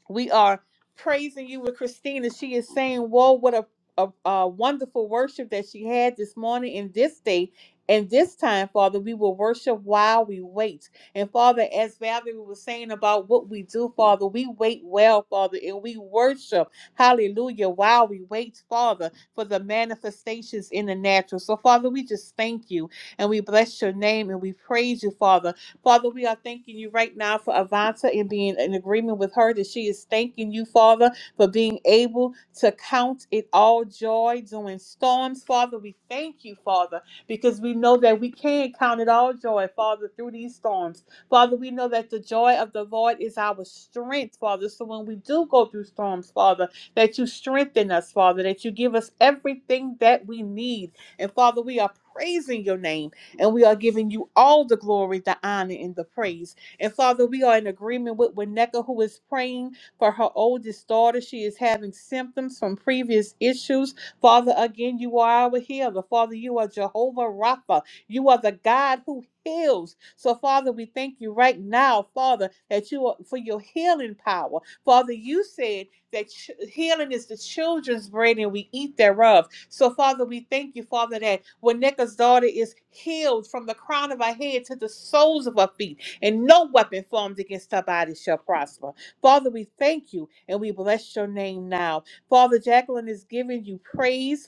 we are praising you with Christina. She is saying, Whoa, what a, a, a wonderful worship that she had this morning in this day. And this time, Father, we will worship while we wait. And Father, as Valerie was saying about what we do, Father, we wait well, Father, and we worship, hallelujah, while we wait, Father, for the manifestations in the natural. So, Father, we just thank you and we bless your name and we praise you, Father. Father, we are thanking you right now for Avanta and being in agreement with her that she is thanking you, Father, for being able to count it all joy during storms. Father, we thank you, Father, because we know that we can count it all joy, Father, through these storms. Father, we know that the joy of the Lord is our strength, Father. So when we do go through storms, Father, that you strengthen us, Father, that you give us everything that we need. And Father, we are praising your name. And we are giving you all the glory, the honor, and the praise. And Father, we are in agreement with Winneka, who is praying for her oldest daughter. She is having symptoms from previous issues. Father, again, you are our healer. Father, you are Jehovah Rapha. You are the God who heals. So, Father, we thank you right now, Father, that you are for your healing power. Father, you said that ch- healing is the children's bread and we eat thereof. So, Father, we thank you, Father, that when Necho's daughter is healed from the crown of her head to the soles of her feet, and no weapon formed against her body shall prosper. Father, we thank you and we bless your name now. Father, Jacqueline is giving you praise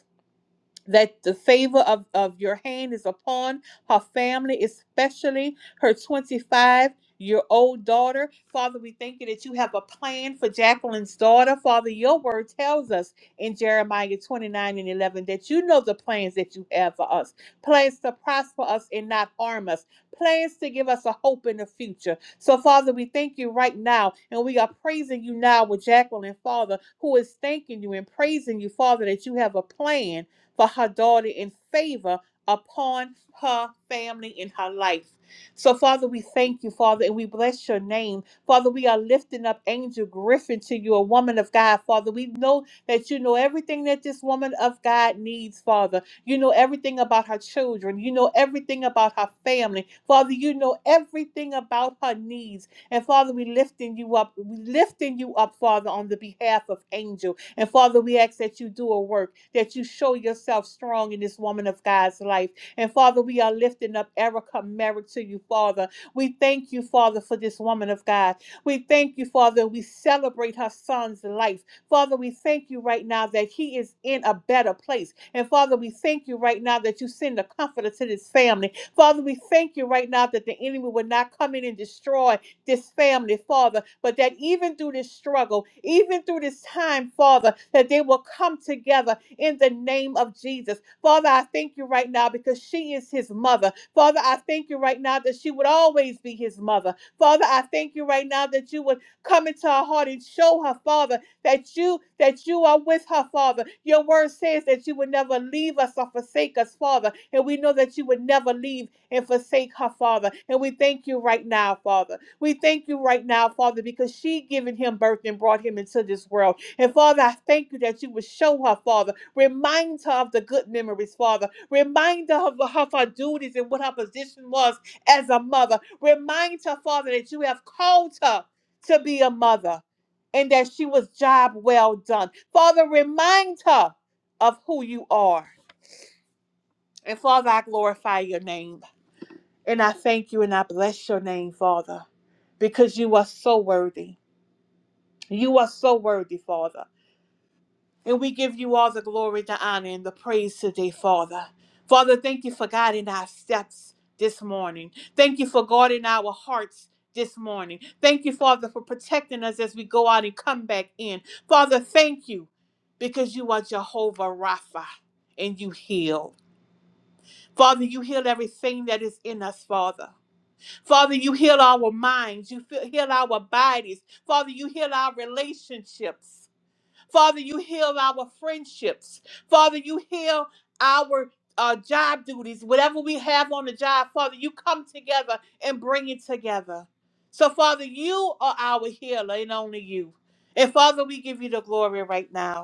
that the favor of, of your hand is upon her family, especially her 25 year old daughter. Father, we thank you that you have a plan for Jacqueline's daughter. Father, your word tells us in Jeremiah 29 and 11 that you know the plans that you have for us plans to prosper us and not harm us, plans to give us a hope in the future. So, Father, we thank you right now, and we are praising you now with Jacqueline, Father, who is thanking you and praising you, Father, that you have a plan for her daughter and favor upon her family and her life. So, Father, we thank you, Father, and we bless your name. Father, we are lifting up Angel Griffin to you, a woman of God, Father. We know that you know everything that this woman of God needs, Father. You know everything about her children. You know everything about her family. Father, you know everything about her needs. And Father, we lifting you up. We lifting you up, Father, on the behalf of Angel. And Father, we ask that you do a work, that you show yourself strong in this woman of God's life. And Father, we are lifting up Erica Merrick to you, Father. We thank you, Father, for this woman of God. We thank you, Father. We celebrate her son's life. Father, we thank you right now that he is in a better place. And Father, we thank you right now that you send a comforter to this family. Father, we thank you right now that the enemy will not come in and destroy this family, Father, but that even through this struggle, even through this time, Father, that they will come together in the name of Jesus. Father, I thank you right now because she is his mother. Father, I thank you right now that she would always be his mother. Father, I thank you right now that you would come into her heart and show her, Father, that you that you are with her, Father. Your word says that you would never leave us or forsake us, Father. And we know that you would never leave and forsake her, Father. And we thank you right now, Father. We thank you right now, Father, because she given him birth and brought him into this world. And Father, I thank you that you would show her, Father. Remind her of the good memories, Father. Remind her of, of her duties and what her position was as a mother. Remind her, Father, that you have called her to be a mother and that she was job well done. Father, remind her of who you are. And Father, I glorify your name. And I thank you and I bless your name, Father, because you are so worthy. You are so worthy, Father. And we give you all the glory, the honor, and the praise today, Father. Father, thank you for guiding our steps this morning. Thank you for guarding our hearts this morning. Thank you, Father, for protecting us as we go out and come back in. Father, thank you because you are Jehovah Rapha and you heal. Father, you heal everything that is in us, Father. Father, you heal our minds. You fe- heal our bodies. Father, you heal our relationships. Father, you heal our friendships. Father, you heal our uh, job duties. Whatever we have on the job, Father, you come together and bring it together. So, Father, you are our healer and only you. And Father, we give you the glory right now.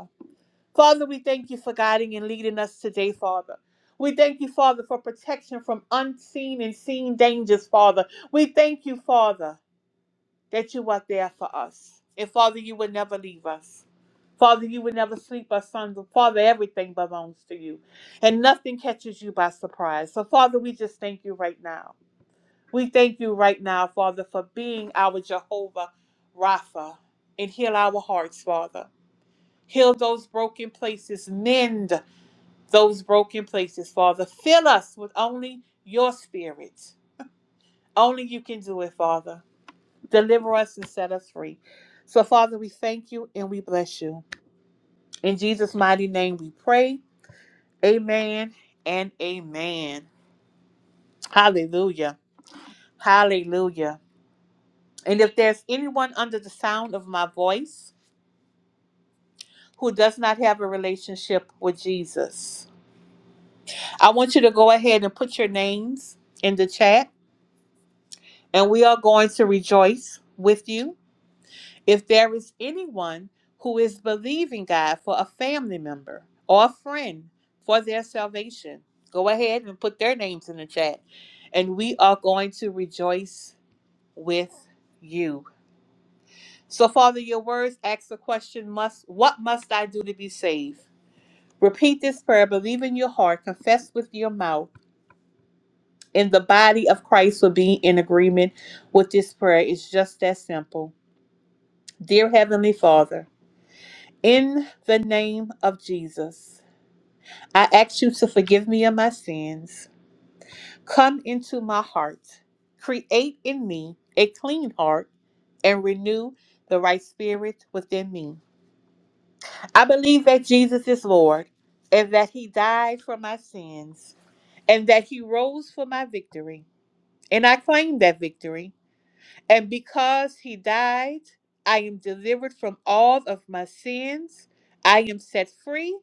Father, we thank you for guiding and leading us today, Father. We thank you, Father, for protection from unseen and seen dangers, Father. We thank you, Father, that you are there for us. And Father, you would never leave us. Father, you would never sleep us, son. Father, everything belongs to you. And nothing catches you by surprise. So, Father, we just thank you right now. We thank you right now, Father, for being our Jehovah Rapha. And heal our hearts, Father. Heal those broken places. Mend those broken places, Father. Fill us with only your spirit. Only you can do it, Father. Deliver us and set us free. So, Father, we thank you and we bless you. In Jesus' mighty name we pray. Amen and amen. Hallelujah. Hallelujah. And if there's anyone under the sound of my voice who does not have a relationship with Jesus, I want you to go ahead and put your names in the chat and we are going to rejoice with you If there is anyone who is believing God for a family member or a friend for their salvation, go ahead and put their names in the chat. And we are going to rejoice with you. So, Father, your words ask the question must what must I do to be saved? Repeat this prayer, believe in your heart, confess with your mouth, and the body of Christ will be in agreement with this prayer. It's just that simple. Dear Heavenly Father, In the name of Jesus, I ask you to forgive me of my sins. Come into my heart. Create in me a clean heart and renew the right spirit within me. I believe that Jesus is Lord and that he died for my sins and that he rose for my victory. And I claim that victory. And because he died, I am delivered from all of my sins. I am set free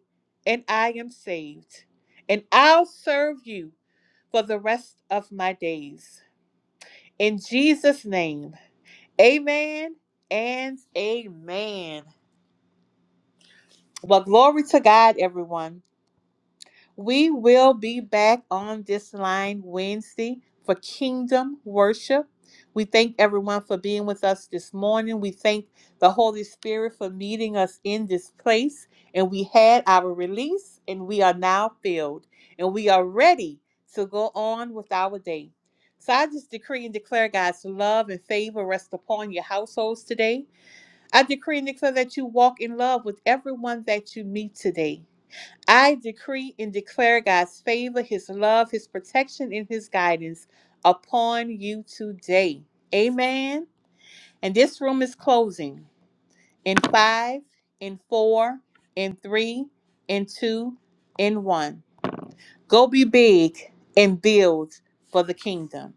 and I am saved. And I'll serve you for the rest of my days. In Jesus' name, amen and amen. Well, glory to God, everyone. We will be back on this line Wednesday for Kingdom Worship. We thank everyone for being with us this morning. We thank the Holy Spirit for meeting us in this place. And we had our release, and we are now filled, and we are ready to go on with our day. So I just decree and declare God's love and favor rest upon your households today. I decree and declare that you walk in love with everyone that you meet today. I decree and declare God's favor, His love, His protection, and His guidance upon you today. Amen. And this room is closing in five, in four, in three, in two, in one. Go be big and build for the kingdom.